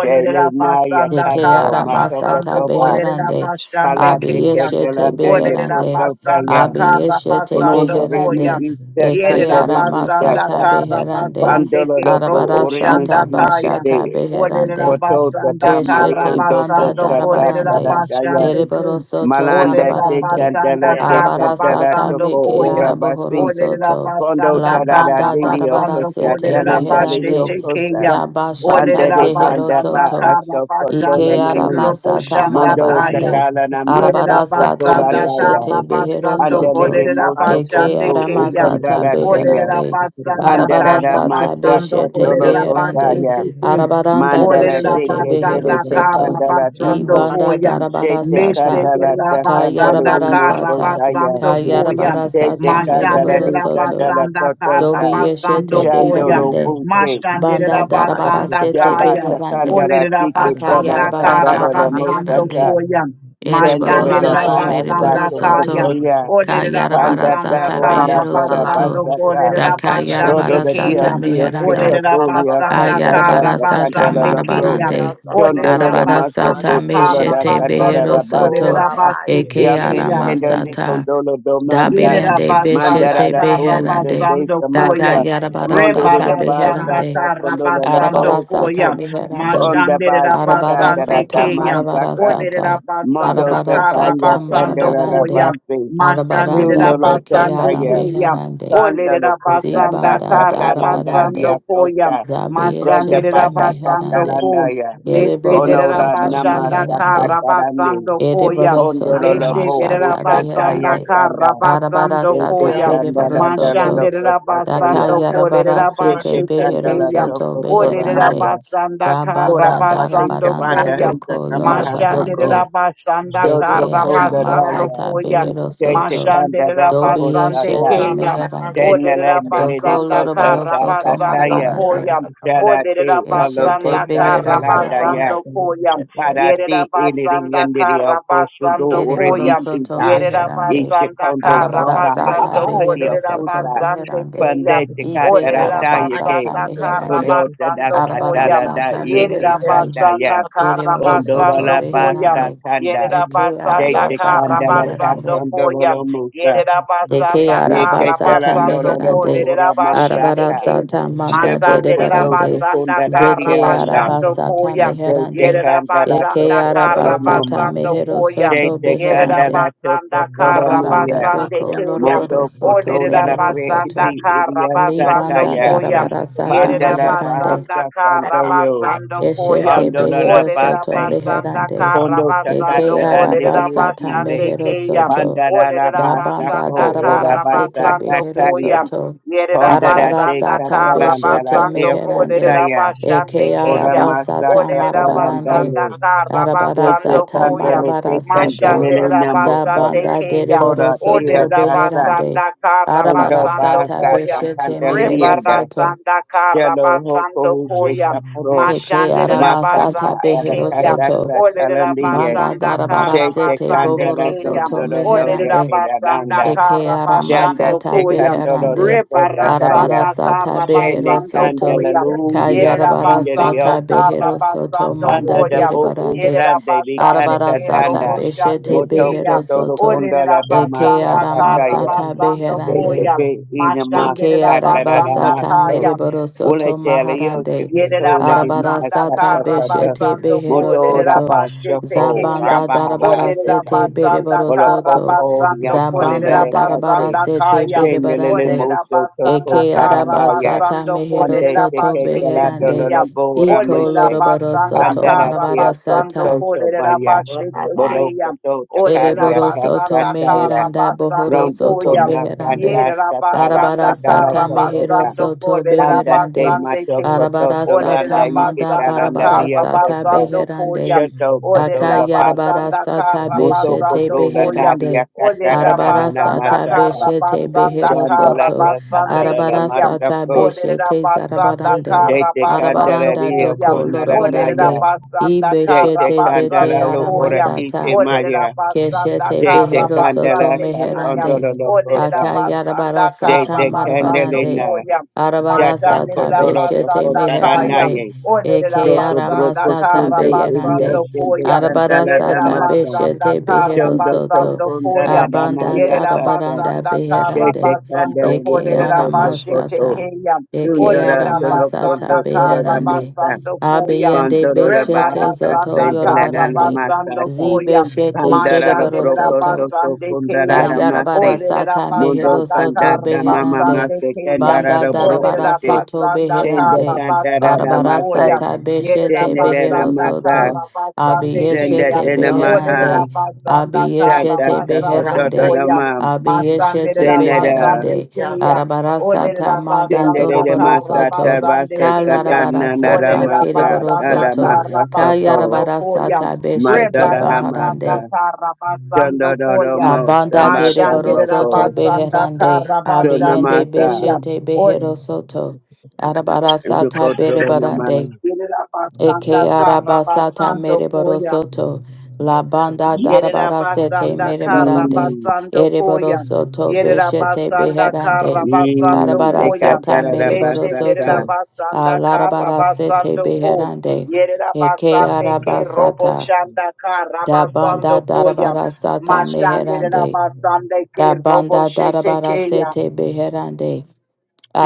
[SPEAKER 5] Shele naya
[SPEAKER 7] de
[SPEAKER 1] basanda
[SPEAKER 5] kato
[SPEAKER 7] Keara
[SPEAKER 1] kara
[SPEAKER 5] mato
[SPEAKER 7] Masata
[SPEAKER 1] basando
[SPEAKER 5] koto ba.
[SPEAKER 1] kolerera
[SPEAKER 7] Beherande,
[SPEAKER 1] basande
[SPEAKER 5] Palate
[SPEAKER 1] keyan.
[SPEAKER 7] Abiyeshete
[SPEAKER 5] ketelanda ya
[SPEAKER 1] Olerera
[SPEAKER 7] Beherande,
[SPEAKER 5] koto
[SPEAKER 1] basanda
[SPEAKER 5] kaya.
[SPEAKER 1] kara
[SPEAKER 7] Abiyeshete
[SPEAKER 1] basando
[SPEAKER 5] Konondo
[SPEAKER 7] Beherande,
[SPEAKER 5] remi
[SPEAKER 1] koyan.
[SPEAKER 5] iste
[SPEAKER 1] Yerera
[SPEAKER 5] kandere
[SPEAKER 7] Ekeara
[SPEAKER 5] iste
[SPEAKER 1] basanda
[SPEAKER 7] Masata
[SPEAKER 5] ta.
[SPEAKER 1] kara
[SPEAKER 7] Beherande,
[SPEAKER 1] basande
[SPEAKER 5] Pandolo
[SPEAKER 1] ke
[SPEAKER 5] lo bo
[SPEAKER 1] robo
[SPEAKER 5] orimi
[SPEAKER 7] Arabarasata
[SPEAKER 1] shanda
[SPEAKER 5] si
[SPEAKER 1] kayan.
[SPEAKER 7] Bashata
[SPEAKER 5] kete.
[SPEAKER 7] Beherande,
[SPEAKER 1] Olerera
[SPEAKER 5] Koto tata
[SPEAKER 1] basanda kara
[SPEAKER 7] Keshete
[SPEAKER 5] mariando
[SPEAKER 7] banda
[SPEAKER 1] basando
[SPEAKER 5] kosa tata
[SPEAKER 1] kolerera
[SPEAKER 4] Yeah.
[SPEAKER 7] darabarande.
[SPEAKER 5] daya
[SPEAKER 1] basande ke.
[SPEAKER 7] Ereboro soto
[SPEAKER 5] malanda
[SPEAKER 1] Olerera
[SPEAKER 5] teka
[SPEAKER 7] marabarande.
[SPEAKER 5] dala
[SPEAKER 1] basanda
[SPEAKER 5] teka
[SPEAKER 1] kara
[SPEAKER 7] Arabara
[SPEAKER 5] dala
[SPEAKER 7] sata
[SPEAKER 1] basando
[SPEAKER 5] toko
[SPEAKER 7] meke
[SPEAKER 5] ora
[SPEAKER 1] koyan.
[SPEAKER 5] basi
[SPEAKER 7] arabohoro
[SPEAKER 1] Olerera
[SPEAKER 7] soto.
[SPEAKER 5] kondo
[SPEAKER 1] basanda
[SPEAKER 7] La
[SPEAKER 5] tata da
[SPEAKER 1] kara
[SPEAKER 7] banda
[SPEAKER 5] lirio
[SPEAKER 7] darabara
[SPEAKER 1] basando
[SPEAKER 5] kosa
[SPEAKER 7] sete
[SPEAKER 5] tana
[SPEAKER 1] kolerera
[SPEAKER 5] da lirio
[SPEAKER 1] basete
[SPEAKER 7] meherande.
[SPEAKER 5] kosa
[SPEAKER 1] keyan.
[SPEAKER 7] Zabashata
[SPEAKER 5] pande de
[SPEAKER 1] Olerera
[SPEAKER 7] zehero
[SPEAKER 5] banda ba
[SPEAKER 1] basanda
[SPEAKER 7] soto.
[SPEAKER 1] kara
[SPEAKER 5] aso koto la
[SPEAKER 7] Ike
[SPEAKER 1] basande kerro
[SPEAKER 7] aramasata
[SPEAKER 1] boşanda
[SPEAKER 5] mondo
[SPEAKER 1] kaya.
[SPEAKER 7] marabarande.
[SPEAKER 5] katala na maso
[SPEAKER 1] Yerera
[SPEAKER 7] Arabara
[SPEAKER 5] koto
[SPEAKER 7] sata
[SPEAKER 5] la
[SPEAKER 1] basanda
[SPEAKER 5] daya
[SPEAKER 7] beshete
[SPEAKER 1] kara
[SPEAKER 7] behero
[SPEAKER 1] basando
[SPEAKER 5] andele
[SPEAKER 7] soto.
[SPEAKER 5] de
[SPEAKER 1] kolerera
[SPEAKER 5] moso
[SPEAKER 8] you.
[SPEAKER 7] Eke
[SPEAKER 1] basande
[SPEAKER 5] koto
[SPEAKER 1] keya.
[SPEAKER 7] aramasata
[SPEAKER 5] ukandala teya
[SPEAKER 1] Olerera
[SPEAKER 7] beherande.
[SPEAKER 1] basanda
[SPEAKER 5] andela
[SPEAKER 7] Arabara
[SPEAKER 5] da
[SPEAKER 1] kara
[SPEAKER 7] sata
[SPEAKER 5] masa
[SPEAKER 1] basando
[SPEAKER 7] beshete
[SPEAKER 5] katolo
[SPEAKER 1] kolerera
[SPEAKER 7] beherande.
[SPEAKER 5] kotaya
[SPEAKER 1] basete keya.
[SPEAKER 7] Arabaranda
[SPEAKER 5] Mandara
[SPEAKER 1] Olerera
[SPEAKER 7] doshete
[SPEAKER 5] teke tere
[SPEAKER 7] behero
[SPEAKER 1] basanda
[SPEAKER 5] te
[SPEAKER 1] kara
[SPEAKER 7] soto.
[SPEAKER 5] kandala
[SPEAKER 1] basando
[SPEAKER 5] toko.
[SPEAKER 7] Ibanda
[SPEAKER 1] koya.
[SPEAKER 7] darabara
[SPEAKER 5] Shete
[SPEAKER 7] sata.
[SPEAKER 1] Meshete
[SPEAKER 5] kandala ta kandala
[SPEAKER 1] rabasanda
[SPEAKER 7] Kayarabara
[SPEAKER 5] limo
[SPEAKER 7] sata.
[SPEAKER 5] sotaya.
[SPEAKER 1] karabasando koyam.
[SPEAKER 7] Kayarabara sata
[SPEAKER 5] Tete kandala
[SPEAKER 1] Mashandere
[SPEAKER 7] mereboro
[SPEAKER 5] li
[SPEAKER 7] soto.
[SPEAKER 5] kandala
[SPEAKER 1] rabasanda
[SPEAKER 5] totosa.
[SPEAKER 7] Dobi
[SPEAKER 1] karabasando
[SPEAKER 7] yeshete
[SPEAKER 1] koyam.
[SPEAKER 5] Shandolo
[SPEAKER 7] beherande.
[SPEAKER 5] bunte.
[SPEAKER 1] Mashandere
[SPEAKER 7] Banda darabara
[SPEAKER 1] rabasanda
[SPEAKER 7] sete
[SPEAKER 1] kayam.
[SPEAKER 5] Yabata
[SPEAKER 7] beherande.
[SPEAKER 5] kandala
[SPEAKER 1] Olere
[SPEAKER 5] tike
[SPEAKER 1] rabasanda
[SPEAKER 5] tere
[SPEAKER 7] Akayarabara
[SPEAKER 5] kandala
[SPEAKER 7] sata
[SPEAKER 5] la
[SPEAKER 1] karabasando
[SPEAKER 7] meherande.
[SPEAKER 5] mosacha.
[SPEAKER 1] koyam.
[SPEAKER 7] Ereboro
[SPEAKER 8] Thank
[SPEAKER 5] Shandala
[SPEAKER 1] Mashandere
[SPEAKER 5] la
[SPEAKER 7] soto
[SPEAKER 8] you.
[SPEAKER 5] bahasa
[SPEAKER 1] rabasanda
[SPEAKER 7] mereboro
[SPEAKER 1] kayam.
[SPEAKER 7] soto.
[SPEAKER 5] tokotoya.
[SPEAKER 1] Olere
[SPEAKER 7] Kayarabara
[SPEAKER 5] Panda
[SPEAKER 1] rabasanda
[SPEAKER 5] da
[SPEAKER 7] sata
[SPEAKER 5] banda
[SPEAKER 7] behero
[SPEAKER 5] da da
[SPEAKER 1] karabasando
[SPEAKER 7] soto.
[SPEAKER 5] basaka.
[SPEAKER 1] kolere rabashande
[SPEAKER 5] Rodo
[SPEAKER 7] Dakayarabara
[SPEAKER 5] da dia
[SPEAKER 7] sata
[SPEAKER 1] keyam.
[SPEAKER 5] fio
[SPEAKER 6] Ora
[SPEAKER 5] sio
[SPEAKER 7] meherande.
[SPEAKER 1] Olerera
[SPEAKER 5] katolia
[SPEAKER 1] basanda
[SPEAKER 5] kasaka
[SPEAKER 1] kara
[SPEAKER 7] Ayarabara
[SPEAKER 5] da
[SPEAKER 7] sata
[SPEAKER 5] kandala
[SPEAKER 1] basande
[SPEAKER 5] la bro.
[SPEAKER 1] keya.
[SPEAKER 7] marabarande.
[SPEAKER 5] Yondolo
[SPEAKER 1] Olerera
[SPEAKER 5] la
[SPEAKER 7] Arabara
[SPEAKER 1] basanda
[SPEAKER 7] sata
[SPEAKER 5] masoko tola
[SPEAKER 1] kara
[SPEAKER 5] la
[SPEAKER 7] meshete
[SPEAKER 5] katara
[SPEAKER 1] basando
[SPEAKER 7] behero
[SPEAKER 5] da
[SPEAKER 7] soto.
[SPEAKER 1] kolerera
[SPEAKER 5] basoka.
[SPEAKER 1] basete
[SPEAKER 7] Eke
[SPEAKER 5] Yake
[SPEAKER 1] keya.
[SPEAKER 5] shendali
[SPEAKER 7] aramasata.
[SPEAKER 5] kondolo domasa.
[SPEAKER 1] Yerera
[SPEAKER 7] Dabiende
[SPEAKER 1] basanda
[SPEAKER 5] Mandara
[SPEAKER 7] beshete
[SPEAKER 5] la
[SPEAKER 1] tara
[SPEAKER 5] buse
[SPEAKER 7] beherande.
[SPEAKER 5] te
[SPEAKER 1] basando
[SPEAKER 7] Daka
[SPEAKER 1] koya.
[SPEAKER 5] samasa.
[SPEAKER 7] yarabara
[SPEAKER 5] Prondoro
[SPEAKER 7] sata
[SPEAKER 5] la basa
[SPEAKER 1] Rebarasanda
[SPEAKER 7] beherande.
[SPEAKER 5] ta
[SPEAKER 1] tara
[SPEAKER 5] kondola la
[SPEAKER 1] basando
[SPEAKER 7] Arabara sata
[SPEAKER 5] bahosoko.
[SPEAKER 1] koya.
[SPEAKER 7] meherande.
[SPEAKER 5] Onda
[SPEAKER 1] Mashanderera
[SPEAKER 5] basa
[SPEAKER 7] Arabara
[SPEAKER 5] kandara
[SPEAKER 1] basande
[SPEAKER 5] da
[SPEAKER 7] sata
[SPEAKER 1] keya.
[SPEAKER 7] marabara
[SPEAKER 5] masaka.
[SPEAKER 1] Olerera
[SPEAKER 7] sata.
[SPEAKER 5] Mondo
[SPEAKER 1] basanda
[SPEAKER 7] Arabara
[SPEAKER 1] kara
[SPEAKER 5] takaya
[SPEAKER 7] sata
[SPEAKER 1] basando
[SPEAKER 5] sandara da
[SPEAKER 1] koya.
[SPEAKER 7] marabarande.
[SPEAKER 5] basi.
[SPEAKER 7] Arabaranda
[SPEAKER 1] Mashanderera
[SPEAKER 5] Yunolo
[SPEAKER 7] beke
[SPEAKER 1] basande
[SPEAKER 5] takaya.
[SPEAKER 1] keya.
[SPEAKER 7] arameherande.
[SPEAKER 5] Sandalo
[SPEAKER 1] Olerera
[SPEAKER 5] kosa ta
[SPEAKER 1] basanda
[SPEAKER 7] Zibanda
[SPEAKER 5] ta
[SPEAKER 1] kara
[SPEAKER 5] taranda
[SPEAKER 7] darabarande.
[SPEAKER 1] basando
[SPEAKER 5] dia
[SPEAKER 1] koya.
[SPEAKER 5] kosa.
[SPEAKER 7] Zabiya
[SPEAKER 5] Pronda
[SPEAKER 7] Shete
[SPEAKER 1] Mashanderera
[SPEAKER 5] pata
[SPEAKER 1] basando
[SPEAKER 7] Meherande,
[SPEAKER 1] ko.
[SPEAKER 5] katalandaya.
[SPEAKER 7] Erebodo
[SPEAKER 5] Ono
[SPEAKER 1] Leserera
[SPEAKER 5] da
[SPEAKER 7] Soto
[SPEAKER 5] nama
[SPEAKER 1] basanda
[SPEAKER 7] Beherande,
[SPEAKER 1] kara
[SPEAKER 5] sakatarane.
[SPEAKER 1] basando koya.
[SPEAKER 7] Erebodo
[SPEAKER 5] Ondo lo
[SPEAKER 7] Soto
[SPEAKER 5] lo boko
[SPEAKER 1] Meshegerera
[SPEAKER 7] Mashata
[SPEAKER 5] sata
[SPEAKER 1] basanda
[SPEAKER 5] ya
[SPEAKER 7] Beherande,
[SPEAKER 1] kara
[SPEAKER 5] kanda.
[SPEAKER 7] Arabara
[SPEAKER 1] basando
[SPEAKER 5] Jete
[SPEAKER 7] Sata
[SPEAKER 1] koya.
[SPEAKER 5] kanda
[SPEAKER 7] Berebodo
[SPEAKER 5] la nda lo
[SPEAKER 7] Soto,
[SPEAKER 5] loko
[SPEAKER 1] Mashanderera
[SPEAKER 7] Daka
[SPEAKER 5] sotoya.
[SPEAKER 1] basando
[SPEAKER 7] Yarabara
[SPEAKER 1] kolerera
[SPEAKER 7] Sete
[SPEAKER 5] Jete
[SPEAKER 1] bashete
[SPEAKER 5] kanda
[SPEAKER 7] Behero
[SPEAKER 5] la
[SPEAKER 1] keya.
[SPEAKER 7] Soto
[SPEAKER 5] toko tolo
[SPEAKER 1] Olerera
[SPEAKER 5] naya.
[SPEAKER 7] Beherande,
[SPEAKER 1] basanda kara
[SPEAKER 5] Ora
[SPEAKER 7] Dabanda
[SPEAKER 5] pasite
[SPEAKER 1] basando
[SPEAKER 7] Darabaranda
[SPEAKER 5] manda
[SPEAKER 1] koya.
[SPEAKER 5] hesa
[SPEAKER 7] Doko
[SPEAKER 5] kamaha soko.
[SPEAKER 1] Mashanderera
[SPEAKER 7] Lorobarande,
[SPEAKER 1] basanda
[SPEAKER 5] Shoto
[SPEAKER 7] Deke
[SPEAKER 1] kara
[SPEAKER 5] konda
[SPEAKER 1] basando
[SPEAKER 5] daya.
[SPEAKER 7] Aramasata
[SPEAKER 1] koya.
[SPEAKER 7] Behero
[SPEAKER 5] Jete
[SPEAKER 7] Soto,
[SPEAKER 5] kanda
[SPEAKER 1] Mashanderera
[SPEAKER 5] da boho
[SPEAKER 7] Dobiya
[SPEAKER 1] basande
[SPEAKER 5] sata.
[SPEAKER 7] Shete
[SPEAKER 1] keya.
[SPEAKER 7] Meherande,
[SPEAKER 5] Tena
[SPEAKER 1] Olerera
[SPEAKER 5] lende le de
[SPEAKER 7] Doko
[SPEAKER 1] basanda
[SPEAKER 5] koto
[SPEAKER 7] Lorobaro
[SPEAKER 5] ta
[SPEAKER 1] kara
[SPEAKER 7] Soto
[SPEAKER 1] basando
[SPEAKER 5] sataya.
[SPEAKER 7] Marabarande,
[SPEAKER 1] koya. Olerera
[SPEAKER 5] Jalate alo
[SPEAKER 7] Eshete
[SPEAKER 1] basanda
[SPEAKER 5] kosa
[SPEAKER 7] behero
[SPEAKER 1] kara
[SPEAKER 7] soto.
[SPEAKER 5] talanda
[SPEAKER 1] basando koya. Yerera
[SPEAKER 5] Parate
[SPEAKER 1] basanda
[SPEAKER 5] Eleringanderia
[SPEAKER 1] kara
[SPEAKER 5] Kosudo
[SPEAKER 1] basando
[SPEAKER 7] Ereboro
[SPEAKER 1] koya.
[SPEAKER 7] soto
[SPEAKER 5] Orebisinta
[SPEAKER 1] Yerera
[SPEAKER 7] beherande.
[SPEAKER 1] basanda
[SPEAKER 5] Ishikondo
[SPEAKER 1] kara
[SPEAKER 7] Arabara
[SPEAKER 5] Raba
[SPEAKER 7] sata
[SPEAKER 1] basando
[SPEAKER 7] behero
[SPEAKER 5] Dia
[SPEAKER 1] kolerera
[SPEAKER 7] soto
[SPEAKER 5] Kusa
[SPEAKER 1] basande
[SPEAKER 7] beherande.
[SPEAKER 1] keya.
[SPEAKER 5] Pandete
[SPEAKER 7] Ike
[SPEAKER 6] Lord,
[SPEAKER 1] Olerera
[SPEAKER 5] Katarata
[SPEAKER 7] araba
[SPEAKER 6] I
[SPEAKER 5] Yeke
[SPEAKER 7] sata
[SPEAKER 1] basanda
[SPEAKER 6] Thank
[SPEAKER 1] kara
[SPEAKER 6] you.
[SPEAKER 7] meherande.
[SPEAKER 6] will
[SPEAKER 5] Undota da
[SPEAKER 1] basando
[SPEAKER 7] Arabara
[SPEAKER 1] koya.
[SPEAKER 5] Katalanda
[SPEAKER 7] sata
[SPEAKER 5] Yeke
[SPEAKER 1] Yerera
[SPEAKER 6] be
[SPEAKER 7] beherande.
[SPEAKER 6] our
[SPEAKER 5] Sandaya
[SPEAKER 1] basanda
[SPEAKER 6] Baba,
[SPEAKER 1] kara
[SPEAKER 7] Ereboro
[SPEAKER 5] Ondora
[SPEAKER 7] soto
[SPEAKER 1] basando
[SPEAKER 5] la
[SPEAKER 1] koya.
[SPEAKER 5] Basta
[SPEAKER 7] beherande.
[SPEAKER 5] Kanda
[SPEAKER 1] Yerera
[SPEAKER 7] Eke
[SPEAKER 1] basanda
[SPEAKER 7] araba
[SPEAKER 6] yeah.
[SPEAKER 5] Shete
[SPEAKER 7] sata
[SPEAKER 1] kara
[SPEAKER 6] I
[SPEAKER 5] Kandala
[SPEAKER 6] will come
[SPEAKER 7] meherande.
[SPEAKER 1] basando koya.
[SPEAKER 5] Takandolo Musa
[SPEAKER 1] Yerera
[SPEAKER 7] Deke
[SPEAKER 1] basanda
[SPEAKER 5] Yeke
[SPEAKER 1] kara
[SPEAKER 7] arabasata
[SPEAKER 1] basando
[SPEAKER 5] Talandolo
[SPEAKER 7] meherande.
[SPEAKER 1] kolerera
[SPEAKER 5] Bohura
[SPEAKER 1] bashete
[SPEAKER 5] Masaka
[SPEAKER 1] ke.
[SPEAKER 7] Arabarasata manda
[SPEAKER 5] Shebo
[SPEAKER 1] Masandera
[SPEAKER 5] Koto
[SPEAKER 4] Thank you.
[SPEAKER 7] derebarande.
[SPEAKER 1] basanda
[SPEAKER 5] Tokunda
[SPEAKER 7] Zete
[SPEAKER 1] kara
[SPEAKER 5] la
[SPEAKER 1] basando
[SPEAKER 7] arabasata
[SPEAKER 1] koya.
[SPEAKER 5] Shete
[SPEAKER 7] meherande.
[SPEAKER 5] Kandala
[SPEAKER 7] Eke
[SPEAKER 1] Yerabasanda
[SPEAKER 5] Toko
[SPEAKER 7] arabasata
[SPEAKER 1] Karabasando
[SPEAKER 7] mehero
[SPEAKER 1] Koyam.
[SPEAKER 7] soto
[SPEAKER 5] Jete kandala
[SPEAKER 7] beherande.
[SPEAKER 1] Yerabasanda
[SPEAKER 5] tokotola naya.
[SPEAKER 7] Arabaranda
[SPEAKER 6] back
[SPEAKER 1] Karabasande
[SPEAKER 7] doko
[SPEAKER 6] here.
[SPEAKER 1] Kiyam.
[SPEAKER 6] I
[SPEAKER 5] Moto
[SPEAKER 7] loroboro soto
[SPEAKER 5] kotola la
[SPEAKER 7] mehero
[SPEAKER 1] Oderabasanda
[SPEAKER 5] prekiti
[SPEAKER 7] soto.
[SPEAKER 5] iria
[SPEAKER 6] will not
[SPEAKER 1] Karabasando
[SPEAKER 7] Libanda
[SPEAKER 5] sataya.
[SPEAKER 6] let
[SPEAKER 1] Koyam.
[SPEAKER 6] you be
[SPEAKER 7] darabarasata
[SPEAKER 5] Pandala
[SPEAKER 7] meherande.
[SPEAKER 5] bahasa
[SPEAKER 1] Yerabasanda
[SPEAKER 6] our
[SPEAKER 5] kandoyo.
[SPEAKER 6] I
[SPEAKER 1] Karabasando
[SPEAKER 8] Thank you.
[SPEAKER 6] can
[SPEAKER 1] Koyam.
[SPEAKER 7] Eshete
[SPEAKER 6] not
[SPEAKER 5] Pondola la
[SPEAKER 7] behero soto
[SPEAKER 5] base.
[SPEAKER 1] Oderabasanda
[SPEAKER 7] meherande.
[SPEAKER 5] Pondo
[SPEAKER 6] be
[SPEAKER 7] Eke
[SPEAKER 6] on
[SPEAKER 1] Karabasando
[SPEAKER 5] takata
[SPEAKER 6] the
[SPEAKER 5] dandiri
[SPEAKER 7] arabasata
[SPEAKER 5] kise.
[SPEAKER 1] Kolerabasande
[SPEAKER 7] mehero
[SPEAKER 1] Kiyam.
[SPEAKER 7] soto.
[SPEAKER 5] Pandala la
[SPEAKER 7] Da banda
[SPEAKER 5] masako
[SPEAKER 1] Oderabasanda
[SPEAKER 5] ora
[SPEAKER 7] darabara
[SPEAKER 5] basa
[SPEAKER 7] sete
[SPEAKER 1] Karabasando
[SPEAKER 7] behero
[SPEAKER 5] kataria.
[SPEAKER 1] Koyam.
[SPEAKER 7] soto.
[SPEAKER 5] Pondala
[SPEAKER 7] Arabara
[SPEAKER 5] de
[SPEAKER 1] Yerabasanda
[SPEAKER 7] sata
[SPEAKER 5] katalanda la
[SPEAKER 7] beshete
[SPEAKER 1] Karabasando
[SPEAKER 5] teo
[SPEAKER 7] meherande.
[SPEAKER 5] kosaya.
[SPEAKER 1] Kolerabasande
[SPEAKER 7] Eke
[SPEAKER 5] Ora
[SPEAKER 1] Kiyam.
[SPEAKER 5] masa
[SPEAKER 7] arabasata
[SPEAKER 1] Olerera
[SPEAKER 6] Baba.
[SPEAKER 7] marabarande.
[SPEAKER 5] katalandayo.
[SPEAKER 1] basanda
[SPEAKER 6] That
[SPEAKER 1] kara
[SPEAKER 7] Arabara
[SPEAKER 5] Jete
[SPEAKER 6] is
[SPEAKER 1] basando
[SPEAKER 7] sata
[SPEAKER 1] koya.
[SPEAKER 5] kandale te
[SPEAKER 7] marabara
[SPEAKER 6] Lord,
[SPEAKER 7] sata.
[SPEAKER 5] kandale
[SPEAKER 6] I
[SPEAKER 1] Mashanderera
[SPEAKER 6] pray
[SPEAKER 5] namoso.
[SPEAKER 1] basande
[SPEAKER 6] that
[SPEAKER 7] Zabanda
[SPEAKER 1] keya.
[SPEAKER 5] Koda
[SPEAKER 7] deriboro
[SPEAKER 5] Tia
[SPEAKER 7] soto
[SPEAKER 1] Olerera
[SPEAKER 4] it's
[SPEAKER 5] Casa
[SPEAKER 4] a,
[SPEAKER 7] beherande.
[SPEAKER 1] basanda kara
[SPEAKER 4] Thank
[SPEAKER 7] Arabara
[SPEAKER 5] Mondo
[SPEAKER 1] basando
[SPEAKER 7] sata
[SPEAKER 1] koya.
[SPEAKER 5] Bahasata
[SPEAKER 7] beshete mehero
[SPEAKER 1] Rebara
[SPEAKER 5] Candelianda
[SPEAKER 7] soto.
[SPEAKER 1] sanda kara
[SPEAKER 5] jelo Hoko
[SPEAKER 1] basando
[SPEAKER 5] Hushe
[SPEAKER 1] koya.
[SPEAKER 5] Kapuro
[SPEAKER 7] Eke
[SPEAKER 1] Mashanderera
[SPEAKER 5] Mataka
[SPEAKER 7] aramasata
[SPEAKER 1] basande
[SPEAKER 7] behero
[SPEAKER 1] keya.
[SPEAKER 5] Arakata
[SPEAKER 7] soto.
[SPEAKER 1] Olerera
[SPEAKER 5] Satalandia
[SPEAKER 7] Banda
[SPEAKER 1] basanda
[SPEAKER 7] darabara
[SPEAKER 1] kara
[SPEAKER 5] sheke
[SPEAKER 7] sete
[SPEAKER 1] basande
[SPEAKER 5] kandala
[SPEAKER 7] bohoro
[SPEAKER 5] no
[SPEAKER 1] keya.
[SPEAKER 5] no
[SPEAKER 7] soto
[SPEAKER 5] no no
[SPEAKER 1] Olerera
[SPEAKER 7] meherande
[SPEAKER 1] basanda
[SPEAKER 5] Yakedananda
[SPEAKER 7] eke
[SPEAKER 1] kara
[SPEAKER 7] arama
[SPEAKER 5] janda
[SPEAKER 1] basando
[SPEAKER 7] sata
[SPEAKER 5] Teka
[SPEAKER 1] koya.
[SPEAKER 5] Tolo
[SPEAKER 7] beherande
[SPEAKER 5] Tokota
[SPEAKER 1] Rebara
[SPEAKER 5] Daya
[SPEAKER 7] arabara
[SPEAKER 1] sanda
[SPEAKER 7] sata
[SPEAKER 1] kara
[SPEAKER 5] Shele
[SPEAKER 7] behero
[SPEAKER 1] basando
[SPEAKER 7] soto
[SPEAKER 6] you will
[SPEAKER 5] Candela
[SPEAKER 1] koya.
[SPEAKER 6] be our
[SPEAKER 5] Ludio
[SPEAKER 1] Yerera
[SPEAKER 7] kayarabara
[SPEAKER 1] basanda
[SPEAKER 7] sata
[SPEAKER 5] Sinderiosa
[SPEAKER 1] kara
[SPEAKER 7] behero soto
[SPEAKER 1] basando
[SPEAKER 7] manda
[SPEAKER 5] Panda de
[SPEAKER 1] Koyam.
[SPEAKER 5] Bo
[SPEAKER 7] derebarande
[SPEAKER 4] you.
[SPEAKER 5] Usande
[SPEAKER 1] Yerabasande
[SPEAKER 7] arabara
[SPEAKER 5] Licanta
[SPEAKER 1] Ke
[SPEAKER 7] sata
[SPEAKER 5] Danda
[SPEAKER 1] Roboshande
[SPEAKER 7] beshete
[SPEAKER 5] Moto
[SPEAKER 1] Keyam.
[SPEAKER 7] behero
[SPEAKER 5] Kotoro
[SPEAKER 7] soto
[SPEAKER 5] Kondala
[SPEAKER 1] Olerera
[SPEAKER 5] de
[SPEAKER 7] eke
[SPEAKER 1] basanda
[SPEAKER 7] arama
[SPEAKER 1] kara
[SPEAKER 5] Masakataya
[SPEAKER 7] sata
[SPEAKER 1] basando
[SPEAKER 7] beherande
[SPEAKER 1] Koyam.
[SPEAKER 5] Tetepe ina masa
[SPEAKER 1] Mashandere
[SPEAKER 7] Eke araba
[SPEAKER 5] katarara
[SPEAKER 1] Rabasanda
[SPEAKER 7] sata
[SPEAKER 5] maso.
[SPEAKER 1] Kayam.
[SPEAKER 7] mereboro
[SPEAKER 5] Ule
[SPEAKER 7] soto
[SPEAKER 5] tele yo
[SPEAKER 7] maharande.
[SPEAKER 5] chikutule di
[SPEAKER 7] Arabara
[SPEAKER 1] Yerabasanda
[SPEAKER 5] masa
[SPEAKER 7] sata
[SPEAKER 5] kakanda.
[SPEAKER 7] beshete
[SPEAKER 1] Karabasando
[SPEAKER 7] behero
[SPEAKER 5] Modo
[SPEAKER 7] soto.
[SPEAKER 5] raba shoko
[SPEAKER 1] Kolerabashetekeya.
[SPEAKER 7] Zabanda
[SPEAKER 5] raba
[SPEAKER 7] darabara
[SPEAKER 5] haseka.
[SPEAKER 7] sete
[SPEAKER 1] Olerabasanda
[SPEAKER 7] bereboro
[SPEAKER 5] Olo
[SPEAKER 7] soto.
[SPEAKER 4] Thank
[SPEAKER 5] koko
[SPEAKER 1] Karabasando
[SPEAKER 5] dia
[SPEAKER 7] Zabanda
[SPEAKER 5] kondele
[SPEAKER 7] darabara
[SPEAKER 5] kase.
[SPEAKER 1] Kolerabasanda
[SPEAKER 7] sete
[SPEAKER 1] Kaya.
[SPEAKER 5] Shenelele
[SPEAKER 7] bereborande.
[SPEAKER 5] moso
[SPEAKER 1] Olerabasanda
[SPEAKER 5] toko
[SPEAKER 7] Eke araba
[SPEAKER 5] tarandaya.
[SPEAKER 7] sata
[SPEAKER 1] Karabasando
[SPEAKER 7] mehero
[SPEAKER 5] Pande
[SPEAKER 7] soto
[SPEAKER 5] tete tela
[SPEAKER 7] beherande.
[SPEAKER 1] Kolerabashetekeya.
[SPEAKER 5] dololo bora
[SPEAKER 7] Iko
[SPEAKER 5] mushe.
[SPEAKER 7] loroboro
[SPEAKER 1] Olerabasanda
[SPEAKER 7] soto
[SPEAKER 5] Pandara teo
[SPEAKER 7] marabara
[SPEAKER 1] Karabasando
[SPEAKER 7] sata.
[SPEAKER 5] kosoto maya.
[SPEAKER 6] Baba.
[SPEAKER 5] Bono
[SPEAKER 1] Kolerabashetekeya.
[SPEAKER 5] koto takaria
[SPEAKER 7] Ereboro soto
[SPEAKER 1] Olerabasanda
[SPEAKER 5] kastataya.
[SPEAKER 7] meheranda
[SPEAKER 1] Karabasando
[SPEAKER 7] bohoro
[SPEAKER 5] Rondo
[SPEAKER 7] soto
[SPEAKER 1] Koya.
[SPEAKER 5] kota
[SPEAKER 7] meherande.
[SPEAKER 5] kata satara
[SPEAKER 1] Yerabasanda
[SPEAKER 7] Arabara
[SPEAKER 5] kata la
[SPEAKER 7] sata mehero
[SPEAKER 5] kokoda.
[SPEAKER 1] Karabasando
[SPEAKER 7] soto
[SPEAKER 5] Panda te
[SPEAKER 7] beherande.
[SPEAKER 1] Kolerabasande
[SPEAKER 5] mato
[SPEAKER 1] King.
[SPEAKER 5] koto
[SPEAKER 7] Arabara
[SPEAKER 5] tolanda
[SPEAKER 7] sata
[SPEAKER 1] Olerera
[SPEAKER 5] ike
[SPEAKER 7] manda
[SPEAKER 1] basanda
[SPEAKER 7] barabara
[SPEAKER 5] ria
[SPEAKER 1] karra
[SPEAKER 7] sata
[SPEAKER 5] kosa.
[SPEAKER 1] basando
[SPEAKER 7] beherande.
[SPEAKER 1] koyam.
[SPEAKER 5] Shoto koto
[SPEAKER 1] Olerera
[SPEAKER 5] da pasa.
[SPEAKER 7] Akayarabara
[SPEAKER 1] basanda
[SPEAKER 7] sata
[SPEAKER 1] karra
[SPEAKER 5] Moto
[SPEAKER 7] beshete
[SPEAKER 5] koto
[SPEAKER 1] basando koyam.
[SPEAKER 5] naria
[SPEAKER 7] beherande.
[SPEAKER 5] kata da
[SPEAKER 1] Olerera
[SPEAKER 5] da na
[SPEAKER 7] Arabara
[SPEAKER 5] na
[SPEAKER 1] basanda
[SPEAKER 7] sata
[SPEAKER 5] masaka.
[SPEAKER 1] karra
[SPEAKER 7] beshete
[SPEAKER 1] basanda
[SPEAKER 7] behero
[SPEAKER 5] Chandala
[SPEAKER 1] karra
[SPEAKER 5] te
[SPEAKER 7] soto.
[SPEAKER 6] But
[SPEAKER 1] basande
[SPEAKER 5] sandala la
[SPEAKER 7] Arabara
[SPEAKER 1] keyam.
[SPEAKER 7] sata
[SPEAKER 5] masakon.
[SPEAKER 1] Olerera
[SPEAKER 7] beshete
[SPEAKER 1] basanda
[SPEAKER 6] we
[SPEAKER 7] zarabarande.
[SPEAKER 6] pray
[SPEAKER 1] karra
[SPEAKER 5] Dete kandala
[SPEAKER 1] basando
[SPEAKER 7] Arabaranda
[SPEAKER 5] ria
[SPEAKER 1] koyam.
[SPEAKER 7] doko
[SPEAKER 1] Olerera
[SPEAKER 5] konaranaya.
[SPEAKER 7] lorobarande.
[SPEAKER 1] basanda
[SPEAKER 5] Dete
[SPEAKER 1] karra
[SPEAKER 7] Ibeshete zete
[SPEAKER 5] kandala
[SPEAKER 1] basando
[SPEAKER 5] lo ora
[SPEAKER 1] koyam.
[SPEAKER 4] you.
[SPEAKER 5] kise
[SPEAKER 7] aramasata.
[SPEAKER 1] Olerera
[SPEAKER 5] maria.
[SPEAKER 4] Thank
[SPEAKER 1] basanda
[SPEAKER 7] Keshete
[SPEAKER 5] Dete
[SPEAKER 1] karra
[SPEAKER 7] behero
[SPEAKER 5] kandala
[SPEAKER 7] soto
[SPEAKER 1] basande
[SPEAKER 5] sa
[SPEAKER 6] that
[SPEAKER 1] keyam.
[SPEAKER 7] meherande.
[SPEAKER 5] lokosa lo
[SPEAKER 1] Olerera
[SPEAKER 5] kosa.
[SPEAKER 7] Akayarabara
[SPEAKER 1] basanda karra
[SPEAKER 7] sata
[SPEAKER 5] Dete
[SPEAKER 1] basando
[SPEAKER 5] kandelena.
[SPEAKER 7] marabarande.
[SPEAKER 1] koyam.
[SPEAKER 7] Arabara
[SPEAKER 5] Jata
[SPEAKER 7] sata
[SPEAKER 1] Mashandela
[SPEAKER 5] Kotora
[SPEAKER 7] beshete
[SPEAKER 1] basanda kaya.
[SPEAKER 7] meherande.
[SPEAKER 5] Tokotaranaye,
[SPEAKER 1] Olela
[SPEAKER 7] Eke
[SPEAKER 5] Proto
[SPEAKER 7] arama
[SPEAKER 1] basanda
[SPEAKER 7] sata
[SPEAKER 1] kara
[SPEAKER 5] Brokosunde Eria
[SPEAKER 1] basando
[SPEAKER 7] beherande.
[SPEAKER 5] Shinde
[SPEAKER 1] koya.
[SPEAKER 7] Arabara
[SPEAKER 5] Kandala
[SPEAKER 1] Yerela
[SPEAKER 7] sata
[SPEAKER 5] Damasa,
[SPEAKER 1] basanda
[SPEAKER 7] beshete
[SPEAKER 1] kara
[SPEAKER 7] behero
[SPEAKER 5] Jondo
[SPEAKER 7] soto.
[SPEAKER 1] basando
[SPEAKER 5] Tokundara
[SPEAKER 1] koya.
[SPEAKER 7] Abanda
[SPEAKER 5] Danaya
[SPEAKER 1] Yerela
[SPEAKER 5] Kasa,
[SPEAKER 7] darabaranda
[SPEAKER 1] basanda kara
[SPEAKER 5] Shete
[SPEAKER 7] beherande.
[SPEAKER 1] basando
[SPEAKER 5] Kandele
[SPEAKER 7] Eke
[SPEAKER 1] kolela
[SPEAKER 5] Vikondo
[SPEAKER 7] arama
[SPEAKER 1] bashete
[SPEAKER 5] Dokoto,
[SPEAKER 7] sata.
[SPEAKER 1] keya.
[SPEAKER 7] Eke
[SPEAKER 5] Dundara
[SPEAKER 1] Olela
[SPEAKER 7] arama sata
[SPEAKER 1] basanda
[SPEAKER 5] Sorokondo
[SPEAKER 1] kara
[SPEAKER 7] beherande.
[SPEAKER 5] Torodamasa,
[SPEAKER 1] basando koya.
[SPEAKER 7] Abiyende
[SPEAKER 5] Bandorola
[SPEAKER 1] Reba
[SPEAKER 7] beshete
[SPEAKER 5] Bahasa
[SPEAKER 7] zoto
[SPEAKER 1] basanda
[SPEAKER 5] Sendela
[SPEAKER 1] kara
[SPEAKER 7] yorobarande.
[SPEAKER 1] basando
[SPEAKER 5] Namasata,
[SPEAKER 7] Zibe
[SPEAKER 1] koya.
[SPEAKER 7] shete zere
[SPEAKER 5] Pandara la
[SPEAKER 7] boro
[SPEAKER 1] Mashandela
[SPEAKER 5] Broko
[SPEAKER 7] soto.
[SPEAKER 5] Soto
[SPEAKER 1] basande
[SPEAKER 5] Kundara
[SPEAKER 1] keya.
[SPEAKER 7] Kayarabara
[SPEAKER 5] Damasi,
[SPEAKER 1] Olela
[SPEAKER 7] sata
[SPEAKER 5] Mundo
[SPEAKER 7] mehero
[SPEAKER 1] basanda
[SPEAKER 7] soto
[SPEAKER 1] kara
[SPEAKER 5] Kandada Mama
[SPEAKER 7] beherande.
[SPEAKER 1] basande
[SPEAKER 5] Mase
[SPEAKER 1] keya.
[SPEAKER 7] Banda
[SPEAKER 5] Kandara
[SPEAKER 7] darabara
[SPEAKER 1] Olerera
[SPEAKER 5] Brokute,
[SPEAKER 7] soto
[SPEAKER 1] basanda
[SPEAKER 5] Shenda
[SPEAKER 1] kara
[SPEAKER 7] beherande.
[SPEAKER 5] Kanta Rada
[SPEAKER 1] basando
[SPEAKER 7] Arabara
[SPEAKER 1] koya.
[SPEAKER 5] Masai,
[SPEAKER 7] sata
[SPEAKER 4] you.
[SPEAKER 1] Yerera
[SPEAKER 7] beshete
[SPEAKER 5] Shenda Rada
[SPEAKER 7] behero
[SPEAKER 1] basanda
[SPEAKER 7] soto.
[SPEAKER 5] Masai,
[SPEAKER 1] kara
[SPEAKER 4] Thank
[SPEAKER 1] basande
[SPEAKER 5] Shenda
[SPEAKER 1] keya.
[SPEAKER 7] Abiyeshete
[SPEAKER 5] Tena
[SPEAKER 6] you
[SPEAKER 5] Maha,
[SPEAKER 1] Olerera
[SPEAKER 7] beherande.
[SPEAKER 1] basanda kara
[SPEAKER 5] Shanta
[SPEAKER 7] Abiyeshete
[SPEAKER 6] or
[SPEAKER 1] basando
[SPEAKER 6] I
[SPEAKER 7] beherande.
[SPEAKER 5] Sakato
[SPEAKER 1] koya.
[SPEAKER 5] Mam,
[SPEAKER 7] Abiyeshete
[SPEAKER 1] Masanderera
[SPEAKER 5] Shenda
[SPEAKER 6] will
[SPEAKER 7] beherande.
[SPEAKER 1] basande
[SPEAKER 6] be our
[SPEAKER 1] keya.
[SPEAKER 7] Arabara
[SPEAKER 6] Baba.
[SPEAKER 7] sata
[SPEAKER 1] Olerera
[SPEAKER 7] manda
[SPEAKER 5] Shenda
[SPEAKER 1] basanda
[SPEAKER 5] Rada
[SPEAKER 7] doroboro
[SPEAKER 1] kara
[SPEAKER 5] Masai
[SPEAKER 7] soto.
[SPEAKER 1] basande
[SPEAKER 6] Yeah,
[SPEAKER 5] Tabasai
[SPEAKER 1] keya.
[SPEAKER 7] Kalarabara sata
[SPEAKER 1] Olerera
[SPEAKER 5] Ramasa,
[SPEAKER 7] kiriboro
[SPEAKER 1] basanda
[SPEAKER 5] Nada
[SPEAKER 7] soto.
[SPEAKER 1] kara
[SPEAKER 5] Asoko,
[SPEAKER 1] basando
[SPEAKER 7] Kayarabara
[SPEAKER 1] koya.
[SPEAKER 7] sata
[SPEAKER 5] Mata
[SPEAKER 7] beshete
[SPEAKER 5] Rada
[SPEAKER 7] baharande.
[SPEAKER 1] Rebarasanda
[SPEAKER 5] Masa,
[SPEAKER 1] kara basando koya.
[SPEAKER 7] Abanda
[SPEAKER 5] Samata
[SPEAKER 7] deriboro
[SPEAKER 1] Mashanderera
[SPEAKER 7] soto
[SPEAKER 5] Boko,
[SPEAKER 1] basanda
[SPEAKER 7] beherande,
[SPEAKER 1] kara basande
[SPEAKER 7] Abiende
[SPEAKER 5] Sonamasa,
[SPEAKER 6] the
[SPEAKER 1] keya.
[SPEAKER 7] beshete behero soto, arabara sata
[SPEAKER 5] Dukotoro Nama,
[SPEAKER 7] berebarande,
[SPEAKER 1] Yerera basanda
[SPEAKER 7] eke
[SPEAKER 1] kara
[SPEAKER 7] araba sata
[SPEAKER 1] basando
[SPEAKER 7] mereboro
[SPEAKER 1] koya.
[SPEAKER 7] soto, la banda
[SPEAKER 1] Yerera
[SPEAKER 7] darabara sete
[SPEAKER 1] basanda kara
[SPEAKER 7] merebarande,
[SPEAKER 5] Mmm,
[SPEAKER 1] basando
[SPEAKER 7] ereboro
[SPEAKER 1] koya.
[SPEAKER 7] soto
[SPEAKER 1] Yerera
[SPEAKER 7] beshete
[SPEAKER 1] basanda kara
[SPEAKER 7] beherande,
[SPEAKER 1] basando
[SPEAKER 5] Mmm,
[SPEAKER 7] arabara
[SPEAKER 1] koya.
[SPEAKER 7] sata
[SPEAKER 5] Ekatara
[SPEAKER 7] mereboro
[SPEAKER 1] Meshe derera
[SPEAKER 5] Rabasata,
[SPEAKER 4] you.
[SPEAKER 7] soto,
[SPEAKER 1] basanda kara
[SPEAKER 7] alarabara
[SPEAKER 4] Thank
[SPEAKER 7] sete
[SPEAKER 1] basando ko.
[SPEAKER 7] beherande,
[SPEAKER 1] Yerera
[SPEAKER 7] eke
[SPEAKER 1] basande ke
[SPEAKER 7] araba
[SPEAKER 1] robo
[SPEAKER 7] sata,
[SPEAKER 1] shanda kara
[SPEAKER 7] da banda
[SPEAKER 1] basando koya.
[SPEAKER 7] darabara sata
[SPEAKER 1] Mashandera
[SPEAKER 7] meherande,
[SPEAKER 1] basande ke
[SPEAKER 7] Da
[SPEAKER 1] robo
[SPEAKER 7] banda
[SPEAKER 1] shete
[SPEAKER 7] darabara
[SPEAKER 1] keya.
[SPEAKER 7] sete beherande.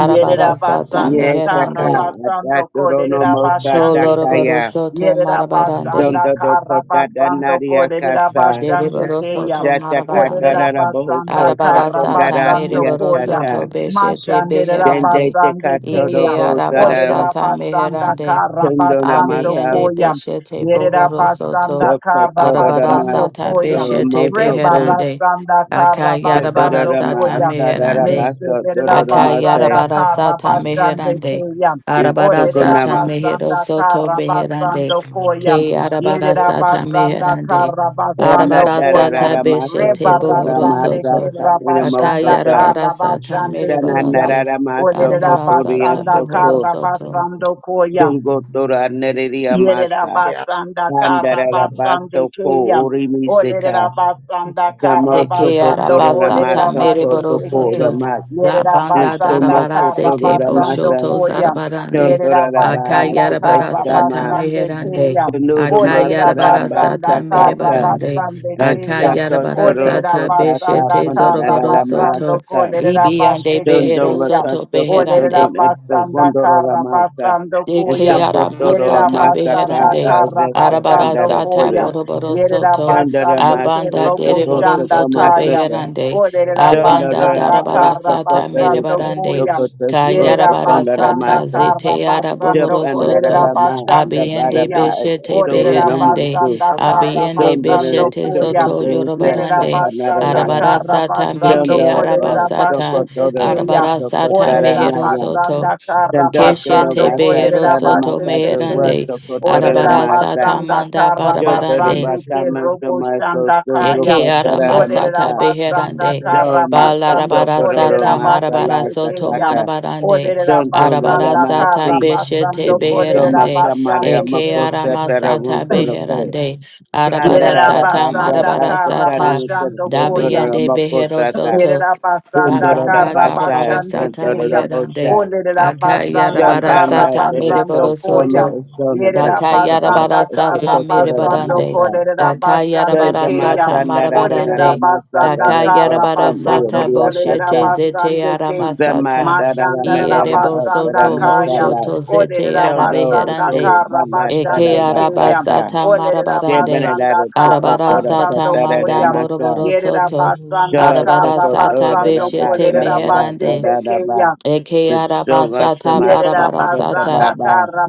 [SPEAKER 7] Arabara sata
[SPEAKER 1] basanda
[SPEAKER 5] Yes, Daka,
[SPEAKER 1] kara
[SPEAKER 7] meherande.
[SPEAKER 1] basando
[SPEAKER 5] Atatorono
[SPEAKER 1] kolerera
[SPEAKER 5] Mosa
[SPEAKER 1] basande ke.
[SPEAKER 7] Koloroboro
[SPEAKER 5] Takaya,
[SPEAKER 7] soto
[SPEAKER 1] Yerera
[SPEAKER 7] marabarande.
[SPEAKER 1] basanda
[SPEAKER 5] Dondo
[SPEAKER 1] kara
[SPEAKER 5] Dokota
[SPEAKER 1] basando
[SPEAKER 5] Danaria
[SPEAKER 1] kolerera
[SPEAKER 5] Casa,
[SPEAKER 1] basande
[SPEAKER 7] Deriboro
[SPEAKER 1] ke ya.
[SPEAKER 7] soto
[SPEAKER 5] Shatakata
[SPEAKER 1] Olerera
[SPEAKER 7] marabarande.
[SPEAKER 1] basanda
[SPEAKER 5] Rabohuso
[SPEAKER 7] Arabara
[SPEAKER 1] kara
[SPEAKER 7] sata
[SPEAKER 5] Tokondara
[SPEAKER 1] basando
[SPEAKER 7] meriboro
[SPEAKER 1] koya.
[SPEAKER 7] soto
[SPEAKER 5] Diasata,
[SPEAKER 7] beshete
[SPEAKER 1] Mashanderera
[SPEAKER 5] Dende
[SPEAKER 7] beherande.
[SPEAKER 1] basande ke
[SPEAKER 5] Tekatoro
[SPEAKER 7] Ike
[SPEAKER 1] ya.
[SPEAKER 7] araba
[SPEAKER 5] Bozara,
[SPEAKER 1] Olerera
[SPEAKER 7] sata
[SPEAKER 1] basanda
[SPEAKER 7] meherande.
[SPEAKER 1] kara
[SPEAKER 5] Tundona
[SPEAKER 1] basando
[SPEAKER 5] Masa,
[SPEAKER 7] Abiyende
[SPEAKER 1] koya.
[SPEAKER 7] beshete
[SPEAKER 1] Yerera
[SPEAKER 7] bohoro soto.
[SPEAKER 1] basanda kara
[SPEAKER 5] Dokotoro
[SPEAKER 7] Arabara
[SPEAKER 5] Rama,
[SPEAKER 1] basando
[SPEAKER 7] sata
[SPEAKER 1] koya.
[SPEAKER 7] beshete
[SPEAKER 5] Doromoso Bo,
[SPEAKER 7] beherande.
[SPEAKER 1] Rebarasanda kara
[SPEAKER 7] Akayarabara
[SPEAKER 1] basando
[SPEAKER 7] sata
[SPEAKER 5] Todorama
[SPEAKER 1] koya.
[SPEAKER 5] Asara
[SPEAKER 7] meherande.
[SPEAKER 5] Baso, Doromase,
[SPEAKER 1] Meşrederabasanda
[SPEAKER 7] Akayarabara sata
[SPEAKER 1] karabasanda
[SPEAKER 4] you.
[SPEAKER 7] meherande.
[SPEAKER 1] keyam.
[SPEAKER 7] Arabara
[SPEAKER 4] Thank
[SPEAKER 7] sata
[SPEAKER 5] Tokunama,
[SPEAKER 7] mehero
[SPEAKER 1] Olerabasanda
[SPEAKER 7] soto beherande.
[SPEAKER 1] karabasanda koyam.
[SPEAKER 7] Ke arabara
[SPEAKER 6] Lord
[SPEAKER 7] sata
[SPEAKER 1] Yerabasanda
[SPEAKER 7] meherande.
[SPEAKER 5] Ona
[SPEAKER 1] karabasanda
[SPEAKER 5] Dara
[SPEAKER 7] Arabarasa
[SPEAKER 1] koyam.
[SPEAKER 7] tabeshe
[SPEAKER 5] Ramasa,
[SPEAKER 7] te bohoro
[SPEAKER 1] Rebarasanda
[SPEAKER 5] Kotoramasa,
[SPEAKER 7] soto.
[SPEAKER 1] kerabasanda
[SPEAKER 5] Inamoso
[SPEAKER 7] Akayarabarasa
[SPEAKER 1] karabasanda
[SPEAKER 7] tamere
[SPEAKER 1] keyam.
[SPEAKER 7] barande.
[SPEAKER 5] Sananarara maso
[SPEAKER 7] Arabarasa
[SPEAKER 5] kotoria
[SPEAKER 1] Olerabasanda
[SPEAKER 5] soko
[SPEAKER 7] tabohoro soto.
[SPEAKER 1] karabasanda koyam.
[SPEAKER 5] sungotora nereria
[SPEAKER 6] is
[SPEAKER 5] masa
[SPEAKER 1] Yerabasanda
[SPEAKER 5] handarara baso
[SPEAKER 1] Karabasande
[SPEAKER 5] ko
[SPEAKER 1] Kayam.
[SPEAKER 5] orimiseka
[SPEAKER 4] you.
[SPEAKER 1] Olerabasanda
[SPEAKER 5] samoso
[SPEAKER 7] Deke
[SPEAKER 1] Karabasando
[SPEAKER 5] kotora
[SPEAKER 7] arabasa
[SPEAKER 5] maso
[SPEAKER 7] tamere
[SPEAKER 1] Kolerabase
[SPEAKER 7] boro
[SPEAKER 5] kotoko
[SPEAKER 1] Tekin.
[SPEAKER 7] soto.
[SPEAKER 5] ramas
[SPEAKER 7] La banda
[SPEAKER 5] sumo
[SPEAKER 1] Yerabasanda
[SPEAKER 7] darabarase te
[SPEAKER 5] kotora
[SPEAKER 1] Karabasando
[SPEAKER 5] masa
[SPEAKER 7] boshoto
[SPEAKER 1] Koyam.
[SPEAKER 7] zarabarande.
[SPEAKER 5] chantora
[SPEAKER 1] Yerabasanda
[SPEAKER 6] our
[SPEAKER 5] rabasika
[SPEAKER 6] Baba. Yeah,
[SPEAKER 7] Akayarabarasa
[SPEAKER 5] shama
[SPEAKER 1] Karabasande
[SPEAKER 7] tameherande.
[SPEAKER 1] Kayam.
[SPEAKER 5] sunuru masa
[SPEAKER 7] Akayarabarasa
[SPEAKER 5] rabasa
[SPEAKER 1] Olerabasanda
[SPEAKER 7] tamere barande.
[SPEAKER 1] Karabasande Kayam.
[SPEAKER 7] Akayarabarasa
[SPEAKER 5] Sakatoroko
[SPEAKER 7] tabeshe
[SPEAKER 5] sata
[SPEAKER 1] Olerabasanda
[SPEAKER 7] te zoroboro
[SPEAKER 5] pandarara
[SPEAKER 7] soto.
[SPEAKER 1] Karabasando
[SPEAKER 5] masaka
[SPEAKER 4] Thank
[SPEAKER 7] Ibiande
[SPEAKER 1] Kolerabase
[SPEAKER 7] behero
[SPEAKER 5] Shondova
[SPEAKER 1] Tekayam.
[SPEAKER 7] soto
[SPEAKER 5] Kasoka
[SPEAKER 7] beherande.
[SPEAKER 5] Sodon Epsa
[SPEAKER 1] Olerabasanda
[SPEAKER 5] Gondoro Ramasa
[SPEAKER 1] Karabasando
[SPEAKER 5] and
[SPEAKER 7] Deke
[SPEAKER 1] Koyam.
[SPEAKER 5] Sokotoro
[SPEAKER 1] Yerida
[SPEAKER 7] aramasata
[SPEAKER 1] basanda
[SPEAKER 7] beherande.
[SPEAKER 5] Amasaka
[SPEAKER 1] kara basando
[SPEAKER 5] Zesakandara
[SPEAKER 7] Arabarasata
[SPEAKER 1] koya.
[SPEAKER 5] Puri
[SPEAKER 7] boroboro
[SPEAKER 1] Yerida
[SPEAKER 7] soto.
[SPEAKER 5] Chandara
[SPEAKER 1] basando
[SPEAKER 7] Abanda
[SPEAKER 5] Maska
[SPEAKER 1] robo
[SPEAKER 5] Soko
[SPEAKER 7] dereboro
[SPEAKER 1] shanda
[SPEAKER 5] Soko
[SPEAKER 7] soto
[SPEAKER 1] kaya.
[SPEAKER 5] Masaka
[SPEAKER 7] beherande.
[SPEAKER 6] we pray that you will
[SPEAKER 1] Orera
[SPEAKER 6] be our
[SPEAKER 7] Abanda
[SPEAKER 5] Shondara
[SPEAKER 1] basanda kara
[SPEAKER 7] darabarasata
[SPEAKER 5] Sokota
[SPEAKER 1] basando
[SPEAKER 7] merebarande.
[SPEAKER 1] koya.
[SPEAKER 5] Sokota
[SPEAKER 1] Yerida
[SPEAKER 5] Sokondara
[SPEAKER 1] basanda
[SPEAKER 7] Kayarabarasata
[SPEAKER 5] Masa
[SPEAKER 7] zete
[SPEAKER 1] kara basando
[SPEAKER 7] arabohoro
[SPEAKER 5] Japanara
[SPEAKER 1] kolera
[SPEAKER 7] soto.
[SPEAKER 5] Rama
[SPEAKER 1] basande
[SPEAKER 7] Abiende
[SPEAKER 1] keya.
[SPEAKER 5] Sabaraba
[SPEAKER 7] beshete
[SPEAKER 1] Orera
[SPEAKER 5] Sobruna
[SPEAKER 7] beherande.
[SPEAKER 5] Mosu
[SPEAKER 1] basanda
[SPEAKER 6] Baba.
[SPEAKER 1] kara
[SPEAKER 7] Abiende
[SPEAKER 5] Shondara
[SPEAKER 1] basando
[SPEAKER 7] beshete
[SPEAKER 1] koya.
[SPEAKER 7] soto
[SPEAKER 5] Sokota
[SPEAKER 1] Yerida
[SPEAKER 7] yorobarande.
[SPEAKER 5] Sakanara
[SPEAKER 1] basanda
[SPEAKER 5] Rama
[SPEAKER 1] kara
[SPEAKER 7] Arabarasata
[SPEAKER 1] basando
[SPEAKER 7] meke
[SPEAKER 5] Shondo
[SPEAKER 1] kolera
[SPEAKER 7] arabasata.
[SPEAKER 1] basete
[SPEAKER 5] Sokotora
[SPEAKER 1] keya.
[SPEAKER 7] Arabarasata
[SPEAKER 1] Olerera
[SPEAKER 7] mehero
[SPEAKER 5] Sokotaranaya
[SPEAKER 7] soto.
[SPEAKER 1] basanda kara
[SPEAKER 5] Tanda tanda
[SPEAKER 7] Keshete
[SPEAKER 1] basando
[SPEAKER 6] I
[SPEAKER 5] basa
[SPEAKER 7] behero
[SPEAKER 1] kolerera
[SPEAKER 5] tana
[SPEAKER 7] soto
[SPEAKER 5] masata
[SPEAKER 1] basete
[SPEAKER 7] meherande
[SPEAKER 5] wasa kotora na
[SPEAKER 1] Olerera
[SPEAKER 7] arabara
[SPEAKER 5] masa.
[SPEAKER 7] sata
[SPEAKER 1] basanda
[SPEAKER 7] manda
[SPEAKER 1] kara
[SPEAKER 5] Jota do
[SPEAKER 7] barabarande
[SPEAKER 1] basande
[SPEAKER 5] baka
[SPEAKER 1] ke
[SPEAKER 5] maso
[SPEAKER 1] robo
[SPEAKER 5] maso
[SPEAKER 1] shanda
[SPEAKER 5] so do
[SPEAKER 1] kaya.
[SPEAKER 7] eke
[SPEAKER 5] kotora
[SPEAKER 7] arama
[SPEAKER 1] Olerera
[SPEAKER 5] masa.
[SPEAKER 7] sata
[SPEAKER 1] basanda
[SPEAKER 7] beherande
[SPEAKER 4] you.
[SPEAKER 1] kara
[SPEAKER 5] Dom to
[SPEAKER 1] basando
[SPEAKER 7] balarabara
[SPEAKER 6] will
[SPEAKER 5] kotora ro
[SPEAKER 1] kolerera
[SPEAKER 7] sata
[SPEAKER 8] Thank
[SPEAKER 5] masa la
[SPEAKER 7] marabara
[SPEAKER 1] basete
[SPEAKER 7] soto
[SPEAKER 1] keya.
[SPEAKER 5] sakata.
[SPEAKER 7] marabarande
[SPEAKER 1] Olerera
[SPEAKER 5] Son to na la
[SPEAKER 7] arabara
[SPEAKER 1] basanda
[SPEAKER 7] sata
[SPEAKER 1] kara
[SPEAKER 5] masi.
[SPEAKER 7] beshete
[SPEAKER 5] Is
[SPEAKER 1] basando
[SPEAKER 5] so
[SPEAKER 1] kolerera
[SPEAKER 7] beherande
[SPEAKER 5] makamare
[SPEAKER 1] basande
[SPEAKER 7] eke
[SPEAKER 5] amako
[SPEAKER 1] ke.
[SPEAKER 7] arama
[SPEAKER 5] satara
[SPEAKER 7] sata
[SPEAKER 5] na ko.
[SPEAKER 7] beherande arabara
[SPEAKER 5] Prandara
[SPEAKER 1] Yerera
[SPEAKER 5] da
[SPEAKER 7] sata
[SPEAKER 5] basa
[SPEAKER 1] basanda
[SPEAKER 7] marabara
[SPEAKER 5] basa
[SPEAKER 1] kara
[SPEAKER 5] kari
[SPEAKER 7] sata
[SPEAKER 1] basando koya.
[SPEAKER 5] kotora
[SPEAKER 7] dabiende
[SPEAKER 5] amako
[SPEAKER 7] behero
[SPEAKER 5] sata.
[SPEAKER 7] soto
[SPEAKER 1] Yerera basanda
[SPEAKER 5] Bundora da
[SPEAKER 7] Rabanda
[SPEAKER 1] karra
[SPEAKER 5] basa
[SPEAKER 7] darabara
[SPEAKER 1] basande
[SPEAKER 7] sata
[SPEAKER 5] esnantora da
[SPEAKER 1] keya.
[SPEAKER 5] bosha.
[SPEAKER 7] meherande.
[SPEAKER 1] Olerera basanda
[SPEAKER 7] Akayarabara
[SPEAKER 1] Kara
[SPEAKER 5] Shandanda
[SPEAKER 7] sata
[SPEAKER 1] basando
[SPEAKER 7] mereboro
[SPEAKER 5] Tereso Soma
[SPEAKER 1] koya.
[SPEAKER 7] soto.
[SPEAKER 5] Sona
[SPEAKER 1] Yerera
[SPEAKER 5] Bishop
[SPEAKER 7] Dakayara
[SPEAKER 5] Tabasha
[SPEAKER 1] basanda
[SPEAKER 7] barasata
[SPEAKER 1] Kara
[SPEAKER 5] Sokotora
[SPEAKER 1] basando
[SPEAKER 7] merebarande.
[SPEAKER 5] Masa
[SPEAKER 1] kolerera
[SPEAKER 7] Dakayara
[SPEAKER 1] basande
[SPEAKER 5] Taja
[SPEAKER 1] keya.
[SPEAKER 7] barasata
[SPEAKER 5] Masa Narada
[SPEAKER 1] Olerera
[SPEAKER 7] marabarande.
[SPEAKER 5] Masa
[SPEAKER 1] basanda
[SPEAKER 7] Dakayara
[SPEAKER 5] Tabasha
[SPEAKER 1] Kara
[SPEAKER 5] Soma
[SPEAKER 7] barasata
[SPEAKER 1] basando
[SPEAKER 5] Maria
[SPEAKER 1] kolerera
[SPEAKER 7] boshete
[SPEAKER 5] Casa
[SPEAKER 7] zete
[SPEAKER 1] basande
[SPEAKER 7] yara
[SPEAKER 1] keya.
[SPEAKER 5] Sama
[SPEAKER 7] masata.
[SPEAKER 5] Tarada
[SPEAKER 1] Mashandara
[SPEAKER 5] Magana
[SPEAKER 7] Ierebo
[SPEAKER 5] Otara
[SPEAKER 1] basanda
[SPEAKER 7] soto
[SPEAKER 1] kaya.
[SPEAKER 5] Masala
[SPEAKER 7] moshoto zete
[SPEAKER 1] Olerera
[SPEAKER 7] yara
[SPEAKER 5] Shondo
[SPEAKER 1] basanda
[SPEAKER 7] beherande.
[SPEAKER 5] To
[SPEAKER 1] karra
[SPEAKER 5] Bana Tara
[SPEAKER 7] Eke
[SPEAKER 1] basande keya.
[SPEAKER 5] Masaka
[SPEAKER 7] arabasata
[SPEAKER 1] Olerera
[SPEAKER 7] marabarande.
[SPEAKER 1] basanda
[SPEAKER 5] Debanada
[SPEAKER 1] Kara
[SPEAKER 4] Oh.
[SPEAKER 5] Sokotora
[SPEAKER 7] Arabarasata
[SPEAKER 1] basando
[SPEAKER 5] Tatara
[SPEAKER 7] manda
[SPEAKER 1] koya.
[SPEAKER 5] Masa
[SPEAKER 7] boroboro
[SPEAKER 1] Yerera
[SPEAKER 7] soto.
[SPEAKER 1] basanda
[SPEAKER 5] Shoa
[SPEAKER 1] karra
[SPEAKER 7] Arabarasata
[SPEAKER 1] basando
[SPEAKER 5] Sokotora
[SPEAKER 7] beshete
[SPEAKER 5] Masa
[SPEAKER 1] kolerera
[SPEAKER 5] La
[SPEAKER 1] başte
[SPEAKER 7] meherande.
[SPEAKER 5] Tarada Ba
[SPEAKER 1] tekeya.
[SPEAKER 7] Eke
[SPEAKER 5] The Soma
[SPEAKER 7] arabasata
[SPEAKER 5] Samasa
[SPEAKER 1] Yerera
[SPEAKER 7] barabarasata.
[SPEAKER 1] basanda
[SPEAKER 5] Sokababa
[SPEAKER 1] kara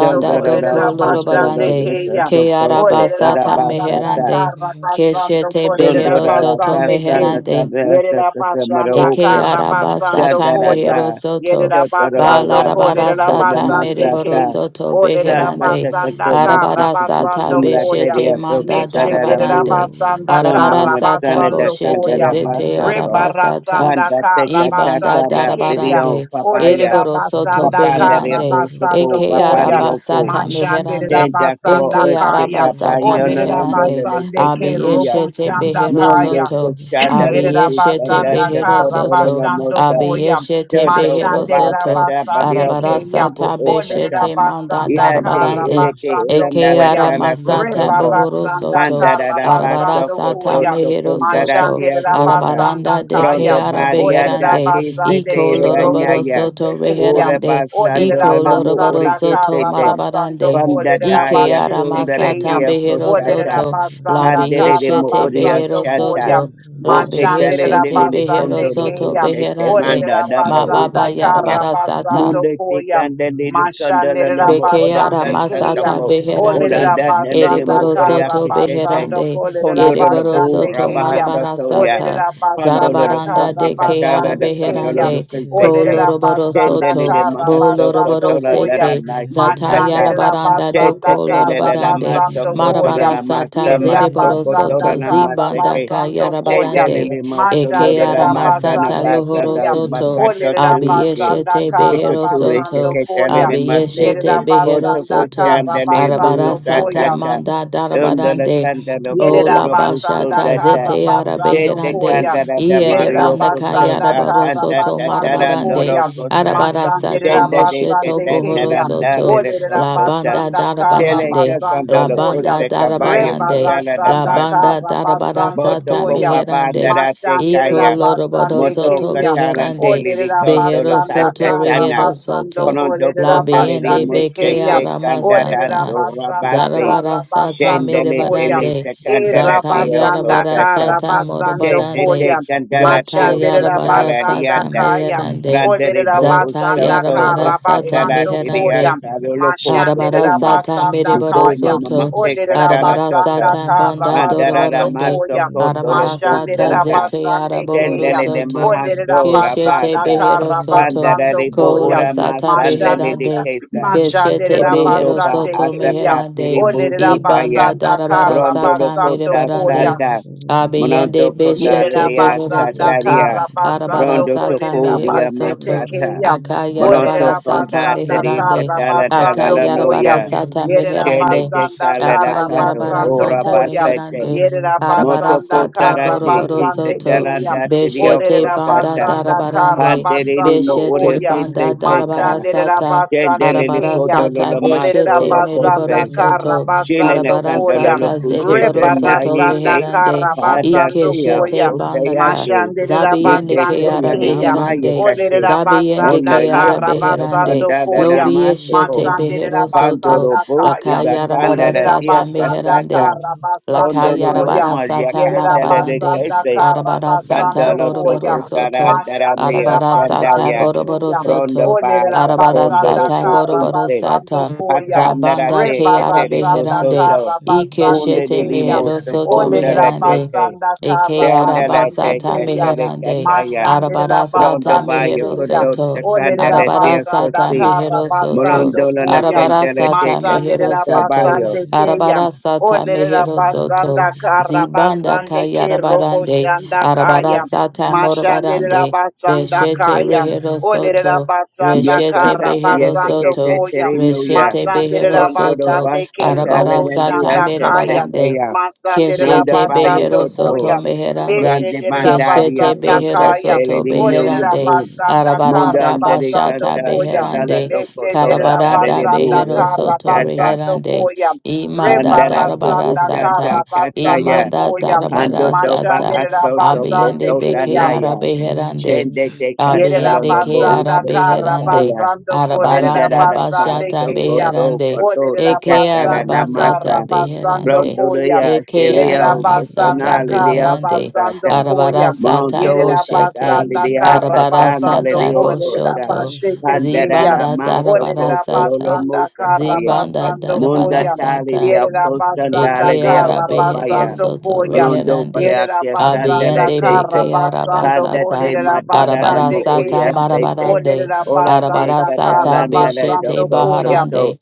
[SPEAKER 5] Dun da da da
[SPEAKER 7] doko
[SPEAKER 5] wa
[SPEAKER 1] kolerera
[SPEAKER 5] u so da
[SPEAKER 1] basande
[SPEAKER 5] da
[SPEAKER 7] lorobarande,
[SPEAKER 5] da
[SPEAKER 1] keya.
[SPEAKER 7] ke
[SPEAKER 5] so ko so da
[SPEAKER 1] Olerera
[SPEAKER 5] da
[SPEAKER 7] arabasata
[SPEAKER 5] ba sa
[SPEAKER 1] basanda
[SPEAKER 5] ta.
[SPEAKER 7] meherande,
[SPEAKER 1] kara basando
[SPEAKER 7] keshete
[SPEAKER 5] Son do
[SPEAKER 1] kolerera
[SPEAKER 7] behero
[SPEAKER 5] da da
[SPEAKER 7] soto
[SPEAKER 5] ka
[SPEAKER 1] basande
[SPEAKER 5] san da
[SPEAKER 1] keya.
[SPEAKER 7] meherande,
[SPEAKER 5] ka da sa
[SPEAKER 1] Yerera
[SPEAKER 5] ka sa ma da
[SPEAKER 1] basanda
[SPEAKER 5] o
[SPEAKER 7] Eke
[SPEAKER 5] ke.
[SPEAKER 1] kara
[SPEAKER 7] araba
[SPEAKER 5] Shan
[SPEAKER 1] basando
[SPEAKER 5] da
[SPEAKER 7] sata
[SPEAKER 5] da da.
[SPEAKER 1] koya.
[SPEAKER 7] mehero soto.
[SPEAKER 5] Cho
[SPEAKER 1] Yerera
[SPEAKER 5] da da da
[SPEAKER 7] Ba
[SPEAKER 5] ma
[SPEAKER 1] basando
[SPEAKER 5] cha
[SPEAKER 7] larabara
[SPEAKER 1] kolerera
[SPEAKER 5] do da
[SPEAKER 7] sata
[SPEAKER 5] ma sa
[SPEAKER 1] basande
[SPEAKER 4] Shabba
[SPEAKER 7] mereboro
[SPEAKER 5] ta.
[SPEAKER 1] keya.
[SPEAKER 7] soto
[SPEAKER 5] San
[SPEAKER 1] Olerera
[SPEAKER 5] ka sa
[SPEAKER 7] beherande.
[SPEAKER 5] ka so
[SPEAKER 1] basanda
[SPEAKER 5] ma si
[SPEAKER 1] kara
[SPEAKER 7] Arabara
[SPEAKER 5] su ku su
[SPEAKER 7] sata
[SPEAKER 1] basando
[SPEAKER 5] ma la te
[SPEAKER 1] koya.
[SPEAKER 5] ri
[SPEAKER 7] beshete
[SPEAKER 5] a ko ka
[SPEAKER 7] manda
[SPEAKER 5] da
[SPEAKER 1] Meshe
[SPEAKER 5] da da mu.
[SPEAKER 1] derera
[SPEAKER 7] darabarande.
[SPEAKER 1] basanda
[SPEAKER 5] Son ma
[SPEAKER 7] Arabara
[SPEAKER 5] ma
[SPEAKER 1] kara
[SPEAKER 5] san
[SPEAKER 7] sata
[SPEAKER 5] da da
[SPEAKER 1] basando
[SPEAKER 5] ka da
[SPEAKER 7] boshete
[SPEAKER 5] da
[SPEAKER 1] koya.
[SPEAKER 5] ma
[SPEAKER 7] zete
[SPEAKER 5] so ko.
[SPEAKER 7] araba sata.
[SPEAKER 5] Han
[SPEAKER 1] Rebarasanda
[SPEAKER 5] da te
[SPEAKER 1] kara
[SPEAKER 5] ka ta ta
[SPEAKER 7] Ibanda
[SPEAKER 5] da
[SPEAKER 1] basande
[SPEAKER 5] di di
[SPEAKER 1] keya.
[SPEAKER 5] o
[SPEAKER 7] darabarande.
[SPEAKER 5] papaya.
[SPEAKER 1] Olerera
[SPEAKER 7] Ereboro soto
[SPEAKER 1] basanda
[SPEAKER 5] Papanda re
[SPEAKER 1] kara
[SPEAKER 5] bo
[SPEAKER 7] beherande.
[SPEAKER 5] so ko
[SPEAKER 1] basando
[SPEAKER 7] Eke
[SPEAKER 5] papanda
[SPEAKER 1] koya.
[SPEAKER 5] yo
[SPEAKER 7] araba
[SPEAKER 5] ko.
[SPEAKER 7] sata
[SPEAKER 1] Mashanderera
[SPEAKER 7] meherande.
[SPEAKER 5] Shenda ko
[SPEAKER 1] basanda
[SPEAKER 7] Eke
[SPEAKER 1] kaya.
[SPEAKER 5] ochika
[SPEAKER 7] araba sata
[SPEAKER 5] bayono
[SPEAKER 1] Olerera
[SPEAKER 5] londo
[SPEAKER 7] meherande.
[SPEAKER 5] lele
[SPEAKER 1] basande
[SPEAKER 5] kese
[SPEAKER 1] ke
[SPEAKER 5] buya.
[SPEAKER 1] robo
[SPEAKER 7] Abiyeshete
[SPEAKER 1] shanda
[SPEAKER 7] behero
[SPEAKER 5] Mondo
[SPEAKER 1] kaya.
[SPEAKER 7] soto.
[SPEAKER 5] koshada
[SPEAKER 1] Erera
[SPEAKER 5] leke
[SPEAKER 7] Abiyeshete
[SPEAKER 1] basanda
[SPEAKER 4] Baba,
[SPEAKER 5] shandata
[SPEAKER 7] behero
[SPEAKER 1] kara
[SPEAKER 5] koto
[SPEAKER 7] soto.
[SPEAKER 5] lola
[SPEAKER 1] basando
[SPEAKER 5] mosta.
[SPEAKER 1] koya.
[SPEAKER 7] Abiyeshete
[SPEAKER 5] Toto
[SPEAKER 7] behero
[SPEAKER 1] Mashanderera
[SPEAKER 5] kobasa
[SPEAKER 7] soto.
[SPEAKER 1] basande
[SPEAKER 5] tabadio
[SPEAKER 1] keya.
[SPEAKER 5] kosopo
[SPEAKER 7] Arabarasata
[SPEAKER 1] Olerera
[SPEAKER 5] osata.
[SPEAKER 7] beshete manda
[SPEAKER 1] basanda
[SPEAKER 5] Ilante
[SPEAKER 1] kara
[SPEAKER 7] darabarande.
[SPEAKER 5] ilete
[SPEAKER 1] basando
[SPEAKER 7] Eke
[SPEAKER 5] ilandala
[SPEAKER 7] ara
[SPEAKER 1] koya.
[SPEAKER 5] tala
[SPEAKER 7] masata
[SPEAKER 5] kosoto.
[SPEAKER 7] bohoro
[SPEAKER 1] Rebarasanda
[SPEAKER 7] soto.
[SPEAKER 5] Pandada
[SPEAKER 1] kara
[SPEAKER 5] da baso
[SPEAKER 1] basando
[SPEAKER 5] koto
[SPEAKER 7] Arabarasata
[SPEAKER 1] koya.
[SPEAKER 7] mehero
[SPEAKER 5] tokondada
[SPEAKER 7] soto.
[SPEAKER 5] tia
[SPEAKER 1] Mashanderera
[SPEAKER 5] kosa.
[SPEAKER 1] basanda
[SPEAKER 7] Arabaranda de ke
[SPEAKER 1] kaya.
[SPEAKER 5] Pronto
[SPEAKER 7] ara
[SPEAKER 1] Olerera
[SPEAKER 5] marianda
[SPEAKER 7] beherande.
[SPEAKER 5] kese
[SPEAKER 1] basande
[SPEAKER 5] te
[SPEAKER 7] Iko
[SPEAKER 1] ke robo
[SPEAKER 7] loroboro
[SPEAKER 5] anyaya.
[SPEAKER 1] sete
[SPEAKER 7] soto
[SPEAKER 5] Ure
[SPEAKER 1] kriyam.
[SPEAKER 7] reherande.
[SPEAKER 5] basando
[SPEAKER 1] Olerera
[SPEAKER 7] Iko
[SPEAKER 5] lele mu
[SPEAKER 7] loroboro
[SPEAKER 1] basanda
[SPEAKER 7] soto
[SPEAKER 1] kara
[SPEAKER 5] urikisete.
[SPEAKER 1] basando
[SPEAKER 7] marabarande.
[SPEAKER 1] kolerera
[SPEAKER 7] Ike
[SPEAKER 5] Pandadaya
[SPEAKER 7] ara
[SPEAKER 1] basete
[SPEAKER 7] masata
[SPEAKER 1] kriyam.
[SPEAKER 5] Kundaretia
[SPEAKER 7] behero
[SPEAKER 1] Olerera
[SPEAKER 5] Kosata
[SPEAKER 7] soto.
[SPEAKER 1] basanda
[SPEAKER 5] Pandere
[SPEAKER 1] kara
[SPEAKER 7] Labiyeshete
[SPEAKER 5] Moria
[SPEAKER 1] basando
[SPEAKER 7] behero soto.
[SPEAKER 5] Shanta
[SPEAKER 1] koyam.
[SPEAKER 7] Labi
[SPEAKER 5] Oketele
[SPEAKER 1] Mashanderera
[SPEAKER 7] yeshete
[SPEAKER 5] Nilini
[SPEAKER 7] behero
[SPEAKER 1] basande
[SPEAKER 5] Kondolo
[SPEAKER 7] soto
[SPEAKER 1] kriyam.
[SPEAKER 5] Koshete
[SPEAKER 7] beherande.
[SPEAKER 5] Manda
[SPEAKER 1] Olerera
[SPEAKER 5] Daba
[SPEAKER 7] Ma baba
[SPEAKER 1] basanda
[SPEAKER 5] Usekaya
[SPEAKER 1] kara
[SPEAKER 7] yarabara sata.
[SPEAKER 1] basando
[SPEAKER 5] Munde
[SPEAKER 1] koyam.
[SPEAKER 5] Tikanda
[SPEAKER 8] you.
[SPEAKER 5] Nini Kondolo
[SPEAKER 1] Mashanderera
[SPEAKER 5] Lomo
[SPEAKER 7] Beke
[SPEAKER 5] Oda
[SPEAKER 1] basande
[SPEAKER 7] aramasata
[SPEAKER 1] kriyam.
[SPEAKER 5] Kasantako Ona
[SPEAKER 7] beherande,
[SPEAKER 1] Olerera
[SPEAKER 5] Dadnelene
[SPEAKER 1] basanda
[SPEAKER 5] Mo
[SPEAKER 7] ereboro
[SPEAKER 5] Oria
[SPEAKER 1] kara
[SPEAKER 7] soto
[SPEAKER 5] Kichete
[SPEAKER 1] basando
[SPEAKER 7] beherande,
[SPEAKER 1] kolerera
[SPEAKER 5] Kondolo
[SPEAKER 4] Ida
[SPEAKER 7] ereboro
[SPEAKER 4] da
[SPEAKER 5] Nabu
[SPEAKER 1] basande
[SPEAKER 7] soto
[SPEAKER 1] kriyam.
[SPEAKER 5] Rabasa
[SPEAKER 7] marabara
[SPEAKER 5] Soya
[SPEAKER 7] sata,
[SPEAKER 1] Olerera
[SPEAKER 5] Kondolo
[SPEAKER 1] basanda
[SPEAKER 7] zarabaranda
[SPEAKER 1] kara
[SPEAKER 5] Koshi
[SPEAKER 7] de ke ara
[SPEAKER 5] Katala
[SPEAKER 1] basando
[SPEAKER 5] da Kondolo
[SPEAKER 1] koya.
[SPEAKER 7] beherande,
[SPEAKER 5] Kusete
[SPEAKER 1] Olerera
[SPEAKER 7] koloroboro
[SPEAKER 1] basanda
[SPEAKER 7] soto,
[SPEAKER 5] Tendele
[SPEAKER 1] kara
[SPEAKER 5] Mahaso
[SPEAKER 1] basando
[SPEAKER 7] boloroboro
[SPEAKER 1] koya.
[SPEAKER 7] sete,
[SPEAKER 5] Kotolandarana
[SPEAKER 7] zata
[SPEAKER 5] Shikata
[SPEAKER 1] Mashanderera
[SPEAKER 7] yarabaranda
[SPEAKER 5] Che
[SPEAKER 7] do
[SPEAKER 5] te
[SPEAKER 1] basanda
[SPEAKER 5] te le le
[SPEAKER 1] kara
[SPEAKER 5] la ma
[SPEAKER 7] kolorobarande,
[SPEAKER 5] so
[SPEAKER 1] basando
[SPEAKER 5] ko to la
[SPEAKER 1] koya.
[SPEAKER 7] marabara
[SPEAKER 5] la ma sa
[SPEAKER 7] sata,
[SPEAKER 5] ma
[SPEAKER 1] Yerera
[SPEAKER 5] do
[SPEAKER 7] zereboro
[SPEAKER 5] ko to
[SPEAKER 1] basanda
[SPEAKER 5] la
[SPEAKER 7] soto,
[SPEAKER 5] la ma
[SPEAKER 1] kara
[SPEAKER 5] se
[SPEAKER 7] zibanda
[SPEAKER 5] ke
[SPEAKER 7] ka
[SPEAKER 1] basando koya.
[SPEAKER 7] yarabarande,
[SPEAKER 5] Shendelele mosto no
[SPEAKER 7] eke
[SPEAKER 5] da la
[SPEAKER 1] Mashanderera
[SPEAKER 5] masa
[SPEAKER 7] aramasata
[SPEAKER 1] basande
[SPEAKER 8] Thank
[SPEAKER 5] basa
[SPEAKER 7] lohoro
[SPEAKER 5] da
[SPEAKER 1] koya.
[SPEAKER 5] basa
[SPEAKER 7] soto,
[SPEAKER 5] da
[SPEAKER 1] Olerera
[SPEAKER 5] tuche.
[SPEAKER 1] basanda
[SPEAKER 7] abiyeshete
[SPEAKER 1] kara
[SPEAKER 7] behero
[SPEAKER 5] Shikuturi
[SPEAKER 7] soto,
[SPEAKER 1] basando
[SPEAKER 5] shiketele
[SPEAKER 1] koya.
[SPEAKER 5] de masi.
[SPEAKER 7] Abiyeshete
[SPEAKER 1] Yerera
[SPEAKER 5] Ponto
[SPEAKER 7] behero
[SPEAKER 1] basanda
[SPEAKER 7] soto.
[SPEAKER 1] kara
[SPEAKER 5] kushandele buhu
[SPEAKER 7] Arabara
[SPEAKER 1] basando
[SPEAKER 7] sata
[SPEAKER 1] koya.
[SPEAKER 5] satata.
[SPEAKER 7] manda
[SPEAKER 5] Undala
[SPEAKER 7] darabarande.
[SPEAKER 5] kandala bu
[SPEAKER 7] O
[SPEAKER 1] Yerera
[SPEAKER 7] la
[SPEAKER 5] urabusto
[SPEAKER 1] basanda
[SPEAKER 7] bashata
[SPEAKER 5] data.
[SPEAKER 1] kara
[SPEAKER 7] zete ara
[SPEAKER 1] basando
[SPEAKER 5] Shete
[SPEAKER 7] beherande.
[SPEAKER 1] koya.
[SPEAKER 5] kandala da
[SPEAKER 7] Iere
[SPEAKER 1] Yerera
[SPEAKER 5] mario
[SPEAKER 7] banda
[SPEAKER 5] kusto
[SPEAKER 7] kayara
[SPEAKER 1] basanda
[SPEAKER 5] da
[SPEAKER 1] kara
[SPEAKER 7] baroso to
[SPEAKER 5] kandata
[SPEAKER 1] basando
[SPEAKER 5] tarandoro
[SPEAKER 7] marabarande.
[SPEAKER 1] koya.
[SPEAKER 5] kosta.
[SPEAKER 7] Arabara sata
[SPEAKER 1] Masangerera
[SPEAKER 5] Shendele
[SPEAKER 7] mosheto
[SPEAKER 1] basande
[SPEAKER 7] bohoro
[SPEAKER 1] keya.
[SPEAKER 4] da ba
[SPEAKER 5] ketenarandale
[SPEAKER 7] soto.
[SPEAKER 4] ba
[SPEAKER 5] le
[SPEAKER 4] ba
[SPEAKER 1] Olerera
[SPEAKER 7] La
[SPEAKER 4] sha.
[SPEAKER 5] kosto sa.
[SPEAKER 7] banda
[SPEAKER 1] basanda kara
[SPEAKER 5] Shele da
[SPEAKER 7] darabarande.
[SPEAKER 1] basando
[SPEAKER 7] La
[SPEAKER 5] kandala
[SPEAKER 4] Yedidababasha,
[SPEAKER 1] koya.
[SPEAKER 7] banda
[SPEAKER 5] kuste kabayo
[SPEAKER 7] darabarande.
[SPEAKER 1] Rebara
[SPEAKER 5] kundala da
[SPEAKER 7] La
[SPEAKER 1] sanda
[SPEAKER 4] yedidababasha,
[SPEAKER 5] basa.
[SPEAKER 7] banda
[SPEAKER 1] kara
[SPEAKER 7] darabara
[SPEAKER 1] basando
[SPEAKER 5] Boto
[SPEAKER 7] sata
[SPEAKER 1] koya.
[SPEAKER 5] Kobabanda
[SPEAKER 4] orororababasha,
[SPEAKER 7] meherande. Iko
[SPEAKER 1] Machanderera
[SPEAKER 5] Ratekaya,
[SPEAKER 7] lorobodo
[SPEAKER 1] basande
[SPEAKER 5] Moto
[SPEAKER 7] soto
[SPEAKER 1] keya.
[SPEAKER 4] orororiboro,
[SPEAKER 5] Katalan
[SPEAKER 7] beherande.
[SPEAKER 5] Deli de
[SPEAKER 1] Olerera
[SPEAKER 5] Contolo
[SPEAKER 7] Behero
[SPEAKER 1] basanda
[SPEAKER 7] soto
[SPEAKER 4] yedidabababa,
[SPEAKER 1] kara
[SPEAKER 5] Castatana,
[SPEAKER 7] rehero soto.
[SPEAKER 1] basando
[SPEAKER 5] Ponondo
[SPEAKER 1] kolerera
[SPEAKER 5] Cotele de
[SPEAKER 7] Labiende
[SPEAKER 1] basande
[SPEAKER 4] yedidabababasha,
[SPEAKER 7] beke
[SPEAKER 1] keya.
[SPEAKER 5] Moshete
[SPEAKER 1] Olerera
[SPEAKER 7] aramasata.
[SPEAKER 5] Candadando
[SPEAKER 1] basanda
[SPEAKER 4] yedidababababa,
[SPEAKER 5] Rabasi,
[SPEAKER 1] kara
[SPEAKER 7] Zarabara sata
[SPEAKER 1] basando
[SPEAKER 5] Shendele
[SPEAKER 1] koya.
[SPEAKER 5] Tele
[SPEAKER 7] merebarande.
[SPEAKER 1] E
[SPEAKER 5] Candela
[SPEAKER 4] orororoshebaborose,
[SPEAKER 7] Zata
[SPEAKER 5] Teo
[SPEAKER 1] rabasanda
[SPEAKER 7] yarabara
[SPEAKER 1] ka
[SPEAKER 5] Cosata,
[SPEAKER 7] sata
[SPEAKER 1] rabasando
[SPEAKER 4] yedidababasha
[SPEAKER 5] Chete
[SPEAKER 7] morobarande.
[SPEAKER 5] Te
[SPEAKER 4] baba,
[SPEAKER 1] koya.
[SPEAKER 5] Candela
[SPEAKER 7] Zata
[SPEAKER 5] Teo
[SPEAKER 1] Machandere
[SPEAKER 4] yorororo,
[SPEAKER 7] yarabara
[SPEAKER 5] Cosala
[SPEAKER 1] rabasanda
[SPEAKER 7] sata
[SPEAKER 8] you.
[SPEAKER 5] Dianda,
[SPEAKER 1] kaya.
[SPEAKER 7] meherande.
[SPEAKER 1] Olere
[SPEAKER 5] Prandere
[SPEAKER 4] yorororobebebebebe,
[SPEAKER 5] Bo
[SPEAKER 7] Zata
[SPEAKER 1] rabasanda
[SPEAKER 8] Thank you.
[SPEAKER 5] Santo
[SPEAKER 1] ka
[SPEAKER 5] O
[SPEAKER 7] yarabara sata
[SPEAKER 5] Candela
[SPEAKER 1] rabasando
[SPEAKER 7] meherande.
[SPEAKER 5] Teria
[SPEAKER 1] koya.
[SPEAKER 4] yedidabababebebebebose,
[SPEAKER 5] Saloloco
[SPEAKER 1] Machandere
[SPEAKER 7] Arabara
[SPEAKER 5] Sukuma,
[SPEAKER 7] sata
[SPEAKER 1] rabasanda
[SPEAKER 7] mereboro
[SPEAKER 5] Mukuma
[SPEAKER 1] kaya.
[SPEAKER 7] soto.
[SPEAKER 4] yedidabababebebebe,
[SPEAKER 5] Mamate
[SPEAKER 1] Olere
[SPEAKER 5] Catala
[SPEAKER 7] Arabara
[SPEAKER 1] rabasanda
[SPEAKER 7] sata
[SPEAKER 1] ka
[SPEAKER 7] banda
[SPEAKER 4] yedidabababebebe,
[SPEAKER 5] Pandarara
[SPEAKER 1] rabasando
[SPEAKER 7] dorobarande.
[SPEAKER 5] Maso
[SPEAKER 1] koya.
[SPEAKER 4] yedidabababebebebe,
[SPEAKER 5] Kotolo
[SPEAKER 7] Arabara
[SPEAKER 1] Machandere
[SPEAKER 7] sata
[SPEAKER 5] Kusanta,
[SPEAKER 7] zete
[SPEAKER 1] rabasande
[SPEAKER 7] arabohoro
[SPEAKER 1] keya.
[SPEAKER 5] Candele de
[SPEAKER 7] soto.
[SPEAKER 1] Olere
[SPEAKER 5] Mahaso
[SPEAKER 4] yedidabababebebe.
[SPEAKER 7] Keshete
[SPEAKER 1] rabasanda
[SPEAKER 5] Rabasa,
[SPEAKER 1] ka
[SPEAKER 4] Thank
[SPEAKER 7] behero soto.
[SPEAKER 4] you.
[SPEAKER 1] rabasando
[SPEAKER 5] Pandarare
[SPEAKER 1] koya.
[SPEAKER 7] Kola
[SPEAKER 5] Boora
[SPEAKER 7] sata
[SPEAKER 5] Masandele
[SPEAKER 1] Machandere
[SPEAKER 5] de
[SPEAKER 7] beherande.
[SPEAKER 5] Kesa,
[SPEAKER 7] Keshete behero
[SPEAKER 5] Ponontopa
[SPEAKER 1] rabasande
[SPEAKER 7] soto
[SPEAKER 1] keya.
[SPEAKER 5] Asapati
[SPEAKER 7] meherande.
[SPEAKER 1] Olerera
[SPEAKER 5] Ribusto
[SPEAKER 7] Ibanda
[SPEAKER 5] Taya,
[SPEAKER 1] basanda
[SPEAKER 7] darabara
[SPEAKER 1] karra
[SPEAKER 5] Brondo
[SPEAKER 7] sata
[SPEAKER 1] basando
[SPEAKER 5] Dokota
[SPEAKER 1] koya.
[SPEAKER 7] merebarande.
[SPEAKER 5] Sanda,
[SPEAKER 7] Abiyende
[SPEAKER 5] Monondo Kota
[SPEAKER 1] Yerera
[SPEAKER 7] beshete
[SPEAKER 5] Lidia
[SPEAKER 7] behero
[SPEAKER 1] basanda
[SPEAKER 7] soto.
[SPEAKER 5] Sataria,
[SPEAKER 1] kara
[SPEAKER 7] Arabara
[SPEAKER 1] basando
[SPEAKER 5] Brondo
[SPEAKER 7] sata
[SPEAKER 1] kolerera
[SPEAKER 7] mehero
[SPEAKER 5] Tokodia
[SPEAKER 1] bashete
[SPEAKER 7] soto.
[SPEAKER 5] Masata,
[SPEAKER 1] keya.
[SPEAKER 5] Moronto
[SPEAKER 7] Akayarabara
[SPEAKER 1] Olerera
[SPEAKER 7] sata
[SPEAKER 5] Konda
[SPEAKER 1] basanda
[SPEAKER 5] Tere
[SPEAKER 7] meherande.
[SPEAKER 1] kara
[SPEAKER 5] Katala
[SPEAKER 1] basando
[SPEAKER 5] Dalala
[SPEAKER 1] koya.
[SPEAKER 7] Akayarabara
[SPEAKER 5] Noya,
[SPEAKER 7] sata
[SPEAKER 1] Yerera
[SPEAKER 5] Chele
[SPEAKER 7] meherande.
[SPEAKER 1] basanda
[SPEAKER 5] Tekala
[SPEAKER 1] kara
[SPEAKER 5] Kanto,
[SPEAKER 7] Akayarabara
[SPEAKER 1] basando
[SPEAKER 5] Ora
[SPEAKER 7] sata
[SPEAKER 1] koya.
[SPEAKER 5] Basete,
[SPEAKER 7] meherande.
[SPEAKER 1] Yerera
[SPEAKER 7] Arabara
[SPEAKER 1] basanda
[SPEAKER 7] sata
[SPEAKER 1] kara
[SPEAKER 5] Motokotarate
[SPEAKER 7] boroboro
[SPEAKER 1] basande
[SPEAKER 7] soto.
[SPEAKER 1] keya.
[SPEAKER 7] Beshete
[SPEAKER 1] Olerera
[SPEAKER 7] banda
[SPEAKER 5] Isetarandateriokosata
[SPEAKER 1] basanda kara
[SPEAKER 7] darabarande.
[SPEAKER 5] Pandereri
[SPEAKER 1] basando
[SPEAKER 7] Beshete
[SPEAKER 1] koya.
[SPEAKER 7] banda
[SPEAKER 5] Mooriokise Teka
[SPEAKER 7] darabara
[SPEAKER 1] Matanderera
[SPEAKER 7] sata.
[SPEAKER 1] basande
[SPEAKER 5] Tendelele
[SPEAKER 7] Arabara
[SPEAKER 1] keya.
[SPEAKER 7] sata
[SPEAKER 5] Kodololo
[SPEAKER 1] Olerera
[SPEAKER 7] beshete
[SPEAKER 5] Masolo Kose
[SPEAKER 7] meriboro
[SPEAKER 1] basanda
[SPEAKER 8] Thank
[SPEAKER 1] kara
[SPEAKER 7] soto.
[SPEAKER 5] Chilena
[SPEAKER 1] basando
[SPEAKER 7] Arabara
[SPEAKER 1] koya.
[SPEAKER 5] Kandalolo
[SPEAKER 7] sata
[SPEAKER 5] Kushe
[SPEAKER 7] zeriboro soto
[SPEAKER 5] Tenayete
[SPEAKER 1] Rebarasanda
[SPEAKER 7] meherande.
[SPEAKER 4] Thank
[SPEAKER 7] Ike
[SPEAKER 1] Karabasando
[SPEAKER 5] Padatea
[SPEAKER 7] shete
[SPEAKER 1] Koya.
[SPEAKER 7] bandaka.
[SPEAKER 5] Koseake
[SPEAKER 1] Mashandera
[SPEAKER 7] zabiende
[SPEAKER 5] Yiketo
[SPEAKER 7] ke
[SPEAKER 1] Basande
[SPEAKER 7] ara
[SPEAKER 1] Keya.
[SPEAKER 5] Yanamaya
[SPEAKER 7] beherande.
[SPEAKER 5] Kate
[SPEAKER 1] Olerera
[SPEAKER 7] zabiende
[SPEAKER 1] Basanda
[SPEAKER 7] ke
[SPEAKER 5] Onlaria
[SPEAKER 7] ara beherande.
[SPEAKER 1] Karabasando
[SPEAKER 5] Kotokandara
[SPEAKER 1] Koya.
[SPEAKER 7] Lobi
[SPEAKER 5] Masako
[SPEAKER 7] Eshete
[SPEAKER 1] Masandera
[SPEAKER 7] Behero
[SPEAKER 5] Pandoro
[SPEAKER 7] Soto,
[SPEAKER 1] Basanda
[SPEAKER 5] Bosi
[SPEAKER 1] Kaya.
[SPEAKER 7] Lakayarabara
[SPEAKER 5] Batanda
[SPEAKER 1] Olerera
[SPEAKER 5] Ratia
[SPEAKER 7] Sata
[SPEAKER 1] Basanda
[SPEAKER 7] Meherande,
[SPEAKER 5] Kasata
[SPEAKER 1] Karabasando
[SPEAKER 5] Kondololo
[SPEAKER 1] Koya.
[SPEAKER 7] Lakayarabara
[SPEAKER 5] Maria
[SPEAKER 7] Sata
[SPEAKER 1] Yerera
[SPEAKER 7] Marabarande,
[SPEAKER 1] Basanda
[SPEAKER 5] Kandala
[SPEAKER 7] Arabara Sata
[SPEAKER 1] Karabasando
[SPEAKER 5] Shandalo
[SPEAKER 6] be our
[SPEAKER 7] Boroboro
[SPEAKER 1] Koya.
[SPEAKER 5] toko
[SPEAKER 6] Baba.
[SPEAKER 5] tara
[SPEAKER 7] Soto,
[SPEAKER 4] you.
[SPEAKER 5] darami
[SPEAKER 1] Mashandera
[SPEAKER 7] Arabara Sata
[SPEAKER 1] Basande
[SPEAKER 5] ashandaya
[SPEAKER 7] Boroboro
[SPEAKER 1] Keya.
[SPEAKER 5] pronda
[SPEAKER 7] Soto,
[SPEAKER 1] Olerera
[SPEAKER 5] pasa
[SPEAKER 7] Arabara
[SPEAKER 5] kondo
[SPEAKER 1] Basanda
[SPEAKER 7] Sata
[SPEAKER 5] roku
[SPEAKER 7] Boroboro
[SPEAKER 5] tuse.
[SPEAKER 1] Karabasando
[SPEAKER 7] Sata,
[SPEAKER 1] Koya.
[SPEAKER 5] Atanara
[SPEAKER 7] Zabanda
[SPEAKER 5] te
[SPEAKER 7] Keara
[SPEAKER 5] ketere
[SPEAKER 1] Rebarasanda
[SPEAKER 7] Beherande,
[SPEAKER 5] bosoto.
[SPEAKER 1] Karabasande
[SPEAKER 5] Unde di
[SPEAKER 7] Ikeshete
[SPEAKER 1] Kayam.
[SPEAKER 7] Mehero
[SPEAKER 5] rimoso
[SPEAKER 7] Soto
[SPEAKER 1] Ole
[SPEAKER 5] kondala
[SPEAKER 7] Reherande,
[SPEAKER 5] teke.
[SPEAKER 1] Rabasanda
[SPEAKER 7] Eke araba
[SPEAKER 5] Shandala
[SPEAKER 1] Karabasande
[SPEAKER 7] sata
[SPEAKER 5] teke
[SPEAKER 1] Kayam.
[SPEAKER 5] tele
[SPEAKER 7] meherande,
[SPEAKER 5] kataya.
[SPEAKER 1] Mashande
[SPEAKER 7] arabara
[SPEAKER 5] Pronda
[SPEAKER 7] sata
[SPEAKER 1] Rabasande
[SPEAKER 5] baya
[SPEAKER 7] mehero
[SPEAKER 1] Kayam.
[SPEAKER 5] kondo
[SPEAKER 7] soto,
[SPEAKER 1] Ole
[SPEAKER 5] takandara
[SPEAKER 7] arabara
[SPEAKER 5] te
[SPEAKER 1] Rabasanda
[SPEAKER 7] sata
[SPEAKER 5] akosi.
[SPEAKER 4] Thank
[SPEAKER 7] mehero soto,
[SPEAKER 1] Karabasando
[SPEAKER 5] Molondola na
[SPEAKER 1] Koyam.
[SPEAKER 7] arabara
[SPEAKER 5] kendala
[SPEAKER 7] sata
[SPEAKER 5] teke
[SPEAKER 1] Masande
[SPEAKER 7] mehero soto,
[SPEAKER 5] satabayo.
[SPEAKER 1] Rabasande Kayam.
[SPEAKER 7] arabara sata
[SPEAKER 1] Ole
[SPEAKER 7] mehero soto,
[SPEAKER 1] Rabasanda
[SPEAKER 7] zibanda
[SPEAKER 1] Karabasande K
[SPEAKER 7] kayarabarande,
[SPEAKER 1] Roboshanda
[SPEAKER 7] arabara
[SPEAKER 1] Kayam. Mashande
[SPEAKER 7] morabarande,
[SPEAKER 1] Rabasanda
[SPEAKER 7] beshete
[SPEAKER 1] Kayam.
[SPEAKER 7] rehero
[SPEAKER 1] Ole
[SPEAKER 7] soto,
[SPEAKER 1] Rabasanda
[SPEAKER 5] Yes,
[SPEAKER 7] reshete
[SPEAKER 5] sata.
[SPEAKER 7] behero
[SPEAKER 5] Yes,
[SPEAKER 1] Karabasando
[SPEAKER 7] soto,
[SPEAKER 1] Koyam.
[SPEAKER 5] ketere nuya.
[SPEAKER 7] reshete behero
[SPEAKER 1] Masandera
[SPEAKER 5] Kondo
[SPEAKER 7] soto,
[SPEAKER 1] basande
[SPEAKER 5] basa
[SPEAKER 1] ke
[SPEAKER 7] arabara
[SPEAKER 5] tala
[SPEAKER 1] robo
[SPEAKER 5] nandi
[SPEAKER 7] sata
[SPEAKER 1] shanda kaya.
[SPEAKER 7] merabarande,
[SPEAKER 1] Masandera
[SPEAKER 5] Randa
[SPEAKER 7] Keshete
[SPEAKER 5] Paya
[SPEAKER 1] basando
[SPEAKER 7] behero
[SPEAKER 5] Koto,
[SPEAKER 7] soto
[SPEAKER 1] koya.
[SPEAKER 7] meherande.
[SPEAKER 1] Meshe
[SPEAKER 5] Randa
[SPEAKER 1] dera
[SPEAKER 5] Mandaria
[SPEAKER 7] Keshete
[SPEAKER 1] basanda
[SPEAKER 7] behero
[SPEAKER 5] Costa,
[SPEAKER 1] kaya.
[SPEAKER 7] soto
[SPEAKER 5] Telerino
[SPEAKER 1] Onera
[SPEAKER 7] beherande.
[SPEAKER 5] Yoko,
[SPEAKER 1] basanda kara
[SPEAKER 7] Arabaranda
[SPEAKER 5] Mondanda de
[SPEAKER 1] basando
[SPEAKER 7] bashata
[SPEAKER 5] Canta,
[SPEAKER 1] koya.
[SPEAKER 5] Sandala
[SPEAKER 7] beherande.
[SPEAKER 5] Toko
[SPEAKER 1] Meshe
[SPEAKER 5] Tola
[SPEAKER 1] dera
[SPEAKER 5] Tare
[SPEAKER 7] Karabaranda
[SPEAKER 5] de
[SPEAKER 1] basanda
[SPEAKER 7] behero
[SPEAKER 5] Burro
[SPEAKER 1] kara
[SPEAKER 7] soto
[SPEAKER 5] Cochata,
[SPEAKER 1] basando
[SPEAKER 7] reherande.
[SPEAKER 1] koya.
[SPEAKER 7] Imanda
[SPEAKER 1] Rebara
[SPEAKER 5] Andara
[SPEAKER 7] darabara
[SPEAKER 5] Huku
[SPEAKER 1] sanda
[SPEAKER 5] Santa
[SPEAKER 7] sata.
[SPEAKER 1] kara basando
[SPEAKER 5] Cataya,
[SPEAKER 7] Imanda
[SPEAKER 1] koya.
[SPEAKER 8] you.
[SPEAKER 7] darabara
[SPEAKER 5] Hando Topa
[SPEAKER 7] sata.
[SPEAKER 1] Mashandera
[SPEAKER 5] Haso Toko
[SPEAKER 7] Abiyende
[SPEAKER 1] basande
[SPEAKER 7] beke
[SPEAKER 1] keya.
[SPEAKER 5] Totanaya,
[SPEAKER 7] arabeherande.
[SPEAKER 5] Shende de
[SPEAKER 4] you.
[SPEAKER 1] Yerera
[SPEAKER 5] Cantolo
[SPEAKER 7] Abiyende ke
[SPEAKER 4] Thank
[SPEAKER 5] Lobo
[SPEAKER 1] basanda
[SPEAKER 5] Santa
[SPEAKER 1] kara
[SPEAKER 7] arabeherande.
[SPEAKER 5] Cataya,
[SPEAKER 1] basando kolerera
[SPEAKER 5] Pandara
[SPEAKER 7] Arabaranda
[SPEAKER 1] basande
[SPEAKER 7] bashata
[SPEAKER 5] Basto
[SPEAKER 1] keyam.
[SPEAKER 5] Koto
[SPEAKER 7] beherande.
[SPEAKER 5] Koto
[SPEAKER 1] Olerera
[SPEAKER 7] Eke
[SPEAKER 5] Tekatara
[SPEAKER 1] basanda
[SPEAKER 7] arabasata
[SPEAKER 5] Namasa,
[SPEAKER 1] kara basando
[SPEAKER 7] beherande.
[SPEAKER 5] Pronto
[SPEAKER 1] koyam.
[SPEAKER 5] dia
[SPEAKER 7] Eke
[SPEAKER 1] Yerera
[SPEAKER 5] Celio
[SPEAKER 7] aramasata
[SPEAKER 1] basanda
[SPEAKER 5] Castonale di
[SPEAKER 1] kara
[SPEAKER 7] beherande,
[SPEAKER 1] basando
[SPEAKER 5] Alcosata,
[SPEAKER 7] arabara
[SPEAKER 1] koyam.
[SPEAKER 7] arabarasata
[SPEAKER 5] Mononto
[SPEAKER 1] Yerera
[SPEAKER 7] boshete,
[SPEAKER 5] Catale
[SPEAKER 1] basanda
[SPEAKER 5] di
[SPEAKER 1] kara
[SPEAKER 5] Asa Candale
[SPEAKER 7] arabarasata
[SPEAKER 1] basando
[SPEAKER 5] di
[SPEAKER 1] kolerera
[SPEAKER 5] Ocosa,
[SPEAKER 7] boshoto,
[SPEAKER 1] basete
[SPEAKER 5] Pandara
[SPEAKER 1] keyam.
[SPEAKER 7] zibanda
[SPEAKER 5] Ramaso
[SPEAKER 7] darabara
[SPEAKER 1] Olerera
[SPEAKER 5] Cotolo
[SPEAKER 7] darabarasata,
[SPEAKER 1] basanda kara
[SPEAKER 5] Musacaya,
[SPEAKER 7] zibanda
[SPEAKER 1] basando
[SPEAKER 5] Munda
[SPEAKER 7] darabara
[SPEAKER 1] koyam.
[SPEAKER 5] Tali di
[SPEAKER 7] darabarasata,
[SPEAKER 1] Yerera basanda
[SPEAKER 5] Alcosandale
[SPEAKER 7] Eke
[SPEAKER 5] di
[SPEAKER 7] ara
[SPEAKER 1] kara
[SPEAKER 7] behero
[SPEAKER 5] Alcobaya,
[SPEAKER 1] basando
[SPEAKER 7] soto
[SPEAKER 1] koyam.
[SPEAKER 5] Monondo
[SPEAKER 7] reherande.
[SPEAKER 1] Yerera
[SPEAKER 5] Barakia
[SPEAKER 1] basanda
[SPEAKER 5] Sandale
[SPEAKER 7] Abiyande
[SPEAKER 1] kara
[SPEAKER 7] beke
[SPEAKER 5] Tese,
[SPEAKER 1] basando Karabasando
[SPEAKER 5] Pandate
[SPEAKER 7] arabasata.
[SPEAKER 5] Matarana
[SPEAKER 1] Kolerabashande
[SPEAKER 7] Arabarasata
[SPEAKER 5] Moria
[SPEAKER 1] Keya.
[SPEAKER 5] Sete,
[SPEAKER 7] marabarande.
[SPEAKER 1] Olerera
[SPEAKER 5] Ola te
[SPEAKER 1] basanda
[SPEAKER 7] Arabarasata
[SPEAKER 1] kara
[SPEAKER 5] Catalandala
[SPEAKER 7] beshete
[SPEAKER 1] basando Koya.
[SPEAKER 5] Tocosoto,
[SPEAKER 7] baharande.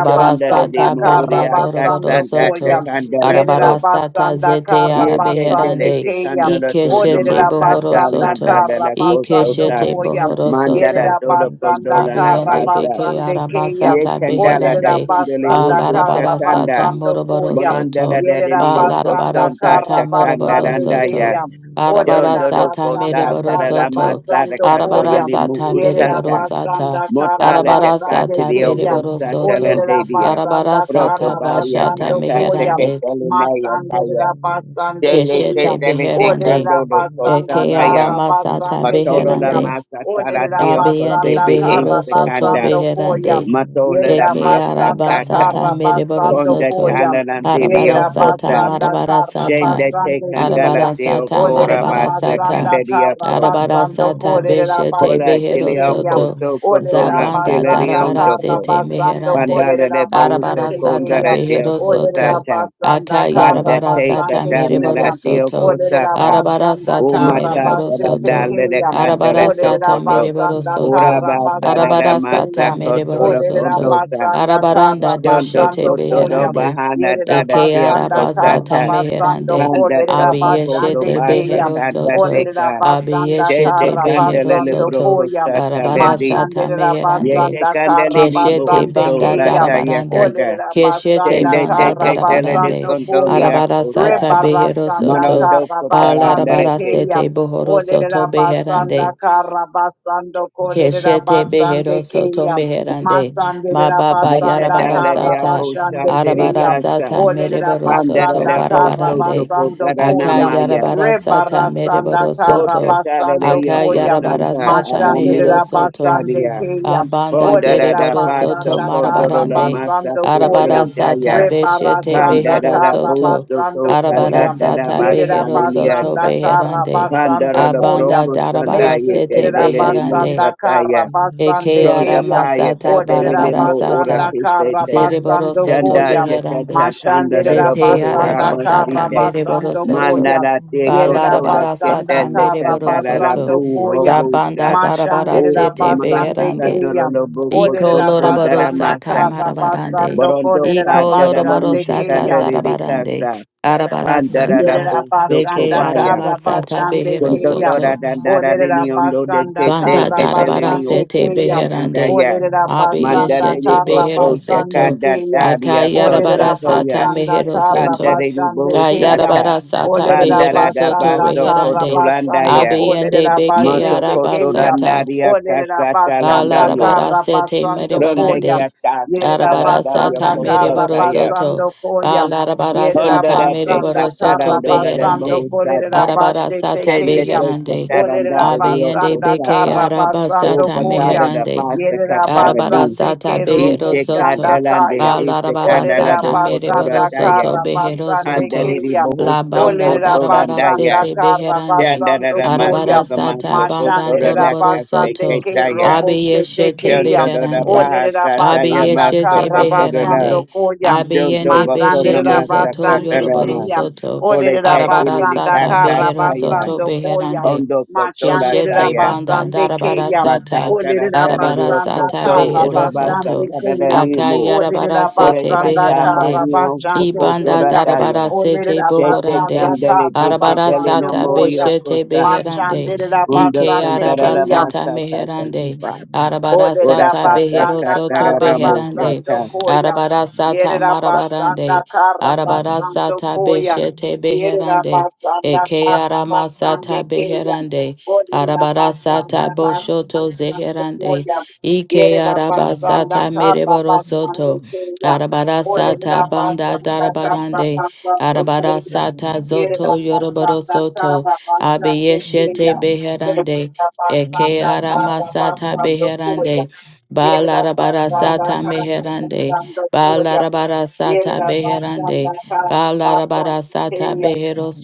[SPEAKER 5] Shonda de de mo
[SPEAKER 7] banda
[SPEAKER 5] oria
[SPEAKER 7] doroboro
[SPEAKER 1] Karabasando
[SPEAKER 5] kasanda ta
[SPEAKER 1] Koya.
[SPEAKER 7] soto.
[SPEAKER 5] kandala to.
[SPEAKER 7] Arabarasata
[SPEAKER 1] Yerabasanda
[SPEAKER 7] zete
[SPEAKER 5] Ye kendele
[SPEAKER 1] Karabasande
[SPEAKER 5] te
[SPEAKER 7] arabeherande.
[SPEAKER 1] Keya.
[SPEAKER 5] kandala to no
[SPEAKER 7] Ikeshete bohoro
[SPEAKER 5] masata na
[SPEAKER 1] Olerabasanda
[SPEAKER 7] soto.
[SPEAKER 5] dala la
[SPEAKER 1] Karabasando
[SPEAKER 5] kosota.
[SPEAKER 7] Ikeshete
[SPEAKER 1] Koya.
[SPEAKER 4] you.
[SPEAKER 7] bohoro
[SPEAKER 5] mandara
[SPEAKER 7] soto.
[SPEAKER 5] to do
[SPEAKER 4] Thank
[SPEAKER 1] Yerabasanda
[SPEAKER 5] kondola la
[SPEAKER 7] Abiende
[SPEAKER 5] basa.
[SPEAKER 7] beke
[SPEAKER 1] Karabasande Keya.
[SPEAKER 5] Ye
[SPEAKER 7] arabasata
[SPEAKER 5] kandala da
[SPEAKER 1] Olerera
[SPEAKER 7] beherande
[SPEAKER 5] kundele
[SPEAKER 1] basanda
[SPEAKER 5] yuku
[SPEAKER 7] balarabara
[SPEAKER 1] kara
[SPEAKER 7] sata
[SPEAKER 5] satanda.
[SPEAKER 1] basando
[SPEAKER 7] moroboro
[SPEAKER 1] Koya.
[SPEAKER 5] Bonandala
[SPEAKER 7] soto
[SPEAKER 5] da de
[SPEAKER 1] Yerera
[SPEAKER 5] lio
[SPEAKER 7] balarabara
[SPEAKER 1] basanda
[SPEAKER 5] kosonda ta
[SPEAKER 1] kara
[SPEAKER 7] sata moroboro
[SPEAKER 1] basande
[SPEAKER 5] kandaranda ya.
[SPEAKER 7] soto
[SPEAKER 1] keyam.
[SPEAKER 7] arabara
[SPEAKER 1] Olerera
[SPEAKER 5] Shondo do
[SPEAKER 7] sata
[SPEAKER 5] kota
[SPEAKER 1] basanda
[SPEAKER 7] mereboro
[SPEAKER 5] da da
[SPEAKER 1] kara
[SPEAKER 5] la
[SPEAKER 7] soto
[SPEAKER 5] masara
[SPEAKER 1] basando
[SPEAKER 7] arabara
[SPEAKER 5] katola
[SPEAKER 1] koyam.
[SPEAKER 5] ni mu
[SPEAKER 7] sata
[SPEAKER 1] Yerera
[SPEAKER 7] bereboro
[SPEAKER 5] usata.
[SPEAKER 7] sata
[SPEAKER 1] basanda kara
[SPEAKER 5] Motala de
[SPEAKER 7] arabara
[SPEAKER 1] basande
[SPEAKER 7] sata
[SPEAKER 5] Catilio
[SPEAKER 1] keyam.
[SPEAKER 7] bereboro soto
[SPEAKER 1] Olerera
[SPEAKER 5] Costatalandia,
[SPEAKER 7] arabara
[SPEAKER 1] basanda
[SPEAKER 7] sata
[SPEAKER 1] kara
[SPEAKER 5] Protobaria
[SPEAKER 7] bashata
[SPEAKER 1] basando
[SPEAKER 5] Catata
[SPEAKER 1] koyam.
[SPEAKER 7] meherande
[SPEAKER 5] Catalinaya
[SPEAKER 1] Masandera
[SPEAKER 5] Kaya,
[SPEAKER 1] basande
[SPEAKER 5] Dele
[SPEAKER 7] keshete
[SPEAKER 1] keyam.
[SPEAKER 5] Catale de
[SPEAKER 7] beherande
[SPEAKER 1] Olerera
[SPEAKER 5] Candodo Costa
[SPEAKER 7] eke
[SPEAKER 1] basanda
[SPEAKER 5] Maya,
[SPEAKER 1] kara
[SPEAKER 7] aramasata
[SPEAKER 1] basande
[SPEAKER 5] Matola la
[SPEAKER 1] keyam.
[SPEAKER 7] beherande
[SPEAKER 5] Masa
[SPEAKER 1] Olerera
[SPEAKER 5] Taratio Coste
[SPEAKER 7] abiende
[SPEAKER 1] basanda
[SPEAKER 5] B.
[SPEAKER 7] behero
[SPEAKER 1] kara
[SPEAKER 7] soto
[SPEAKER 5] Secanda,
[SPEAKER 1] basando
[SPEAKER 7] beherande
[SPEAKER 1] koyam.
[SPEAKER 5] Matola la
[SPEAKER 1] Yerera
[SPEAKER 7] Eke
[SPEAKER 5] Masa
[SPEAKER 7] araba
[SPEAKER 1] basanda
[SPEAKER 5] Cata,
[SPEAKER 7] sata
[SPEAKER 1] kara
[SPEAKER 7] mereboro
[SPEAKER 1] basando
[SPEAKER 5] Sonda
[SPEAKER 7] soto.
[SPEAKER 1] koyam.
[SPEAKER 7] Arabara
[SPEAKER 5] Talalandirio
[SPEAKER 1] Yerera
[SPEAKER 7] sata
[SPEAKER 5] Costa,
[SPEAKER 1] basanda
[SPEAKER 7] marabara
[SPEAKER 1] kara
[SPEAKER 7] sata.
[SPEAKER 5] Shende Te
[SPEAKER 1] basande
[SPEAKER 5] Candala
[SPEAKER 1] keya.
[SPEAKER 7] Arabara
[SPEAKER 5] Deo
[SPEAKER 7] sata
[SPEAKER 5] Cora
[SPEAKER 1] Olerera
[SPEAKER 7] marabara
[SPEAKER 5] Basta
[SPEAKER 7] sata.
[SPEAKER 1] basanda
[SPEAKER 5] Candaria
[SPEAKER 1] kara
[SPEAKER 5] So,
[SPEAKER 7] Arabara
[SPEAKER 1] basando
[SPEAKER 7] sata
[SPEAKER 4] you.
[SPEAKER 1] kolerera
[SPEAKER 7] beshete
[SPEAKER 5] Cola
[SPEAKER 1] basete
[SPEAKER 4] Thank
[SPEAKER 7] behero
[SPEAKER 5] Tilio
[SPEAKER 1] keya.
[SPEAKER 7] soto.
[SPEAKER 4] you.
[SPEAKER 5] Coso
[SPEAKER 1] Olerera
[SPEAKER 5] Cotola
[SPEAKER 7] Zabanda
[SPEAKER 1] basanda
[SPEAKER 7] darabara
[SPEAKER 5] Tileriondo
[SPEAKER 1] kara
[SPEAKER 7] sete
[SPEAKER 1] basando
[SPEAKER 7] meherande.
[SPEAKER 5] Pandala de
[SPEAKER 1] kolerera
[SPEAKER 5] Bohuso
[SPEAKER 7] Arabara
[SPEAKER 1] basete
[SPEAKER 5] Konda
[SPEAKER 7] sata
[SPEAKER 5] de
[SPEAKER 1] keya.
[SPEAKER 5] Deo
[SPEAKER 7] behero
[SPEAKER 1] Olerera
[SPEAKER 7] soto.
[SPEAKER 5] Cosata,
[SPEAKER 1] basanda kara
[SPEAKER 5] Panda
[SPEAKER 7] Akayarabara
[SPEAKER 5] Take
[SPEAKER 7] sata
[SPEAKER 1] basande
[SPEAKER 5] Atana de
[SPEAKER 7] mereboro
[SPEAKER 1] keya.
[SPEAKER 5] Deo
[SPEAKER 7] soto.
[SPEAKER 1] Olerera
[SPEAKER 5] Cosapa,
[SPEAKER 7] Arabara
[SPEAKER 1] basanda
[SPEAKER 7] sata
[SPEAKER 1] kara
[SPEAKER 5] Umata
[SPEAKER 7] mereboro
[SPEAKER 1] basete
[SPEAKER 7] soto.
[SPEAKER 5] Paranale de
[SPEAKER 1] keya.
[SPEAKER 5] Candela
[SPEAKER 7] Arabara sata
[SPEAKER 1] Olerera
[SPEAKER 5] Tokoto,
[SPEAKER 7] mereboro
[SPEAKER 1] basanda
[SPEAKER 7] soto.
[SPEAKER 1] kara
[SPEAKER 5] Urabasa de
[SPEAKER 1] basande
[SPEAKER 7] Arabara sata
[SPEAKER 5] Masa
[SPEAKER 1] keya.
[SPEAKER 7] mereboro
[SPEAKER 5] Cotola
[SPEAKER 1] Olerera
[SPEAKER 7] soto.
[SPEAKER 5] Condosa,
[SPEAKER 1] basanda kara
[SPEAKER 7] Arabaranda
[SPEAKER 5] Shondo
[SPEAKER 7] doshete
[SPEAKER 1] basando
[SPEAKER 5] Coto do
[SPEAKER 1] koya.
[SPEAKER 7] beherande.
[SPEAKER 5] Bahana
[SPEAKER 1] Yerera
[SPEAKER 5] de
[SPEAKER 7] Eke
[SPEAKER 5] Deo
[SPEAKER 1] basanda
[SPEAKER 7] araba
[SPEAKER 1] karra
[SPEAKER 7] sata
[SPEAKER 5] Cosata,
[SPEAKER 1] basando
[SPEAKER 7] meherande.
[SPEAKER 5] Panda
[SPEAKER 1] kolerera
[SPEAKER 5] Dobo Condo
[SPEAKER 1] basande
[SPEAKER 7] Abiyeshete
[SPEAKER 5] Basa
[SPEAKER 1] keya.
[SPEAKER 7] behero
[SPEAKER 5] Canda
[SPEAKER 7] soto.
[SPEAKER 1] Olerera
[SPEAKER 5] Deca,
[SPEAKER 1] basanda
[SPEAKER 5] Dente
[SPEAKER 7] Abiyeshete
[SPEAKER 1] karra
[SPEAKER 7] behero
[SPEAKER 5] Candela
[SPEAKER 1] basando
[SPEAKER 5] Libro
[SPEAKER 7] soto.
[SPEAKER 1] koya.
[SPEAKER 5] Cosata
[SPEAKER 7] Arabara
[SPEAKER 5] Lendi,
[SPEAKER 7] sata
[SPEAKER 1] Mashanderera
[SPEAKER 7] meherande.
[SPEAKER 5] Yete
[SPEAKER 1] basanda karra
[SPEAKER 5] Candeli
[SPEAKER 7] Keshete
[SPEAKER 1] basande
[SPEAKER 5] Uso
[SPEAKER 7] banda
[SPEAKER 1] keya.
[SPEAKER 5] Lataya
[SPEAKER 7] darabarande.
[SPEAKER 5] Canda.
[SPEAKER 1] Olerera
[SPEAKER 7] Keshete
[SPEAKER 1] basanda
[SPEAKER 5] Shende
[SPEAKER 7] banda
[SPEAKER 5] teke
[SPEAKER 1] karra
[SPEAKER 5] tele de
[SPEAKER 7] darabarande.
[SPEAKER 1] basando koya.
[SPEAKER 5] condoria
[SPEAKER 7] Arabara
[SPEAKER 5] cosa.
[SPEAKER 7] sata
[SPEAKER 1] Rebara
[SPEAKER 7] behero
[SPEAKER 1] sanda
[SPEAKER 7] soto.
[SPEAKER 5] Manondo
[SPEAKER 1] karra basande
[SPEAKER 7] Balarabara
[SPEAKER 5] cotarandareke.
[SPEAKER 1] keya.
[SPEAKER 7] sete bohoro soto
[SPEAKER 1] Olerera
[SPEAKER 7] beherande.
[SPEAKER 1] basanda karra basando kolerera
[SPEAKER 7] Keshete
[SPEAKER 1] basande
[SPEAKER 7] behero soto
[SPEAKER 1] keya.
[SPEAKER 7] meherande.
[SPEAKER 1] Masandera
[SPEAKER 7] Mababa
[SPEAKER 5] Manda
[SPEAKER 1] basanda
[SPEAKER 7] yarabara
[SPEAKER 5] dala de
[SPEAKER 1] karra
[SPEAKER 7] sata.
[SPEAKER 5] abosa
[SPEAKER 1] basande
[SPEAKER 7] Arabara
[SPEAKER 1] keya.
[SPEAKER 7] sata
[SPEAKER 5] tericasa.
[SPEAKER 1] Olerera
[SPEAKER 7] mereboro
[SPEAKER 5] Pandara
[SPEAKER 7] soto
[SPEAKER 1] basanda
[SPEAKER 5] da
[SPEAKER 1] kara
[SPEAKER 5] boso
[SPEAKER 7] barabarande.
[SPEAKER 5] toko
[SPEAKER 1] basando
[SPEAKER 7] Aka
[SPEAKER 1] koya.
[SPEAKER 5] daranamaya.
[SPEAKER 7] yarabara sata
[SPEAKER 1] Rebarasanda
[SPEAKER 7] mereboro
[SPEAKER 1] kara
[SPEAKER 5] Kota
[SPEAKER 7] soto.
[SPEAKER 5] tala de
[SPEAKER 1] basando
[SPEAKER 7] Aka
[SPEAKER 1] koyam
[SPEAKER 7] yarabara
[SPEAKER 5] yokosanta
[SPEAKER 7] sata
[SPEAKER 5] adamnia
[SPEAKER 7] mehero
[SPEAKER 1] Mashandera
[SPEAKER 7] soto.
[SPEAKER 1] basande
[SPEAKER 5] cosaria.
[SPEAKER 1] keya.
[SPEAKER 4] Shabba
[SPEAKER 7] Abanda
[SPEAKER 5] Pondara
[SPEAKER 1] Olerera
[SPEAKER 5] da
[SPEAKER 7] dereboro
[SPEAKER 5] basto
[SPEAKER 7] soto
[SPEAKER 1] basanda
[SPEAKER 5] condoro
[SPEAKER 1] kara
[SPEAKER 5] la
[SPEAKER 7] marabarande.
[SPEAKER 5] masa
[SPEAKER 1] basando
[SPEAKER 7] Arabara
[SPEAKER 1] koya.
[SPEAKER 5] fitele
[SPEAKER 7] sata
[SPEAKER 5] daya.
[SPEAKER 7] beshete
[SPEAKER 1] Rebarasanda
[SPEAKER 7] behero
[SPEAKER 5] Pandara da
[SPEAKER 1] kara
[SPEAKER 7] soto.
[SPEAKER 5] boso to
[SPEAKER 1] basando
[SPEAKER 7] Arabara
[SPEAKER 1] koyam
[SPEAKER 5] candada da
[SPEAKER 7] sata
[SPEAKER 5] basa
[SPEAKER 1] Yerera
[SPEAKER 7] behero soto
[SPEAKER 5] leniasa.
[SPEAKER 1] basanda kara
[SPEAKER 7] beherande.
[SPEAKER 1] basando
[SPEAKER 5] Pandara da
[SPEAKER 1] koyam
[SPEAKER 7] Abanda
[SPEAKER 5] broco
[SPEAKER 7] darabara
[SPEAKER 5] sandaye
[SPEAKER 1] Meshte
[SPEAKER 7] sete
[SPEAKER 1] derera
[SPEAKER 5] kendele
[SPEAKER 7] beherande.
[SPEAKER 5] musa
[SPEAKER 1] basanda kara basande
[SPEAKER 7] Eke
[SPEAKER 5] Pronda
[SPEAKER 7] ara
[SPEAKER 1] keya.
[SPEAKER 5] paya
[SPEAKER 7] masata
[SPEAKER 1] Olerera
[SPEAKER 5] katelele
[SPEAKER 7] barabara
[SPEAKER 5] mo ora
[SPEAKER 1] basanda
[SPEAKER 7] sata.
[SPEAKER 1] kara
[SPEAKER 4] Thank
[SPEAKER 5] kisete.
[SPEAKER 7] Zereboro
[SPEAKER 1] basando
[SPEAKER 7] soto
[SPEAKER 5] Chanda
[SPEAKER 1] koyam
[SPEAKER 7] beherande.
[SPEAKER 5] chekata tanda
[SPEAKER 1] Mashandera
[SPEAKER 5] do
[SPEAKER 7] Zete ara
[SPEAKER 5] bohora
[SPEAKER 1] basanda
[SPEAKER 7] basata
[SPEAKER 5] basite.
[SPEAKER 7] mereboro
[SPEAKER 1] karabasando
[SPEAKER 7] soto.
[SPEAKER 1] koya.
[SPEAKER 5] Mandara te
[SPEAKER 1] Yerera
[SPEAKER 5] kotora
[SPEAKER 7] Balarabara
[SPEAKER 1] basanda
[SPEAKER 7] sata
[SPEAKER 5] ketele
[SPEAKER 7] mereboro
[SPEAKER 5] kandara
[SPEAKER 7] soto.
[SPEAKER 1] karabasando
[SPEAKER 5] rabu
[SPEAKER 1] koya.
[SPEAKER 5] robuta,
[SPEAKER 7] Zabanda darabara
[SPEAKER 5] O
[SPEAKER 1] Mashandera
[SPEAKER 5] te
[SPEAKER 7] sete
[SPEAKER 5] masa
[SPEAKER 1] basande
[SPEAKER 7] beherande.
[SPEAKER 5] kandara
[SPEAKER 1] keya.
[SPEAKER 5] lo boko
[SPEAKER 7] Iko
[SPEAKER 5] to
[SPEAKER 1] Orera
[SPEAKER 7] loroboro
[SPEAKER 5] kondara
[SPEAKER 1] basanda
[SPEAKER 7] sata
[SPEAKER 5] masa.
[SPEAKER 7] marabarande.
[SPEAKER 1] karabasando
[SPEAKER 5] Borondo
[SPEAKER 1] korera
[SPEAKER 7] Iko
[SPEAKER 5] kandara
[SPEAKER 7] loroboro
[SPEAKER 1] basande
[SPEAKER 5] mushe
[SPEAKER 7] sata
[SPEAKER 5] kandele de
[SPEAKER 7] zarabarande.
[SPEAKER 5] kasa.
[SPEAKER 7] Arabara
[SPEAKER 5] Pandara la
[SPEAKER 7] sata.
[SPEAKER 1] Yerera
[SPEAKER 5] bosto
[SPEAKER 7] Beke
[SPEAKER 1] basanda
[SPEAKER 7] ara
[SPEAKER 5] kobaya.
[SPEAKER 1] kara
[SPEAKER 4] you.
[SPEAKER 7] masata
[SPEAKER 1] basande
[SPEAKER 7] behero
[SPEAKER 1] keya.
[SPEAKER 7] soto.
[SPEAKER 5] Kondotora dandara de
[SPEAKER 1] Olerera
[SPEAKER 5] niondo de
[SPEAKER 1] basanda
[SPEAKER 5] kete
[SPEAKER 7] Banda
[SPEAKER 1] kara
[SPEAKER 5] ketele
[SPEAKER 7] darabara
[SPEAKER 5] li
[SPEAKER 1] basande
[SPEAKER 7] sete
[SPEAKER 5] okushe
[SPEAKER 1] keya.
[SPEAKER 7] beherande.
[SPEAKER 5] kandaya.
[SPEAKER 1] Olerera
[SPEAKER 7] Abi
[SPEAKER 1] basanda
[SPEAKER 5] Mandalele
[SPEAKER 7] yeshete
[SPEAKER 1] kara
[SPEAKER 7] behero
[SPEAKER 5] koto
[SPEAKER 1] basande
[SPEAKER 7] soto.
[SPEAKER 5] shakanda
[SPEAKER 1] keya.
[SPEAKER 5] daria koso
[SPEAKER 7] Akayarabara
[SPEAKER 1] Olerera
[SPEAKER 7] sata
[SPEAKER 5] toya
[SPEAKER 1] basanda
[SPEAKER 7] mehero
[SPEAKER 1] kara
[SPEAKER 7] soto.
[SPEAKER 5] pandarele
[SPEAKER 1] basande keya.
[SPEAKER 5] bohusata
[SPEAKER 7] Kayarabara sata
[SPEAKER 1] Olerera
[SPEAKER 7] behero
[SPEAKER 5] pandarada
[SPEAKER 7] soto
[SPEAKER 1] basanda
[SPEAKER 5] baso
[SPEAKER 1] kara
[SPEAKER 5] koto
[SPEAKER 7] reherande.
[SPEAKER 1] basando
[SPEAKER 5] landaya
[SPEAKER 7] Abi yende
[SPEAKER 1] kolerera
[SPEAKER 7] beke
[SPEAKER 5] moto
[SPEAKER 1] basete
[SPEAKER 5] koto
[SPEAKER 1] keya.
[SPEAKER 7] arabasata.
[SPEAKER 5] landaria
[SPEAKER 1] Olerera
[SPEAKER 5] kasata
[SPEAKER 1] basanda
[SPEAKER 5] landayo
[SPEAKER 7] Balarabara
[SPEAKER 1] kara
[SPEAKER 7] sete
[SPEAKER 1] basando
[SPEAKER 5] pronde
[SPEAKER 1] koya.
[SPEAKER 7] merebarande.
[SPEAKER 5] kata kata
[SPEAKER 1] Yerera
[SPEAKER 7] Arabara
[SPEAKER 5] landayo
[SPEAKER 7] sata
[SPEAKER 1] basanda
[SPEAKER 5] koso
[SPEAKER 7] mere
[SPEAKER 1] kara
[SPEAKER 7] boro
[SPEAKER 5] taya
[SPEAKER 7] soto.
[SPEAKER 1] basando koya.
[SPEAKER 7] Balarabara
[SPEAKER 1] Yerera
[SPEAKER 7] sata
[SPEAKER 5] pondara te
[SPEAKER 7] mere boro
[SPEAKER 1] basanda
[SPEAKER 5] kata
[SPEAKER 7] soto
[SPEAKER 1] kara
[SPEAKER 5] landola da
[SPEAKER 4] Thank you.
[SPEAKER 1] Yerabasanda Karabasando
[SPEAKER 7] beherande.
[SPEAKER 5] bohusata
[SPEAKER 7] Arabara
[SPEAKER 1] Kolerabashe
[SPEAKER 7] sata
[SPEAKER 5] tende
[SPEAKER 1] Tekeya.
[SPEAKER 5] te
[SPEAKER 7] beherande.
[SPEAKER 5] kata landara
[SPEAKER 7] Abeyende
[SPEAKER 5] riokoso
[SPEAKER 1] Olerabasanda
[SPEAKER 7] beke
[SPEAKER 5] sapa
[SPEAKER 7] araba
[SPEAKER 5] o
[SPEAKER 1] Karabasando
[SPEAKER 7] sata
[SPEAKER 5] patada
[SPEAKER 1] Koya.
[SPEAKER 5] da
[SPEAKER 7] meherande.
[SPEAKER 5] basa kata
[SPEAKER 7] Arabada
[SPEAKER 1] Yerabasande
[SPEAKER 7] sata behero
[SPEAKER 1] Kerobosanda
[SPEAKER 7] soto.
[SPEAKER 5] Ishekandalande,
[SPEAKER 1] Kaya.
[SPEAKER 7] Balarabada
[SPEAKER 1] Olerera
[SPEAKER 7] sata
[SPEAKER 5] Ishekandalado
[SPEAKER 7] mereboro
[SPEAKER 1] basanda Olerabasanda
[SPEAKER 7] soto
[SPEAKER 5] Kotorataya,
[SPEAKER 7] behero
[SPEAKER 1] Karabasande
[SPEAKER 7] soto.
[SPEAKER 5] Pandariri
[SPEAKER 1] Keya.
[SPEAKER 7] La
[SPEAKER 5] Bohoso
[SPEAKER 7] banda darabada
[SPEAKER 1] Olerabasanda
[SPEAKER 5] Kotorandaya,
[SPEAKER 7] sete beherande.
[SPEAKER 1] Karabasando
[SPEAKER 5] Chandara
[SPEAKER 1] Koya.
[SPEAKER 7] Arabada
[SPEAKER 5] Masoko
[SPEAKER 7] sata
[SPEAKER 5] Masoko
[SPEAKER 7] banda doroboro
[SPEAKER 5] Toranaka
[SPEAKER 1] Mashanderabasande
[SPEAKER 7] soto.
[SPEAKER 5] Seketaya,
[SPEAKER 1] Keroboshe
[SPEAKER 7] Abiyeshete
[SPEAKER 1] Tekeya.
[SPEAKER 5] Chandara
[SPEAKER 7] beherande.
[SPEAKER 1] Olerera
[SPEAKER 5] Bahasataya
[SPEAKER 1] basanda
[SPEAKER 7] Abiyeshete
[SPEAKER 1] kara
[SPEAKER 5] Masoko Torana,
[SPEAKER 1] basando
[SPEAKER 7] beherande.
[SPEAKER 1] Koya.
[SPEAKER 5] Jondo
[SPEAKER 7] Abiyende
[SPEAKER 5] Bakona
[SPEAKER 1] Masandera
[SPEAKER 7] beshete zoto
[SPEAKER 1] basande
[SPEAKER 7] yoroboro
[SPEAKER 5] Masakatarama,
[SPEAKER 1] kriya.
[SPEAKER 7] soto.
[SPEAKER 1] Orera
[SPEAKER 5] Oleke
[SPEAKER 7] Arabada
[SPEAKER 1] basanda
[SPEAKER 5] Ilika
[SPEAKER 7] sata
[SPEAKER 1] kara
[SPEAKER 7] behero
[SPEAKER 5] Sataya,
[SPEAKER 7] soto
[SPEAKER 1] basando koya.
[SPEAKER 7] beherande.
[SPEAKER 5] Kondo
[SPEAKER 1] Mashandera
[SPEAKER 7] Keshete
[SPEAKER 5] Kotorataya,
[SPEAKER 7] banda
[SPEAKER 1] basande
[SPEAKER 7] darabara
[SPEAKER 1] kriya.
[SPEAKER 7] sata
[SPEAKER 5] Batatara
[SPEAKER 1] Orera
[SPEAKER 5] Tarari
[SPEAKER 7] arabara
[SPEAKER 1] basanda
[SPEAKER 7] sata
[SPEAKER 5] Okoso
[SPEAKER 1] kara
[SPEAKER 7] behero
[SPEAKER 5] Urabasa
[SPEAKER 7] soto
[SPEAKER 1] basande kriya.
[SPEAKER 5] Taranimo,
[SPEAKER 7] akayarabara
[SPEAKER 1] Orera
[SPEAKER 5] Ore
[SPEAKER 7] sete
[SPEAKER 4] Thank
[SPEAKER 1] basanda
[SPEAKER 5] kata
[SPEAKER 4] you.
[SPEAKER 1] kara
[SPEAKER 7] beherande
[SPEAKER 5] badio
[SPEAKER 1] basande
[SPEAKER 7] ibanda
[SPEAKER 5] kotora
[SPEAKER 1] kriya.
[SPEAKER 7] darabara
[SPEAKER 5] daya.
[SPEAKER 7] sete
[SPEAKER 1] Orera
[SPEAKER 5] Shete
[SPEAKER 7] bohorande
[SPEAKER 1] basanda
[SPEAKER 5] kandele
[SPEAKER 1] kara
[SPEAKER 5] dike
[SPEAKER 7] arabara
[SPEAKER 5] dele
[SPEAKER 1] basando
[SPEAKER 5] na
[SPEAKER 7] sata
[SPEAKER 1] koya.
[SPEAKER 5] morio
[SPEAKER 7] beshete
[SPEAKER 5] kosa.
[SPEAKER 7] beherande
[SPEAKER 1] Mashandera
[SPEAKER 5] Unda
[SPEAKER 7] ike
[SPEAKER 1] basande
[SPEAKER 7] araba
[SPEAKER 5] kandarara
[SPEAKER 1] kriya.
[SPEAKER 7] sata
[SPEAKER 5] masa Thank you,
[SPEAKER 7] meherande
[SPEAKER 5] Father.
[SPEAKER 7] arabara
[SPEAKER 5] Ora
[SPEAKER 1] Olerera
[SPEAKER 7] sata
[SPEAKER 5] kata
[SPEAKER 7] behero
[SPEAKER 1] basanda
[SPEAKER 7] soto
[SPEAKER 1] kara
[SPEAKER 5] katarara
[SPEAKER 7] beherande
[SPEAKER 1] basando
[SPEAKER 5] mosata.
[SPEAKER 1] koya.
[SPEAKER 7] arabara sata
[SPEAKER 1] Yerera basanda
[SPEAKER 7] marabarande
[SPEAKER 1] kara
[SPEAKER 7] arabara
[SPEAKER 1] basando
[SPEAKER 7] sata
[SPEAKER 1] koya.
[SPEAKER 7] beshete
[SPEAKER 1] Yerera
[SPEAKER 7] beherande
[SPEAKER 1] basanda
[SPEAKER 7] eke
[SPEAKER 1] kara
[SPEAKER 7] arama
[SPEAKER 1] basande
[SPEAKER 7] sata
[SPEAKER 1] keya.
[SPEAKER 7] beherande
[SPEAKER 1] Olerera basanda
[SPEAKER 7] Arabarasata
[SPEAKER 1] kara
[SPEAKER 7] boshoto
[SPEAKER 1] basando
[SPEAKER 7] zeherande.
[SPEAKER 1] koya.
[SPEAKER 7] Ike
[SPEAKER 1] Yerera basanda
[SPEAKER 7] arabasata
[SPEAKER 1] kara basando
[SPEAKER 7] mereborosoto.
[SPEAKER 1] keya. Olerera
[SPEAKER 7] Arabarasata banda
[SPEAKER 1] basanda kara
[SPEAKER 7] darabarande.
[SPEAKER 1] basando koya.
[SPEAKER 7] Arabarasata
[SPEAKER 1] Yere da
[SPEAKER 7] zoto
[SPEAKER 1] basanda kara
[SPEAKER 7] yoroborosoto.
[SPEAKER 1] basanda
[SPEAKER 7] Abiyeshete
[SPEAKER 1] keya. Yere
[SPEAKER 7] beherande.
[SPEAKER 1] da
[SPEAKER 7] Eke
[SPEAKER 1] basanda kara
[SPEAKER 7] aramasata
[SPEAKER 1] basanda koya.
[SPEAKER 7] beherande.
[SPEAKER 1] Yere da
[SPEAKER 4] Thank
[SPEAKER 1] basanda
[SPEAKER 7] Balarabarasata
[SPEAKER 1] kara
[SPEAKER 7] meherande.
[SPEAKER 1] basanda koya. Yere
[SPEAKER 7] Balarabarasata
[SPEAKER 1] da
[SPEAKER 7] beherande.
[SPEAKER 1] basanda kara basanda
[SPEAKER 7] Balarabarasata
[SPEAKER 1] keya.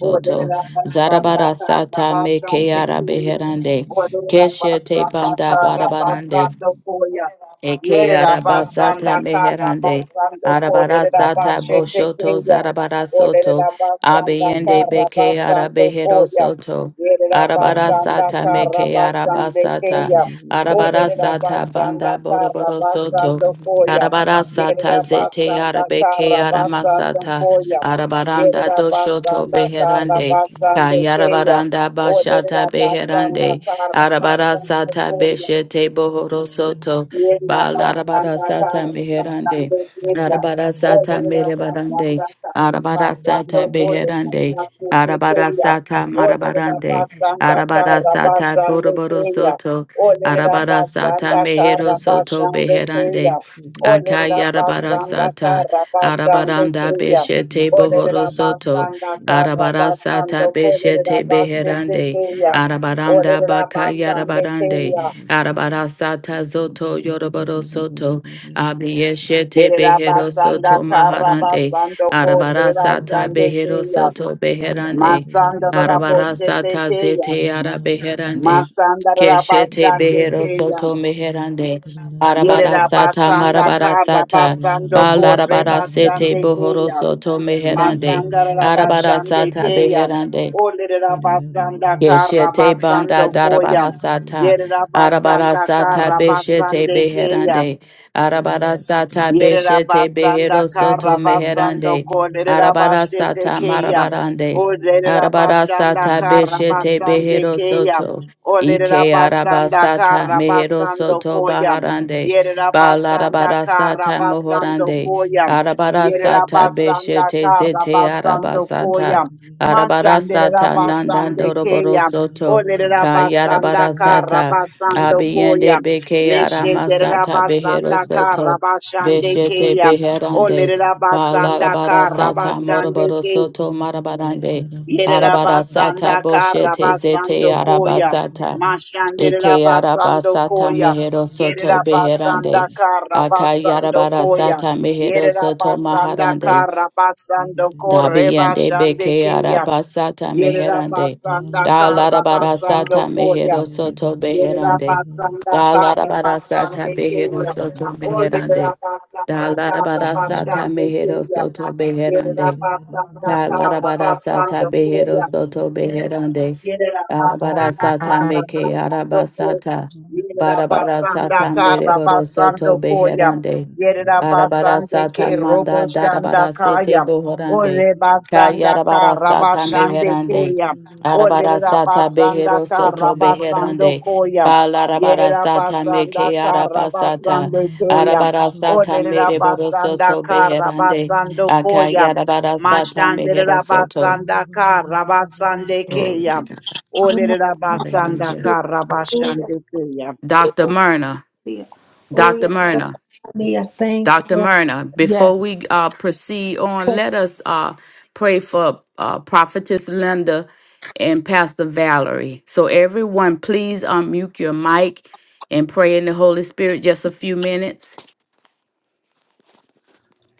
[SPEAKER 1] Yere da basanda
[SPEAKER 7] Zarabara
[SPEAKER 1] kara
[SPEAKER 7] sata me ke
[SPEAKER 1] basanda
[SPEAKER 7] ara
[SPEAKER 1] keya.
[SPEAKER 7] arabeherande.
[SPEAKER 1] Yere da
[SPEAKER 7] Keshete
[SPEAKER 1] basanda
[SPEAKER 7] banda
[SPEAKER 1] kara
[SPEAKER 7] barabarande.
[SPEAKER 1] basanda koya.
[SPEAKER 7] Eke arabasata
[SPEAKER 1] Yerabasanda
[SPEAKER 7] meherande.
[SPEAKER 1] Karabasando
[SPEAKER 7] Arabarasata
[SPEAKER 1] Kolerabashete
[SPEAKER 7] boshoto
[SPEAKER 1] Kenya.
[SPEAKER 7] zarabarasoto.
[SPEAKER 1] Olerabasanda
[SPEAKER 7] Abiyende beke
[SPEAKER 1] Karabasando
[SPEAKER 7] arabehero
[SPEAKER 1] Koya.
[SPEAKER 7] soto.
[SPEAKER 1] Yerabasanda
[SPEAKER 7] Arabarasata meke
[SPEAKER 1] Karabasande
[SPEAKER 7] arabasata.
[SPEAKER 1] Kenya.
[SPEAKER 7] Arabarasata
[SPEAKER 1] Olerabasanda
[SPEAKER 7] banda boroboro soto.
[SPEAKER 1] Karabasando Koya.
[SPEAKER 7] Arabarasata zete
[SPEAKER 1] Yerabasanda
[SPEAKER 7] arabeke
[SPEAKER 1] Karabasando
[SPEAKER 7] aramasata.
[SPEAKER 1] Koya.
[SPEAKER 7] Arabaranda doshoto
[SPEAKER 1] Yerabasanda
[SPEAKER 7] beherande.
[SPEAKER 1] Karabasande Kenya.
[SPEAKER 7] Kayarabaranda bashata
[SPEAKER 1] Olerabasanda
[SPEAKER 7] beherande.
[SPEAKER 1] Karabasando
[SPEAKER 7] Arabarasata
[SPEAKER 4] you.
[SPEAKER 1] Koya.
[SPEAKER 7] beshete bohoro
[SPEAKER 4] Thank
[SPEAKER 7] soto.
[SPEAKER 1] Oh,
[SPEAKER 7] Ba larabara sata meherande. Larabara sata merebarande. Arabara sata beherande. Arabara sata marabarande. Arabara sata boroboro soto. Arabara sata mehero soto beherande. Akayarabara sata. Arabaranda beshete bohoro soto. Arabara sata beshete beherande. Arabaranda
[SPEAKER 1] Orera basande
[SPEAKER 7] bakayarabarande.
[SPEAKER 1] keya.
[SPEAKER 7] Arabara sata zoto yoroboro soto. Abiyeshete behero
[SPEAKER 1] Yerabasanda
[SPEAKER 7] soto maharande.
[SPEAKER 1] Karabasando
[SPEAKER 7] Arabara sata
[SPEAKER 1] Korrebasande
[SPEAKER 4] you.
[SPEAKER 7] behero
[SPEAKER 1] Keya.
[SPEAKER 7] soto
[SPEAKER 4] Baba
[SPEAKER 7] beherande.
[SPEAKER 1] Masanda
[SPEAKER 7] Arabara
[SPEAKER 1] Raboshe
[SPEAKER 7] sata
[SPEAKER 1] Tekeya.
[SPEAKER 7] zete arabeherande.
[SPEAKER 1] Masanda
[SPEAKER 7] Keshete
[SPEAKER 1] Rabasande
[SPEAKER 7] behero
[SPEAKER 1] Keya.
[SPEAKER 7] soto meherande. Arabara sata
[SPEAKER 1] Yerabasanda
[SPEAKER 7] marabara sata.
[SPEAKER 1] Karabasando
[SPEAKER 7] Balarabara sete
[SPEAKER 1] Korrebasande
[SPEAKER 7] bohoro
[SPEAKER 1] Keya.
[SPEAKER 7] soto meherande.
[SPEAKER 1] Masanda
[SPEAKER 7] Arabara
[SPEAKER 1] Rabasande
[SPEAKER 7] sata
[SPEAKER 1] Keya.
[SPEAKER 7] beherande.
[SPEAKER 1] Olerabasanda
[SPEAKER 7] Keshete banda
[SPEAKER 1] Karabasando Koya.
[SPEAKER 7] darabara sata. Arabara
[SPEAKER 1] Yerabasanda
[SPEAKER 7] sata beshete
[SPEAKER 1] Karabasande Keya.
[SPEAKER 7] beherande. Arabara sata beshete
[SPEAKER 1] Yerabasanda
[SPEAKER 7] behero soto
[SPEAKER 1] Karabasando
[SPEAKER 7] meherande. Arabara
[SPEAKER 1] Koderabashete
[SPEAKER 7] sata
[SPEAKER 1] Kea.
[SPEAKER 7] marabarande.
[SPEAKER 1] O
[SPEAKER 7] Arabara
[SPEAKER 1] Lerabashanda
[SPEAKER 7] sata beshete
[SPEAKER 1] Karabasande
[SPEAKER 7] behero
[SPEAKER 1] Kea.
[SPEAKER 7] soto.
[SPEAKER 1] O
[SPEAKER 7] Ike
[SPEAKER 1] Lerabasanda
[SPEAKER 7] arabasata mehero
[SPEAKER 1] Karabasando
[SPEAKER 7] soto
[SPEAKER 1] Koya.
[SPEAKER 7] baharande.
[SPEAKER 1] Yerabasanda
[SPEAKER 7] Balarabara sata
[SPEAKER 1] Karabasando
[SPEAKER 7] mohorande.
[SPEAKER 1] Koya.
[SPEAKER 7] Arabara sata
[SPEAKER 1] Yerabasanda
[SPEAKER 7] beshete zete
[SPEAKER 1] Karabasando
[SPEAKER 7] arabasata.
[SPEAKER 1] Koya.
[SPEAKER 7] Arabarasata
[SPEAKER 1] Mashanderabasande
[SPEAKER 7] Nandandoroboro
[SPEAKER 1] Kea. O
[SPEAKER 7] Soto
[SPEAKER 1] Lerabasanda
[SPEAKER 7] Kayarabarasata
[SPEAKER 1] Karabasando Koya.
[SPEAKER 7] Abiende Beke Aramasata Behero
[SPEAKER 1] Meshederabasandaka
[SPEAKER 7] Soto Beshete
[SPEAKER 1] Rabashandekeya.
[SPEAKER 7] Beherande
[SPEAKER 1] Olerabasandaka
[SPEAKER 7] Balarabarasata Moroboro
[SPEAKER 1] Rabashandeke.
[SPEAKER 7] Soto Marabarande Arabarasata
[SPEAKER 1] Yerabasandaka
[SPEAKER 7] Boshete Zete
[SPEAKER 1] Rabasandokoya.
[SPEAKER 7] Arabasata Eke Arabasata
[SPEAKER 1] Mashanderabasandokoya.
[SPEAKER 7] Mehero Soto
[SPEAKER 4] Russia.
[SPEAKER 7] Beherande
[SPEAKER 1] Yerabasandaka Rabasandokoya.
[SPEAKER 7] Akayarabarasata Mehero Soto
[SPEAKER 1] Yerabasandaka
[SPEAKER 7] Maharande
[SPEAKER 1] Rabasandoko
[SPEAKER 7] Dabiende beke
[SPEAKER 1] Rebashandekeya.
[SPEAKER 7] arabasata meherande.
[SPEAKER 1] Yerabasandaka
[SPEAKER 7] Da larabara sata
[SPEAKER 1] Rabasandokoya.
[SPEAKER 7] mehero soto beherande.
[SPEAKER 1] Yerabasanda
[SPEAKER 7] Da larabara
[SPEAKER 1] Karabasande
[SPEAKER 7] sata behero
[SPEAKER 1] Kaya.
[SPEAKER 7] soto meherande.
[SPEAKER 1] Olerabasanda
[SPEAKER 7] Da larabara sata
[SPEAKER 1] Karabasande
[SPEAKER 7] mehero
[SPEAKER 1] Kaya.
[SPEAKER 7] soto beherande.
[SPEAKER 1] Yerabasanda
[SPEAKER 7] Da larabara sata
[SPEAKER 1] Karabasande
[SPEAKER 7] behero
[SPEAKER 1] Kaya.
[SPEAKER 7] soto beherande. Arabara
[SPEAKER 1] Yerabasanda
[SPEAKER 7] sata meke arabasata. Barabara sata mereboro
[SPEAKER 1] Karabasando
[SPEAKER 7] soto beherande. Arabara sata manda darabara sete bohorande. Kayarabara sata meherande. Arabara
[SPEAKER 4] Shit.
[SPEAKER 7] sata behero soto
[SPEAKER 4] Shabba
[SPEAKER 7] beherande. Balarabara sata meke arabasata. Arabara sata mereboro soto beherande.
[SPEAKER 1] Koya.
[SPEAKER 7] Akayarabara sata
[SPEAKER 1] Mashandere
[SPEAKER 7] mehero soto.
[SPEAKER 1] rabasanda ka rabasande keya. Olere rabasanda ka rabashande keya.
[SPEAKER 7] Dr. Myrna, Dr. Myrna. Dr. Myrna, before we uh, proceed on, let us uh, pray for uh, Prophetess Linda and Pastor Valerie. So, everyone, please unmute your mic and pray in the Holy Spirit just a few minutes.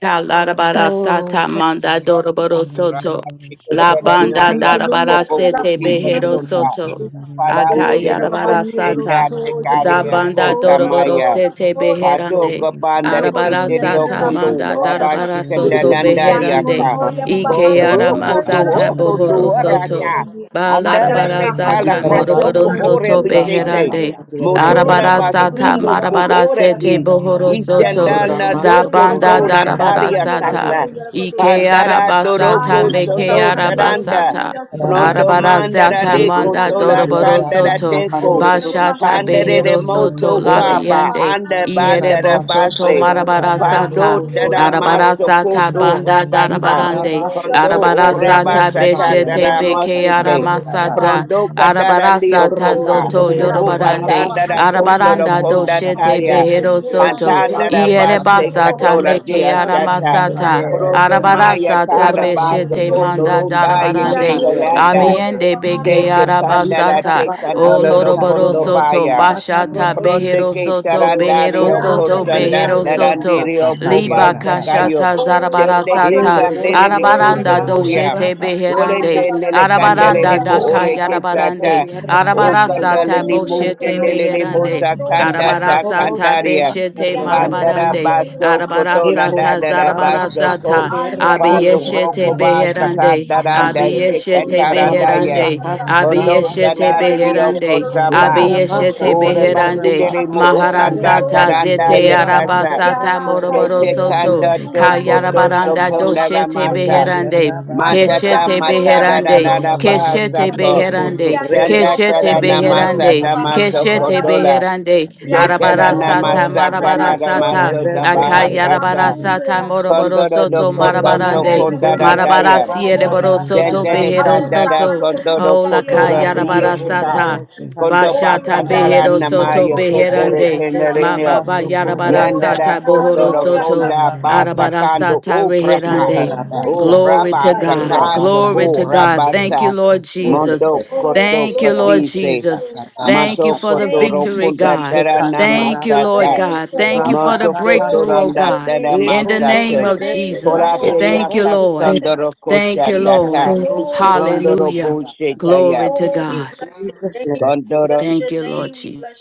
[SPEAKER 7] Kalarabara sata manda doroboro
[SPEAKER 5] Ora
[SPEAKER 7] soto.
[SPEAKER 5] kata
[SPEAKER 2] Oh,
[SPEAKER 7] La banda
[SPEAKER 5] nare ya
[SPEAKER 7] darabara
[SPEAKER 5] kopopo
[SPEAKER 7] sete
[SPEAKER 5] uti
[SPEAKER 7] behero
[SPEAKER 5] basota.
[SPEAKER 7] soto.
[SPEAKER 5] Parandoro no
[SPEAKER 7] Akayarabara
[SPEAKER 5] koche
[SPEAKER 2] Yarabanero,
[SPEAKER 7] sata.
[SPEAKER 5] ndate
[SPEAKER 2] soya,
[SPEAKER 5] kare ya
[SPEAKER 7] Zabanda
[SPEAKER 5] kota
[SPEAKER 2] soya,
[SPEAKER 7] doroboro
[SPEAKER 5] maya.
[SPEAKER 2] soya,
[SPEAKER 7] sete
[SPEAKER 2] soya, soya.
[SPEAKER 7] beherande.
[SPEAKER 5] Patoka panda de
[SPEAKER 2] Anokodu,
[SPEAKER 7] Arabara
[SPEAKER 5] keteri
[SPEAKER 7] sata
[SPEAKER 2] Yanakarada,
[SPEAKER 5] okondo
[SPEAKER 7] manda
[SPEAKER 2] Sanoya,
[SPEAKER 5] rabashi
[SPEAKER 7] darabara
[SPEAKER 5] kanta
[SPEAKER 2] Sastia.
[SPEAKER 7] soto
[SPEAKER 5] dandari
[SPEAKER 7] beherande.
[SPEAKER 5] aka.
[SPEAKER 9] Rabasa
[SPEAKER 2] Yanonoya, Baba
[SPEAKER 7] Ike
[SPEAKER 2] Hanakodu,
[SPEAKER 5] Pohuru koto
[SPEAKER 2] Saniro,
[SPEAKER 7] masata
[SPEAKER 5] oko
[SPEAKER 2] Suya,
[SPEAKER 7] bohoro
[SPEAKER 5] to
[SPEAKER 2] Suya, no
[SPEAKER 7] soto.
[SPEAKER 5] araka.
[SPEAKER 2] Sania.
[SPEAKER 5] Andala
[SPEAKER 7] Balarabara
[SPEAKER 2] Ajabarana
[SPEAKER 5] ketala
[SPEAKER 7] sata
[SPEAKER 2] Hanakodu,
[SPEAKER 7] moroboro
[SPEAKER 5] katoko
[SPEAKER 2] Saniro,
[SPEAKER 5] ore
[SPEAKER 7] soto
[SPEAKER 2] Suya, Suya,
[SPEAKER 5] mitete.
[SPEAKER 7] beherande.
[SPEAKER 2] Nea.
[SPEAKER 4] Shut
[SPEAKER 5] Motora
[SPEAKER 7] Arabara
[SPEAKER 2] Aneya, Nakodu,
[SPEAKER 7] sata
[SPEAKER 5] basundu
[SPEAKER 2] Sadara,
[SPEAKER 7] marabara
[SPEAKER 2] Hanoya,
[SPEAKER 7] sete
[SPEAKER 5] kuhoraki.
[SPEAKER 2] Sastia.
[SPEAKER 7] bohoro soto
[SPEAKER 2] Yanakarada,
[SPEAKER 5] Ishandana
[SPEAKER 2] Suya,
[SPEAKER 5] doko
[SPEAKER 2] Baba
[SPEAKER 7] zabanda
[SPEAKER 5] to
[SPEAKER 2] Hanakodu,
[SPEAKER 7] darabara
[SPEAKER 5] nandari
[SPEAKER 2] Sania,
[SPEAKER 7] sata
[SPEAKER 5] akasa.
[SPEAKER 2] Suya, Nakodu,
[SPEAKER 7] ike
[SPEAKER 2] Sania.
[SPEAKER 5] Pandara
[SPEAKER 7] arabasata
[SPEAKER 5] doroko
[SPEAKER 2] Ayana kadada
[SPEAKER 7] meke
[SPEAKER 5] sondo
[SPEAKER 2] sandia yo
[SPEAKER 5] taranda.
[SPEAKER 7] arabasata
[SPEAKER 2] suya suya suya
[SPEAKER 7] Arabara
[SPEAKER 9] Itarabaso
[SPEAKER 2] ndia.
[SPEAKER 9] koto
[SPEAKER 5] Prondomandara
[SPEAKER 7] sata
[SPEAKER 9] rebe
[SPEAKER 5] deko
[SPEAKER 7] manda
[SPEAKER 2] Anana
[SPEAKER 5] tola
[SPEAKER 2] nasa
[SPEAKER 7] doroboro
[SPEAKER 2] si.
[SPEAKER 5] kandara
[SPEAKER 7] soto
[SPEAKER 2] O
[SPEAKER 5] teko.
[SPEAKER 2] yara baba
[SPEAKER 7] bashata
[SPEAKER 2] sandia
[SPEAKER 5] Pandere
[SPEAKER 2] yo
[SPEAKER 5] de
[SPEAKER 7] behero
[SPEAKER 2] suya
[SPEAKER 7] soto
[SPEAKER 2] no
[SPEAKER 5] moso
[SPEAKER 2] kodosa
[SPEAKER 5] kaba,
[SPEAKER 2] baba
[SPEAKER 7] labiende
[SPEAKER 5] anda banda da
[SPEAKER 7] ierebo soto
[SPEAKER 5] base,
[SPEAKER 2] Oh,
[SPEAKER 7] marabara
[SPEAKER 2] yanakarara
[SPEAKER 5] pando
[SPEAKER 7] sata
[SPEAKER 2] sanyo,
[SPEAKER 5] tada
[SPEAKER 7] arabara
[SPEAKER 5] maso
[SPEAKER 2] yakororohu,
[SPEAKER 7] sata
[SPEAKER 5] koto
[SPEAKER 2] yasasi.
[SPEAKER 7] banda
[SPEAKER 5] rabasa,
[SPEAKER 7] darabarande
[SPEAKER 2] Hallelujah,
[SPEAKER 5] pando
[SPEAKER 2] so
[SPEAKER 5] o
[SPEAKER 7] arabara
[SPEAKER 2] soberania.
[SPEAKER 7] sata
[SPEAKER 5] rabasa
[SPEAKER 9] shikandi
[SPEAKER 7] beshete
[SPEAKER 2] Hallelujah,
[SPEAKER 5] tatara
[SPEAKER 9] rabasa
[SPEAKER 7] beke
[SPEAKER 2] rohu,
[SPEAKER 5] masike,
[SPEAKER 9] kandi
[SPEAKER 2] yanakodu
[SPEAKER 9] rabasa.
[SPEAKER 7] aramasata
[SPEAKER 2] sababahani,
[SPEAKER 5] prondo kadara
[SPEAKER 7] arabara
[SPEAKER 2] yasasi.
[SPEAKER 5] ndio
[SPEAKER 7] sata
[SPEAKER 2] Oh,
[SPEAKER 5] kopa,
[SPEAKER 7] zoto
[SPEAKER 2] yanakarara
[SPEAKER 9] Oramasokoto
[SPEAKER 5] kopa
[SPEAKER 2] hano,
[SPEAKER 7] yorobarande
[SPEAKER 5] tanda da
[SPEAKER 2] yababahano kodu
[SPEAKER 5] koto
[SPEAKER 9] rabasokondia
[SPEAKER 5] do
[SPEAKER 7] arabaranda
[SPEAKER 2] sande.
[SPEAKER 5] konda
[SPEAKER 9] rabasaka.
[SPEAKER 7] doshete
[SPEAKER 5] taya,
[SPEAKER 2] Ande,
[SPEAKER 7] behero
[SPEAKER 2] ande, ande,
[SPEAKER 7] soto
[SPEAKER 5] pantanda da
[SPEAKER 2] yakodoru suya
[SPEAKER 5] base
[SPEAKER 9] Shiterebosokoto
[SPEAKER 2] babaho,
[SPEAKER 7] ierebasata
[SPEAKER 5] katola
[SPEAKER 7] meke
[SPEAKER 2] yasasi.
[SPEAKER 5] dia
[SPEAKER 9] rebesekandia
[SPEAKER 5] shata,
[SPEAKER 7] aramasata
[SPEAKER 2] Yanya
[SPEAKER 9] rabasaka.
[SPEAKER 5] prondo
[SPEAKER 2] rohu,
[SPEAKER 7] Arabara
[SPEAKER 5] maya
[SPEAKER 2] yanakodu
[SPEAKER 7] sata
[SPEAKER 5] tada
[SPEAKER 2] sanakodu
[SPEAKER 5] baso
[SPEAKER 2] sono
[SPEAKER 7] beshete
[SPEAKER 2] no sande.
[SPEAKER 5] koto
[SPEAKER 9] Orabasokondia
[SPEAKER 7] manda
[SPEAKER 5] ronda ye
[SPEAKER 7] darabarande.
[SPEAKER 5] keto
[SPEAKER 9] rabasakandia
[SPEAKER 2] Yanyerero soya de
[SPEAKER 7] Abiende
[SPEAKER 9] rabasaka.
[SPEAKER 5] Te
[SPEAKER 2] bajando
[SPEAKER 7] beke
[SPEAKER 5] te candela
[SPEAKER 7] arabasata.
[SPEAKER 5] te
[SPEAKER 7] O
[SPEAKER 5] candola
[SPEAKER 2] Yanyerero
[SPEAKER 5] no
[SPEAKER 9] Shitarabasakata
[SPEAKER 7] loroboro
[SPEAKER 5] coto
[SPEAKER 2] suya,
[SPEAKER 7] soto
[SPEAKER 5] baya.
[SPEAKER 2] suya,
[SPEAKER 9] robobosikata
[SPEAKER 2] suya,
[SPEAKER 7] bashata
[SPEAKER 5] Pronde
[SPEAKER 2] suya.
[SPEAKER 7] behero
[SPEAKER 5] que
[SPEAKER 9] robosikata.
[SPEAKER 7] soto
[SPEAKER 2] Oh, yana
[SPEAKER 7] behero
[SPEAKER 5] tarandario
[SPEAKER 2] yanagara
[SPEAKER 7] soto
[SPEAKER 2] sandia,
[SPEAKER 5] costanda
[SPEAKER 7] behero
[SPEAKER 9] Orobosekandia
[SPEAKER 2] nagodusa,
[SPEAKER 7] soto.
[SPEAKER 5] darandirio
[SPEAKER 2] yanyerero
[SPEAKER 9] rabasakandia
[SPEAKER 5] cobai
[SPEAKER 7] Liba
[SPEAKER 2] soya.
[SPEAKER 5] sacayo.
[SPEAKER 7] kashata
[SPEAKER 9] rabasakata.
[SPEAKER 2] Oh,
[SPEAKER 7] zarabara
[SPEAKER 5] Chende te
[SPEAKER 9] Ere
[SPEAKER 7] sata.
[SPEAKER 2] yanabajando
[SPEAKER 5] candele de
[SPEAKER 2] soya,
[SPEAKER 5] costo
[SPEAKER 7] Arabaranda
[SPEAKER 2] yosan.
[SPEAKER 9] borobosekandia
[SPEAKER 5] cuya.
[SPEAKER 7] doshete
[SPEAKER 9] rabasaka.
[SPEAKER 2] Ah,
[SPEAKER 7] beherande.
[SPEAKER 5] Olende nele
[SPEAKER 2] yabarajando,
[SPEAKER 5] candele de
[SPEAKER 7] Arabaranda
[SPEAKER 5] mo
[SPEAKER 9] Ekoto
[SPEAKER 7] daka
[SPEAKER 5] ore
[SPEAKER 2] yasasan.
[SPEAKER 5] que
[SPEAKER 7] yarabarande.
[SPEAKER 5] sata.
[SPEAKER 9] rabasokondia
[SPEAKER 5] O
[SPEAKER 7] Arabara
[SPEAKER 2] Yanya
[SPEAKER 5] candele
[SPEAKER 2] yohu,
[SPEAKER 7] sata
[SPEAKER 9] rabasakadia
[SPEAKER 5] ni mo
[SPEAKER 9] rabasaka.
[SPEAKER 7] boshete
[SPEAKER 5] cendele
[SPEAKER 2] yanagodusa,
[SPEAKER 5] ni mo
[SPEAKER 2] nagararo
[SPEAKER 7] beherande.
[SPEAKER 2] soya,
[SPEAKER 9] Eco
[SPEAKER 5] sacandata
[SPEAKER 2] karano.
[SPEAKER 7] Arabarasata
[SPEAKER 5] candaria.
[SPEAKER 7] beshete
[SPEAKER 2] Yanya, nagararo
[SPEAKER 5] Pandara
[SPEAKER 7] marabarande.
[SPEAKER 2] soya,
[SPEAKER 5] basso
[SPEAKER 2] nabajando,
[SPEAKER 7] Arabarasata
[SPEAKER 5] cotolanda
[SPEAKER 2] yasan.
[SPEAKER 5] da basso co.
[SPEAKER 7] zarabarasata.
[SPEAKER 2] Ania
[SPEAKER 5] Pando
[SPEAKER 2] kororobuya
[SPEAKER 7] Abiyeshete
[SPEAKER 5] roco
[SPEAKER 4] Gorra
[SPEAKER 5] basa
[SPEAKER 2] sasasi.
[SPEAKER 7] beherande.
[SPEAKER 4] barrosha, ba ba ba
[SPEAKER 5] cataranda
[SPEAKER 2] Asasiye
[SPEAKER 4] ba.
[SPEAKER 5] se
[SPEAKER 2] yesuya
[SPEAKER 7] Abiyeshete
[SPEAKER 4] Ida da
[SPEAKER 2] kororobuya
[SPEAKER 5] cantarandaya.
[SPEAKER 4] ba
[SPEAKER 7] beherande.
[SPEAKER 4] ba ba da
[SPEAKER 2] rekararasani.
[SPEAKER 5] Kondo
[SPEAKER 4] da
[SPEAKER 7] Abiyeshete
[SPEAKER 5] dadali dio
[SPEAKER 2] Yabaragania
[SPEAKER 7] beherande.
[SPEAKER 2] kororosoya soya
[SPEAKER 7] Abiyeshete
[SPEAKER 5] Ora
[SPEAKER 2] soya.
[SPEAKER 7] beherande.
[SPEAKER 5] basindere mo
[SPEAKER 2] Asoya
[SPEAKER 5] okanda
[SPEAKER 7] Maharasata
[SPEAKER 2] soya
[SPEAKER 5] taranda
[SPEAKER 7] zete
[SPEAKER 2] soya.
[SPEAKER 5] yakasa.
[SPEAKER 7] arabasata
[SPEAKER 2] Yara
[SPEAKER 7] moroboro
[SPEAKER 5] Kete
[SPEAKER 2] sanye
[SPEAKER 7] soto.
[SPEAKER 5] kanda
[SPEAKER 2] anekodusa
[SPEAKER 5] toko
[SPEAKER 2] nierlo
[SPEAKER 5] toto
[SPEAKER 7] Kayarabaranda
[SPEAKER 2] suya
[SPEAKER 5] konda da
[SPEAKER 2] rohana
[SPEAKER 7] doshete
[SPEAKER 5] masa.
[SPEAKER 2] masasiya.
[SPEAKER 7] beherande.
[SPEAKER 5] Matata
[SPEAKER 7] Keshete
[SPEAKER 2] Ajabarahano yani
[SPEAKER 5] matada da
[SPEAKER 7] beherande,
[SPEAKER 5] da da
[SPEAKER 2] yarlohuya
[SPEAKER 5] bahasa
[SPEAKER 7] keshete
[SPEAKER 5] ko.
[SPEAKER 2] kororobuya.
[SPEAKER 7] beherande,
[SPEAKER 2] Yani
[SPEAKER 5] Tanda
[SPEAKER 7] keshete
[SPEAKER 5] tada
[SPEAKER 2] yohoya
[SPEAKER 5] namasa
[SPEAKER 2] nekodusa
[SPEAKER 7] beherande,
[SPEAKER 5] damaso
[SPEAKER 2] babahano
[SPEAKER 7] keshete
[SPEAKER 2] ya
[SPEAKER 5] kotola.
[SPEAKER 2] sasi.
[SPEAKER 7] beherande,
[SPEAKER 2] Yani
[SPEAKER 5] Kete la
[SPEAKER 7] arabarasata,
[SPEAKER 2] yarlosoya
[SPEAKER 5] namasa kanara
[SPEAKER 2] rekararano ya
[SPEAKER 7] marabarasata,
[SPEAKER 5] maso
[SPEAKER 2] sasi.
[SPEAKER 5] da bahakasa.
[SPEAKER 2] Asume
[SPEAKER 7] akayarabarasata,
[SPEAKER 2] la
[SPEAKER 5] Kondoro do
[SPEAKER 7] moroborosoto,
[SPEAKER 5] koto to
[SPEAKER 7] marabarande,
[SPEAKER 9] Iramaso
[SPEAKER 2] Gari a
[SPEAKER 5] konda da
[SPEAKER 9] kundi
[SPEAKER 2] Corosunda
[SPEAKER 5] daya.
[SPEAKER 9] arabasa
[SPEAKER 2] Boboya,
[SPEAKER 9] kata
[SPEAKER 7] marabarasiereborosoto,
[SPEAKER 5] Dendele
[SPEAKER 2] after
[SPEAKER 9] rabasa.
[SPEAKER 2] the
[SPEAKER 5] kandara
[SPEAKER 7] beherosoto,
[SPEAKER 2] Hanoka,
[SPEAKER 5] kondoro
[SPEAKER 2] Gari, a
[SPEAKER 5] kotora
[SPEAKER 2] Suya,
[SPEAKER 9] Ayando
[SPEAKER 5] biyoshika.
[SPEAKER 2] Suya,
[SPEAKER 7] olakayarabarasata.
[SPEAKER 9] robo
[SPEAKER 4] da da
[SPEAKER 9] shikandi
[SPEAKER 5] Kondoba
[SPEAKER 2] Oh,
[SPEAKER 7] Bashata
[SPEAKER 2] you're
[SPEAKER 4] Father,
[SPEAKER 9] arabasa.
[SPEAKER 2] about
[SPEAKER 5] kandara
[SPEAKER 4] we
[SPEAKER 2] me,
[SPEAKER 7] behero
[SPEAKER 4] thank you for
[SPEAKER 2] you're
[SPEAKER 7] soto
[SPEAKER 5] namaya
[SPEAKER 2] for the whole
[SPEAKER 5] ketere
[SPEAKER 4] what
[SPEAKER 2] year,
[SPEAKER 7] beherande,
[SPEAKER 9] Mekoto
[SPEAKER 7] ma
[SPEAKER 5] kenereneo.
[SPEAKER 7] baba
[SPEAKER 9] rabaso kundi
[SPEAKER 7] yarabara
[SPEAKER 2] oh,
[SPEAKER 5] Yandara
[SPEAKER 7] sata
[SPEAKER 9] arabasa
[SPEAKER 7] bohoro
[SPEAKER 5] kotoro
[SPEAKER 9] kandi
[SPEAKER 2] you're
[SPEAKER 7] soto,
[SPEAKER 5] konda
[SPEAKER 9] arabasa
[SPEAKER 5] basa
[SPEAKER 9] kata.
[SPEAKER 7] arabara
[SPEAKER 5] kando
[SPEAKER 7] sata
[SPEAKER 5] upraka.
[SPEAKER 7] reherande,
[SPEAKER 2] oh, thank
[SPEAKER 9] Shitarabasa
[SPEAKER 2] you,
[SPEAKER 7] Glory
[SPEAKER 2] Lord.
[SPEAKER 9] kata.
[SPEAKER 7] to
[SPEAKER 5] Ubraba
[SPEAKER 2] Ah, you're
[SPEAKER 7] God.
[SPEAKER 2] gonna do
[SPEAKER 5] sakato
[SPEAKER 9] Urabasa
[SPEAKER 2] something
[SPEAKER 7] Glory
[SPEAKER 2] in
[SPEAKER 7] to
[SPEAKER 5] ko
[SPEAKER 9] kata.
[SPEAKER 2] your
[SPEAKER 7] God.
[SPEAKER 2] spirit.
[SPEAKER 7] Thank you,
[SPEAKER 5] rabasa.
[SPEAKER 7] Lord Jesus.
[SPEAKER 5] Mondo
[SPEAKER 9] Urepeti
[SPEAKER 2] Oh,
[SPEAKER 5] koto
[SPEAKER 9] kandi
[SPEAKER 7] Thank you,
[SPEAKER 2] glory
[SPEAKER 7] Lord
[SPEAKER 2] to
[SPEAKER 9] arabasa
[SPEAKER 2] the
[SPEAKER 5] katise.
[SPEAKER 7] Jesus.
[SPEAKER 2] name,
[SPEAKER 9] kata.
[SPEAKER 2] God.
[SPEAKER 7] Thank you
[SPEAKER 9] Rabasa
[SPEAKER 5] Mato
[SPEAKER 7] for the
[SPEAKER 9] kata.
[SPEAKER 5] kotoro
[SPEAKER 2] Thank you,
[SPEAKER 7] victory,
[SPEAKER 5] konda
[SPEAKER 7] God.
[SPEAKER 2] Jesus.
[SPEAKER 5] tarana
[SPEAKER 9] Ekandi
[SPEAKER 7] Thank you,
[SPEAKER 9] arabaso
[SPEAKER 5] masata.
[SPEAKER 7] Lord
[SPEAKER 2] Thank
[SPEAKER 7] God.
[SPEAKER 2] you,
[SPEAKER 9] kutu
[SPEAKER 7] Thank you
[SPEAKER 2] Lord
[SPEAKER 7] for
[SPEAKER 2] God.
[SPEAKER 7] the
[SPEAKER 5] Moto
[SPEAKER 9] rabasa
[SPEAKER 7] breakthrough,
[SPEAKER 9] kata.
[SPEAKER 2] Glory
[SPEAKER 5] kotoro
[SPEAKER 7] oh
[SPEAKER 2] to the
[SPEAKER 7] God.
[SPEAKER 2] name.
[SPEAKER 5] ndatara
[SPEAKER 7] In
[SPEAKER 2] God.
[SPEAKER 7] the
[SPEAKER 9] Ekoto
[SPEAKER 7] name
[SPEAKER 5] masata.
[SPEAKER 7] of
[SPEAKER 2] Thank
[SPEAKER 9] rebeshe
[SPEAKER 2] you,
[SPEAKER 7] Jesus.
[SPEAKER 6] Yeah.
[SPEAKER 9] kata
[SPEAKER 2] Lord
[SPEAKER 5] Korateria
[SPEAKER 7] Thank
[SPEAKER 2] God.
[SPEAKER 9] robo
[SPEAKER 7] you, Lord.
[SPEAKER 9] shikata.
[SPEAKER 2] Thank
[SPEAKER 5] kasondoro
[SPEAKER 2] you,
[SPEAKER 7] Thank
[SPEAKER 5] kosha
[SPEAKER 7] you,
[SPEAKER 9] In
[SPEAKER 2] Jesus.
[SPEAKER 5] tata.
[SPEAKER 7] Lord.
[SPEAKER 3] you.
[SPEAKER 2] Glory to your
[SPEAKER 5] Kondoro
[SPEAKER 2] name.
[SPEAKER 7] Hallelujah.
[SPEAKER 5] Bushetaya.
[SPEAKER 7] Glory to
[SPEAKER 2] Oh, we
[SPEAKER 7] God.
[SPEAKER 2] bless your
[SPEAKER 9] Jesus'
[SPEAKER 2] name.
[SPEAKER 9] name.
[SPEAKER 2] We
[SPEAKER 5] Kondoro.
[SPEAKER 2] bless
[SPEAKER 7] Thank
[SPEAKER 2] your
[SPEAKER 7] you, Lord
[SPEAKER 2] name. We
[SPEAKER 7] Jesus.
[SPEAKER 2] bless your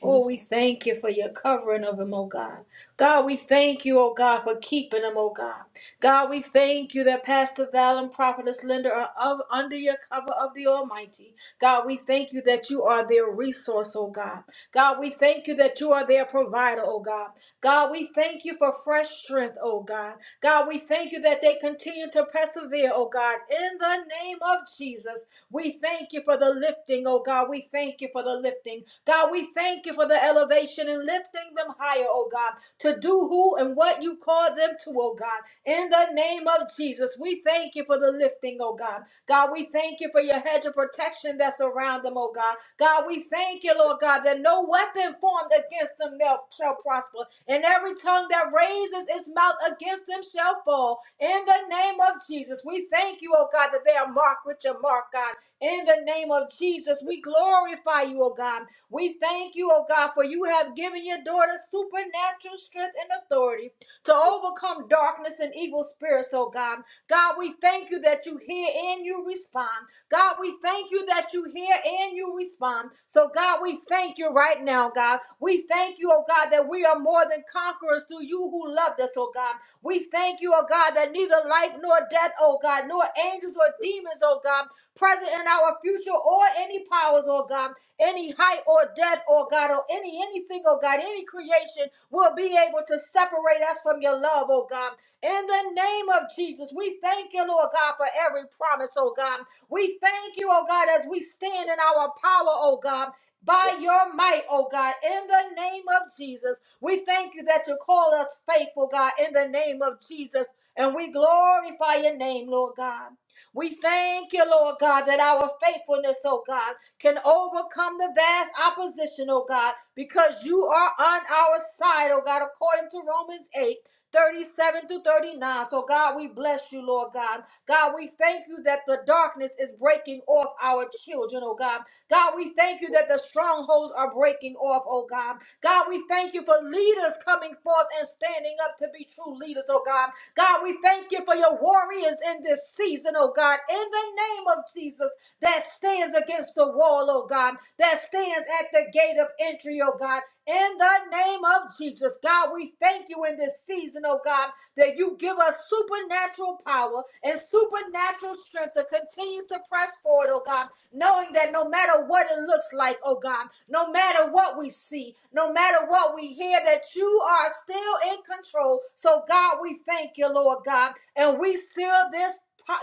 [SPEAKER 2] Oh, we thank you for your covering of him, oh God. God, we thank you, oh God, for keeping him, oh God. God, we thank you that Pastor Val and Prophetess Linda are of, under your cover of the Almighty. God, we thank you that you are their resource, oh God. God, we thank you that you are their provider, oh God. God, we thank you for fresh strength, oh God. God, we thank you that they continue to persevere, oh God, in the name of Jesus. We thank you for the lifting, oh God. We thank you for the lifting. God, we thank you for the elevation and lifting them higher, oh God, to do who and what you call them to, oh God. In the name of Jesus, we thank you for the lifting, oh God. God, we thank you for your hedge of protection that's around them, oh God. God, we thank you, Lord God, that no weapon formed against them shall prosper, and every tongue that raises its mouth against them shall fall. In the name of Jesus, we thank you, oh God, that they are marked with your mark, God. In the name of Jesus, we glorify you, oh God. We thank you, oh God, for you have given your daughter supernatural strength and authority to overcome darkness and evil spirits, oh God. God, we thank you that you hear and you respond. God, we thank you that you hear and you respond. So, God, we thank you right now, God. We thank you, oh God, that we are more than conquerors through you who loved us, oh God. We thank you, oh God, that neither life nor death, oh God, nor angels or demons, oh God, present in our future, or any powers, oh God, any height or depth, oh God, or any anything, oh God, any creation will be able to separate us from your love, oh God. In the name of Jesus, we thank you, Lord God, for every promise, oh God. We thank you, oh God, as we stand in our power, oh God. By your might, oh God, in the name of Jesus, we thank you that you call us faithful, God, in the name of Jesus, and we glorify your name, Lord God. We thank you, Lord God, that our faithfulness, oh God, can overcome the vast opposition, oh God, because you are on our side, oh God, according to Romans 8. 37 to 39. So, God, we bless you, Lord God. God, we thank you that the darkness is breaking off our children, oh God. God, we thank you that the strongholds are breaking off, oh God. God, we thank you for leaders coming forth and standing up to be true leaders, oh God. God, we thank you for your warriors in this season, oh God, in the name of Jesus that stands against the wall, oh God, that stands at the gate of entry, oh God. In the name of Jesus, God, we thank you in this season, oh God, that you give us supernatural power and supernatural strength to continue to press forward, oh God, knowing that no matter what it looks like, oh God, no matter what we see, no matter what we hear, that you are still in control. So, God, we thank you, Lord God, and we seal this,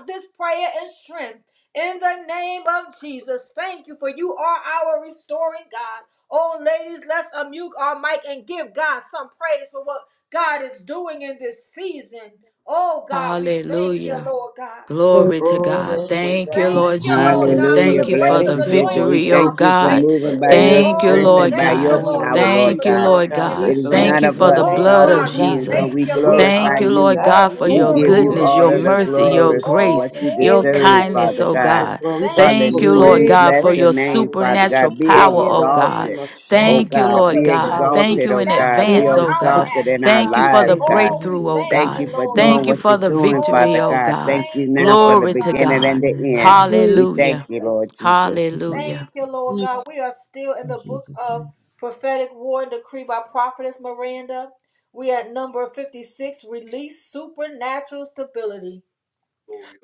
[SPEAKER 2] this prayer and strength. In the name of Jesus, thank you for you are our restoring God. Oh, ladies, let's unmute our mic and give God some praise for what God is doing in this season. Oh God, we thank you,
[SPEAKER 7] Hallelujah.
[SPEAKER 2] Lord God.
[SPEAKER 7] Glory to God.
[SPEAKER 9] Glory to
[SPEAKER 2] We
[SPEAKER 7] Thank you,
[SPEAKER 9] God.
[SPEAKER 2] thank
[SPEAKER 7] Lord
[SPEAKER 2] you, Lord
[SPEAKER 7] Jesus.
[SPEAKER 2] God, for
[SPEAKER 4] you're
[SPEAKER 5] Hallelujah.
[SPEAKER 7] Thank
[SPEAKER 2] the
[SPEAKER 7] you
[SPEAKER 9] Hallelujah.
[SPEAKER 4] doing in
[SPEAKER 7] for
[SPEAKER 5] Blessed
[SPEAKER 7] the
[SPEAKER 4] this
[SPEAKER 9] Thank
[SPEAKER 2] breakers
[SPEAKER 5] is
[SPEAKER 9] you,
[SPEAKER 4] season,
[SPEAKER 5] it.
[SPEAKER 4] God.
[SPEAKER 9] Lord
[SPEAKER 5] We
[SPEAKER 2] anointing,
[SPEAKER 7] victory, oh
[SPEAKER 2] God.
[SPEAKER 5] thank
[SPEAKER 9] God,
[SPEAKER 2] We
[SPEAKER 5] you for
[SPEAKER 7] God.
[SPEAKER 2] thank
[SPEAKER 9] for
[SPEAKER 5] moving
[SPEAKER 2] you.
[SPEAKER 5] by your
[SPEAKER 7] Thank
[SPEAKER 4] God,
[SPEAKER 7] you,
[SPEAKER 2] Oh,
[SPEAKER 5] strength
[SPEAKER 4] thank
[SPEAKER 9] everything
[SPEAKER 2] we
[SPEAKER 4] you
[SPEAKER 5] and
[SPEAKER 7] Lord
[SPEAKER 9] that
[SPEAKER 4] for
[SPEAKER 5] by
[SPEAKER 4] the
[SPEAKER 9] you're
[SPEAKER 2] thank you,
[SPEAKER 5] your
[SPEAKER 7] God.
[SPEAKER 9] doing
[SPEAKER 4] prayers
[SPEAKER 2] Lord
[SPEAKER 4] that
[SPEAKER 9] in
[SPEAKER 5] power,
[SPEAKER 9] this
[SPEAKER 2] God,
[SPEAKER 4] went
[SPEAKER 2] for
[SPEAKER 5] Lord
[SPEAKER 7] Thank
[SPEAKER 2] the
[SPEAKER 7] you,
[SPEAKER 9] season,
[SPEAKER 4] forth.
[SPEAKER 5] God.
[SPEAKER 9] Lord
[SPEAKER 7] Lord
[SPEAKER 2] cleansing
[SPEAKER 9] God.
[SPEAKER 2] and
[SPEAKER 9] We
[SPEAKER 2] the
[SPEAKER 7] God.
[SPEAKER 5] It is
[SPEAKER 7] Thank
[SPEAKER 5] none
[SPEAKER 7] you
[SPEAKER 2] shaking.
[SPEAKER 9] bless
[SPEAKER 5] of
[SPEAKER 7] for
[SPEAKER 4] Lord,
[SPEAKER 9] your
[SPEAKER 5] us,
[SPEAKER 7] the
[SPEAKER 4] that
[SPEAKER 5] it's
[SPEAKER 4] we
[SPEAKER 2] Oh,
[SPEAKER 7] blood
[SPEAKER 9] name,
[SPEAKER 5] all
[SPEAKER 4] prayed
[SPEAKER 7] of
[SPEAKER 5] of
[SPEAKER 9] Lord
[SPEAKER 2] God,
[SPEAKER 4] in the
[SPEAKER 2] we
[SPEAKER 5] you.
[SPEAKER 9] God.
[SPEAKER 5] And so
[SPEAKER 4] spirit
[SPEAKER 7] Jesus.
[SPEAKER 2] thank
[SPEAKER 5] we
[SPEAKER 4] and
[SPEAKER 2] you,
[SPEAKER 9] We
[SPEAKER 2] Lord
[SPEAKER 4] manifest
[SPEAKER 5] glorify
[SPEAKER 7] Thank
[SPEAKER 2] God.
[SPEAKER 7] you,
[SPEAKER 9] honor
[SPEAKER 4] in
[SPEAKER 9] you,
[SPEAKER 5] you.
[SPEAKER 7] Lord God,
[SPEAKER 9] God.
[SPEAKER 2] Oh,
[SPEAKER 9] We
[SPEAKER 7] for
[SPEAKER 5] We
[SPEAKER 9] give
[SPEAKER 7] your
[SPEAKER 9] you
[SPEAKER 4] the, in
[SPEAKER 2] glory
[SPEAKER 5] give
[SPEAKER 4] the
[SPEAKER 2] to
[SPEAKER 5] you
[SPEAKER 9] glory.
[SPEAKER 7] goodness,
[SPEAKER 2] your
[SPEAKER 9] We
[SPEAKER 5] all
[SPEAKER 7] your
[SPEAKER 4] natural.
[SPEAKER 5] of
[SPEAKER 2] name,
[SPEAKER 9] give
[SPEAKER 5] the
[SPEAKER 9] you
[SPEAKER 7] mercy,
[SPEAKER 2] God.
[SPEAKER 7] your
[SPEAKER 4] Thank
[SPEAKER 5] glory
[SPEAKER 9] praise
[SPEAKER 4] you.
[SPEAKER 5] for
[SPEAKER 4] We
[SPEAKER 2] Oh,
[SPEAKER 5] what
[SPEAKER 7] grace,
[SPEAKER 4] bless
[SPEAKER 5] you
[SPEAKER 4] you
[SPEAKER 7] your
[SPEAKER 4] at
[SPEAKER 9] in
[SPEAKER 2] glory
[SPEAKER 4] all
[SPEAKER 9] the
[SPEAKER 2] to
[SPEAKER 5] deserve,
[SPEAKER 2] your
[SPEAKER 7] kindness
[SPEAKER 9] name
[SPEAKER 4] times.
[SPEAKER 9] of
[SPEAKER 7] is
[SPEAKER 5] Father
[SPEAKER 2] name,
[SPEAKER 7] oh
[SPEAKER 2] God.
[SPEAKER 5] God.
[SPEAKER 9] Jesus,
[SPEAKER 7] God.
[SPEAKER 4] Thank you
[SPEAKER 9] Lord.
[SPEAKER 4] for
[SPEAKER 9] We
[SPEAKER 4] what
[SPEAKER 9] thank
[SPEAKER 4] you're
[SPEAKER 2] Thank
[SPEAKER 9] you
[SPEAKER 7] Thank
[SPEAKER 9] for
[SPEAKER 2] you,
[SPEAKER 7] you,
[SPEAKER 4] doing in
[SPEAKER 5] Hallelujah.
[SPEAKER 7] Lord
[SPEAKER 5] We
[SPEAKER 4] the lives
[SPEAKER 9] great
[SPEAKER 7] God,
[SPEAKER 5] bless
[SPEAKER 4] of
[SPEAKER 2] Jesus.
[SPEAKER 7] for
[SPEAKER 5] your
[SPEAKER 9] grace.
[SPEAKER 7] your
[SPEAKER 4] the
[SPEAKER 5] name, Father
[SPEAKER 9] Hallelujah.
[SPEAKER 7] supernatural
[SPEAKER 5] God.
[SPEAKER 2] Thank
[SPEAKER 5] Be
[SPEAKER 2] you,
[SPEAKER 7] power,
[SPEAKER 9] In
[SPEAKER 2] Lord
[SPEAKER 7] oh
[SPEAKER 9] the
[SPEAKER 2] God.
[SPEAKER 7] God.
[SPEAKER 9] name
[SPEAKER 5] exalted,
[SPEAKER 9] of
[SPEAKER 4] the
[SPEAKER 2] Thank
[SPEAKER 9] Jesus.
[SPEAKER 5] oh
[SPEAKER 7] Thank
[SPEAKER 4] women,
[SPEAKER 2] you
[SPEAKER 7] you,
[SPEAKER 2] for
[SPEAKER 4] birth,
[SPEAKER 5] God.
[SPEAKER 7] Lord
[SPEAKER 4] and
[SPEAKER 5] Be
[SPEAKER 2] putting your
[SPEAKER 7] God.
[SPEAKER 4] nations,
[SPEAKER 9] Hallelujah.
[SPEAKER 7] Thank
[SPEAKER 5] exalted,
[SPEAKER 7] you
[SPEAKER 4] God.
[SPEAKER 5] oh
[SPEAKER 7] in
[SPEAKER 2] supernatural
[SPEAKER 5] God. Be
[SPEAKER 4] Their
[SPEAKER 7] advance,
[SPEAKER 2] on
[SPEAKER 9] We
[SPEAKER 7] oh
[SPEAKER 4] leaders,
[SPEAKER 2] our
[SPEAKER 7] God.
[SPEAKER 5] exalted
[SPEAKER 4] God.
[SPEAKER 5] in
[SPEAKER 2] natural,
[SPEAKER 5] our
[SPEAKER 7] Thank
[SPEAKER 2] God.
[SPEAKER 7] you for the
[SPEAKER 5] lives,
[SPEAKER 4] Thank
[SPEAKER 9] thank
[SPEAKER 4] you
[SPEAKER 9] you,
[SPEAKER 5] God.
[SPEAKER 4] for
[SPEAKER 2] Oh,
[SPEAKER 4] your
[SPEAKER 9] Lord.
[SPEAKER 2] we
[SPEAKER 7] breakthrough,
[SPEAKER 4] grace
[SPEAKER 7] oh
[SPEAKER 4] and
[SPEAKER 2] thank
[SPEAKER 5] Thank
[SPEAKER 4] your
[SPEAKER 2] you,
[SPEAKER 7] God.
[SPEAKER 5] you for
[SPEAKER 2] Lord
[SPEAKER 4] mercy.
[SPEAKER 5] doing
[SPEAKER 9] Amen.
[SPEAKER 7] Thank
[SPEAKER 4] Thank
[SPEAKER 2] God.
[SPEAKER 7] you
[SPEAKER 5] what
[SPEAKER 4] you
[SPEAKER 5] you're
[SPEAKER 7] for
[SPEAKER 4] for
[SPEAKER 7] the
[SPEAKER 4] your
[SPEAKER 5] doing,
[SPEAKER 4] love.
[SPEAKER 7] victory,
[SPEAKER 5] Father
[SPEAKER 7] oh
[SPEAKER 2] Oh, we
[SPEAKER 5] God.
[SPEAKER 7] God.
[SPEAKER 5] Thank you
[SPEAKER 2] thank you,
[SPEAKER 5] now for the
[SPEAKER 2] Lord
[SPEAKER 7] Glory
[SPEAKER 4] Uh,
[SPEAKER 7] to
[SPEAKER 2] God.
[SPEAKER 4] thank
[SPEAKER 5] beginning
[SPEAKER 4] you.
[SPEAKER 5] and
[SPEAKER 7] God.
[SPEAKER 4] We're on the
[SPEAKER 5] the end.
[SPEAKER 2] Thank
[SPEAKER 4] winning team,
[SPEAKER 2] you,
[SPEAKER 5] We
[SPEAKER 4] God.
[SPEAKER 5] thank
[SPEAKER 7] Hallelujah.
[SPEAKER 5] you, Lord
[SPEAKER 2] Jesus.
[SPEAKER 5] Jesus.
[SPEAKER 4] Thank you for the
[SPEAKER 7] Hallelujah.
[SPEAKER 2] Thank you, Lord
[SPEAKER 4] covenant.
[SPEAKER 2] God. We are still in
[SPEAKER 4] In
[SPEAKER 2] the book
[SPEAKER 4] Jesus'
[SPEAKER 2] of
[SPEAKER 4] name.
[SPEAKER 2] prophetic war and decree by prophetess Miranda. We at number 56, release supernatural stability.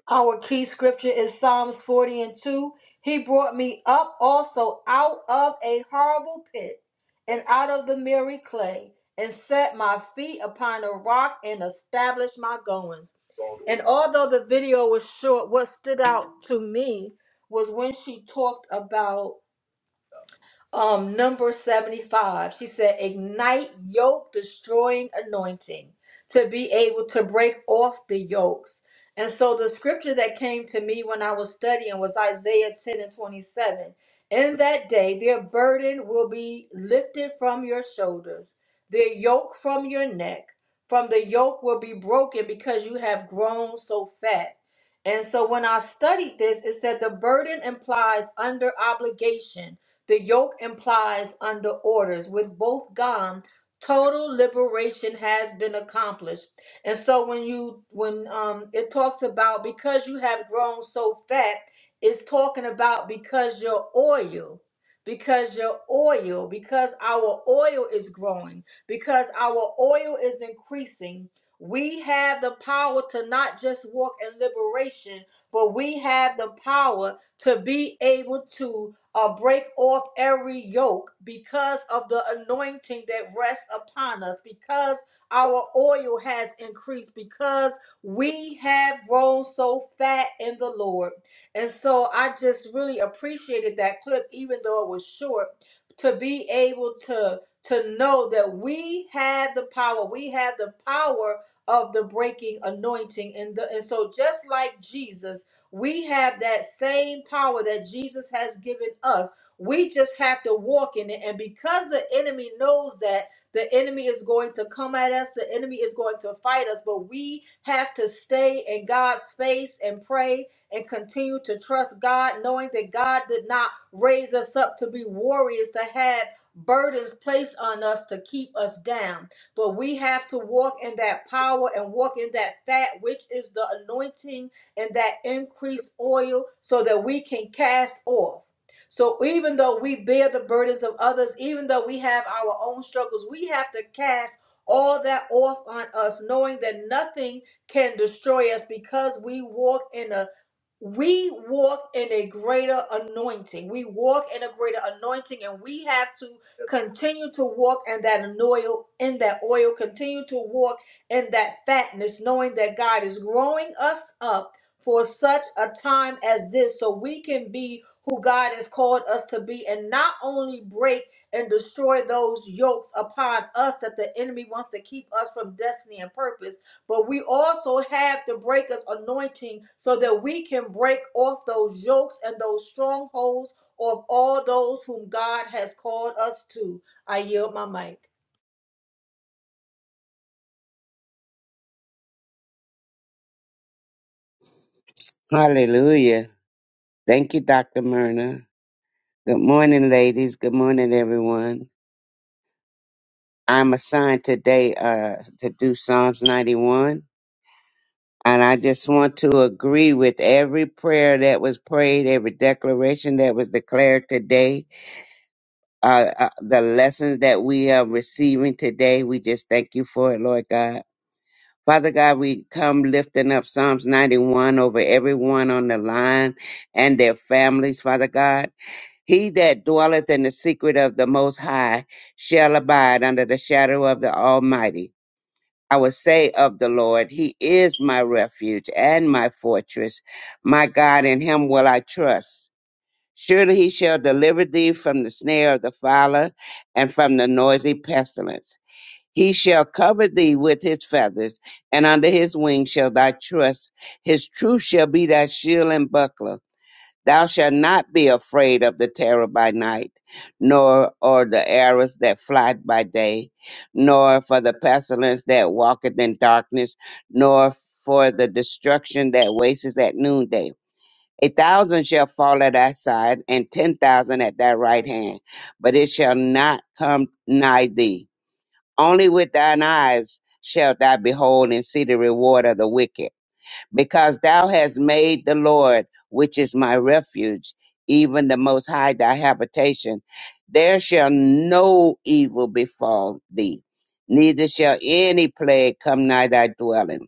[SPEAKER 2] Our key scripture is Psalms 40 and 2. He brought me up also out of a horrible pit and out of the miry clay and set my feet upon a rock and established my goings. And although the video was short, what stood out to me was when she talked about um, number 75. She said, Ignite yoke destroying anointing to be able to break off the yokes. And so the scripture that came to me when I was studying was Isaiah 10 and 27. In that day, their burden will be lifted from your shoulders, their yoke from your neck. From the yoke will be broken because you have grown so fat. And so when I studied this, it said the burden implies under obligation the yoke implies under orders. With both gone, total liberation has been accomplished. And so when you when um it talks about because you have grown so fat, it's talking about because your oil, because your oil, because our oil is growing, because our oil is increasing. We have the power to not just walk in liberation, but we have the power to be able to uh, break off every yoke because of the anointing that rests upon us, because our oil has increased, because we have grown so fat in the Lord. And so I just really appreciated that clip, even though it was short, to be able to to know that we have the power, we have the power of the breaking anointing. And, the, and so just like Jesus. We have that same power that Jesus has given us. We just have to walk in it. And because the enemy knows that the enemy is going to come at us, the enemy is going to fight us, but we have to stay in God's face and pray and continue to trust God, knowing that God did not raise us up to be warriors, to have burdens placed on us to keep us down. But we have to walk in that power and walk in that fat, which is the anointing and that increased oil so that we can cast off. So even though we bear the burdens of others, even though we have our own struggles, we have to cast all that off on us, knowing that nothing can destroy us because we walk in a we walk in a greater anointing. We walk in a greater anointing, and we have to continue to walk in that oil, in that oil, continue to walk in that fatness, knowing that God is growing us up for such a time as this so we can be who God has called us to be and not only break and destroy those yokes upon us that the enemy wants to keep us from destiny and purpose, but we also have the breaker's anointing so that we can break off those yokes and those strongholds of all those whom God has called us to. I yield my mic.
[SPEAKER 5] Hallelujah. Thank you, Dr. Myrna. Good morning, ladies. Good morning, everyone. I'm assigned today uh, to do Psalms 91. And I just want to agree with every prayer that was prayed, every declaration that was declared today, uh, uh, the lessons that we are receiving today. We just thank you for it, Lord God. Father God, we come lifting up Psalms 91 over everyone on the line and their families, Father God. He that dwelleth in the secret of the Most High shall abide under the shadow of the Almighty. I will say of the Lord, He is my refuge and my fortress. My God, in Him will I trust. Surely He shall deliver thee from the snare of the fowler and from the noisy pestilence. He shall cover thee with his feathers, and under his wings shall thy trust. His truth shall be thy shield and buckler. Thou shalt not be afraid of the terror by night, nor or the arrows that fly by day, nor for the pestilence that walketh in darkness, nor for the destruction that wasteth at noonday. A thousand shall fall at thy side, and ten thousand at thy right hand, but it shall not come nigh thee only with thine eyes shalt thou behold and see the reward of the wicked, because thou hast made the Lord, which is my refuge, even the Most High thy habitation. There shall no evil befall thee, neither shall any plague come nigh thy dwelling.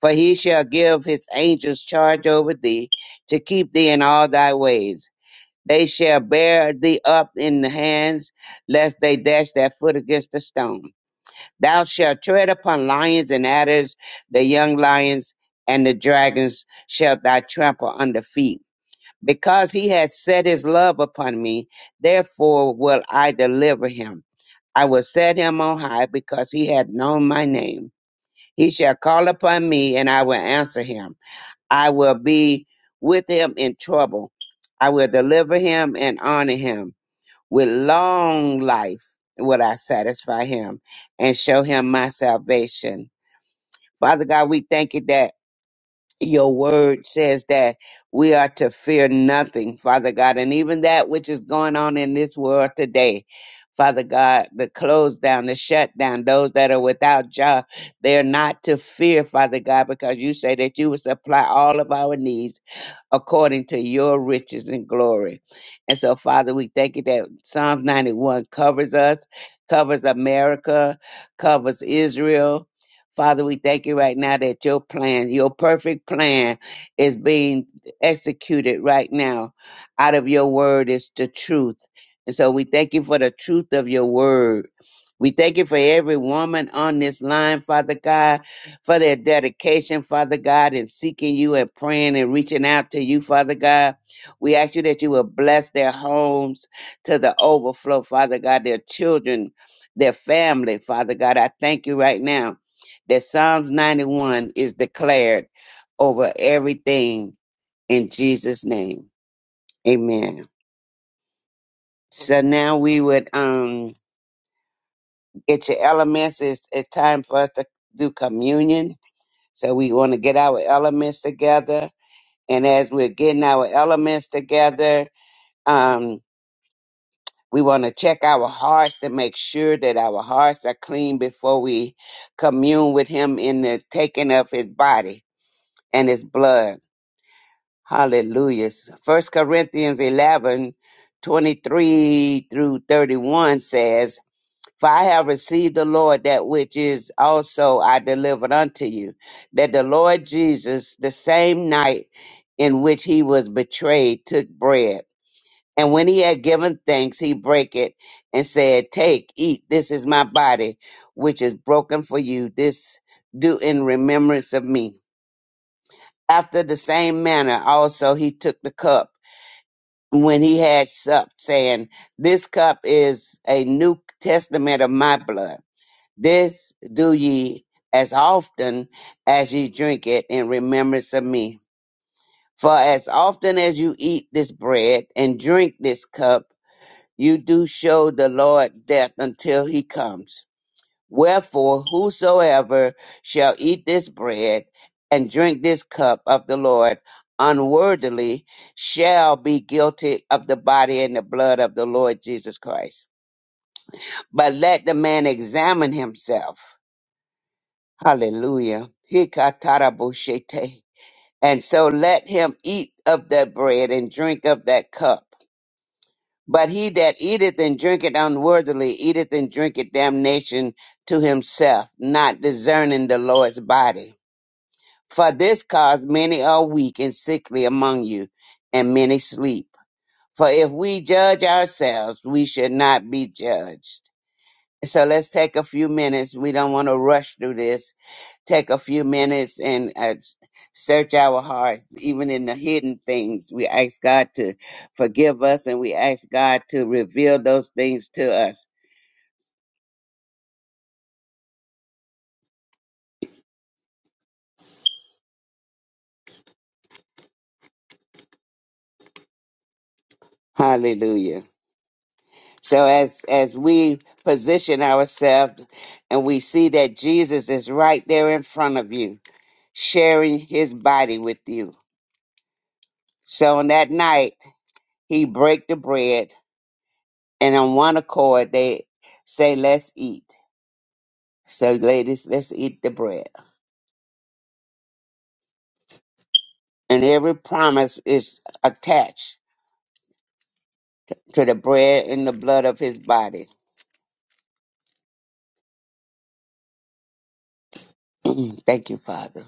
[SPEAKER 5] For he shall give his angels charge over thee, to keep thee in all thy ways. They shall bear thee up in the hands, lest they dash their foot against a stone. Thou shalt tread upon lions and adders, the young lions and the dragons shalt thou trample under feet. Because he has set his love upon me, therefore will I deliver him. I will set him on high because he hath known my name. He shall call upon me and I will answer him. I will be with him in trouble. I will deliver him and honor him with long life will I satisfy him and show him my salvation. Father God, we thank you that your word says that we are to fear nothing, Father God, and even that which is going on in this world today. Father God, the close down, the shutdown, those that are without job, they're not to fear, Father God, because you say that you will supply all of our needs according to your riches and glory. And so, Father, we thank you that Psalms 91 covers us, covers America, covers Israel. Father, we thank you right now that your plan, your perfect plan, is being executed right now. Out of your word is the truth. And so we thank you for the truth of your word. We thank you for every woman on this line, Father God for their dedication, Father God, in seeking you and praying and reaching out to you, Father God. We ask you that you will bless their homes to the overflow, Father God, their children, their family, Father God. I thank you right now that Psalms 91 is declared over everything in Jesus' name. Amen. So now we would um get your elements. It's, it's time for us to do communion. So we want to get our elements together And as we're getting our elements together, um, we want to check our hearts and make sure that our hearts are clean before we commune with Him in the taking of His body and His blood. Hallelujah. First Corinthians 11 23 through 31 says, For I have received the Lord that which is also I delivered unto you, that the Lord Jesus, the same night in which he was betrayed, took bread. And when he had given thanks, he brake it and said, Take, eat, this is my body, which is broken for you. This do in remembrance of me. After the same manner also he took the cup when he had supped, saying, This cup is a new testament of my blood. This do ye as often as ye drink it in remembrance of me. For as often as you eat this bread and drink this cup, you do show the Lord death until he comes. Wherefore, whosoever shall eat this bread and drink this cup of the Lord unworthily shall be guilty of the body and the blood of the Lord Jesus Christ. But let the man examine himself. Hallelujah. Hikatarabushete. And so let him eat of that bread and drink of that cup. But he that eateth and drinketh unworthily eateth and drinketh damnation to himself, not discerning the Lord's body. For this cause many are weak and sickly among you, and many sleep. For if we judge ourselves, we should not be judged. So let's take a few minutes. We don't want to rush through this take a few minutes and uh, s- search our hearts, even in the hidden things. We ask God to forgive us and we ask God to reveal those things to us. Hallelujah. So as as we position ourselves and we see that Jesus is right there in front of you, sharing his body with you. So on that night, he break the bread and on one accord they say, Let's eat. So ladies, let's eat the bread. and every promise is attached to the bread and the blood of his body. Thank you, Father.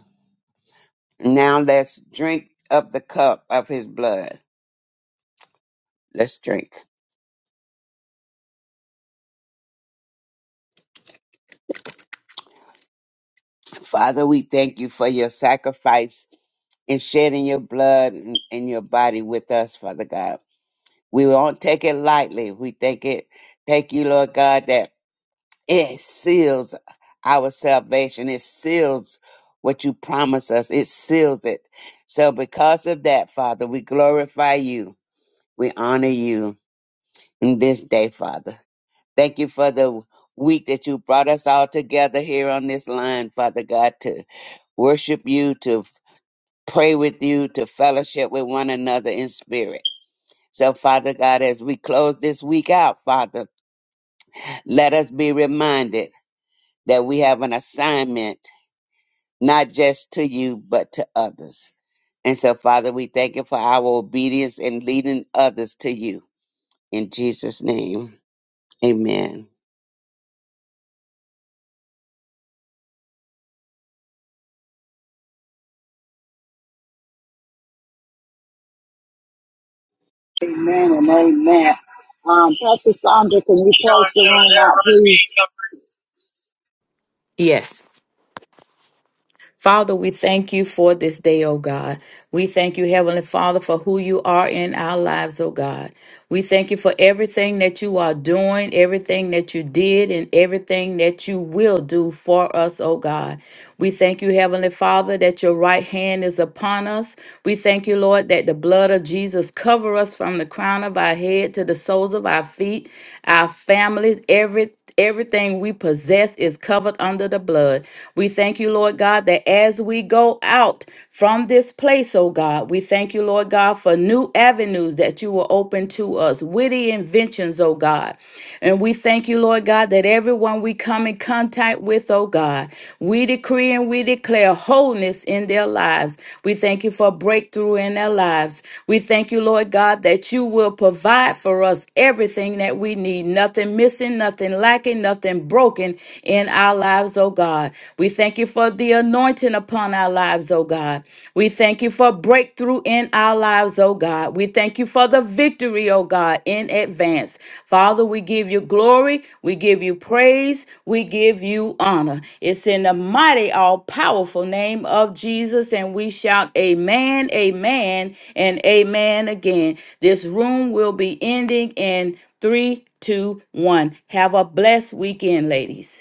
[SPEAKER 5] Now let's drink of the cup of his blood. Let's drink. Father, we thank you for your sacrifice in shedding your blood and, and your body with us, Father God. We won't take it lightly. We take it, thank you, Lord God, that it seals our salvation. It seals what you promise us. It seals it. So because of that, Father, we glorify you. We honor you in this day, Father. Thank you for the week that you brought us all together here on this line, Father God, to worship you, to pray with you, to fellowship with one another in spirit. So, Father God, as we close this week out, Father, let us be reminded that we have an assignment not just to you, but to others. And so, Father, we thank you for our obedience and leading others to you. In Jesus' name, amen.
[SPEAKER 1] Amen and amen. Um, Pastor Sandra, can you close the room out?
[SPEAKER 7] Father, we thank you for this day, O God. We thank you, Heavenly Father, for who you are in our lives, O God. We thank you for everything that you are doing, everything that you did, and everything that you will do for us, O God. We thank you, Heavenly Father, that your right hand is upon us. We thank you, Lord, that the blood blood of Jesus cover us from the crown of our head to the soles of our feet, our families, every everything we possess is covered under the blood. We thank you, Lord God, that as we go out from this place, oh God, we thank you, Lord God, for new avenues that you will open to us, witty inventions, oh God. And we thank you, Lord God, that everyone we come in contact with, oh God, we decree and we declare wholeness in their lives. We thank you for breakthrough in their lives. We thank you, Lord God, that you will provide for us everything that we need, nothing missing, nothing lacking, nothing broken in our lives, oh God. We thank you for the anointing upon our lives, oh God. We thank you for breakthrough breakthrough in our lives, oh God. We thank you for the victory, oh God, in advance. Father, we give you glory, we give you praise, we give you honor. It's in the mighty, all powerful name of Jesus, and we shout, Amen, Amen, and Amen again. This room will be ending in three, two, one. Have a blessed weekend, ladies.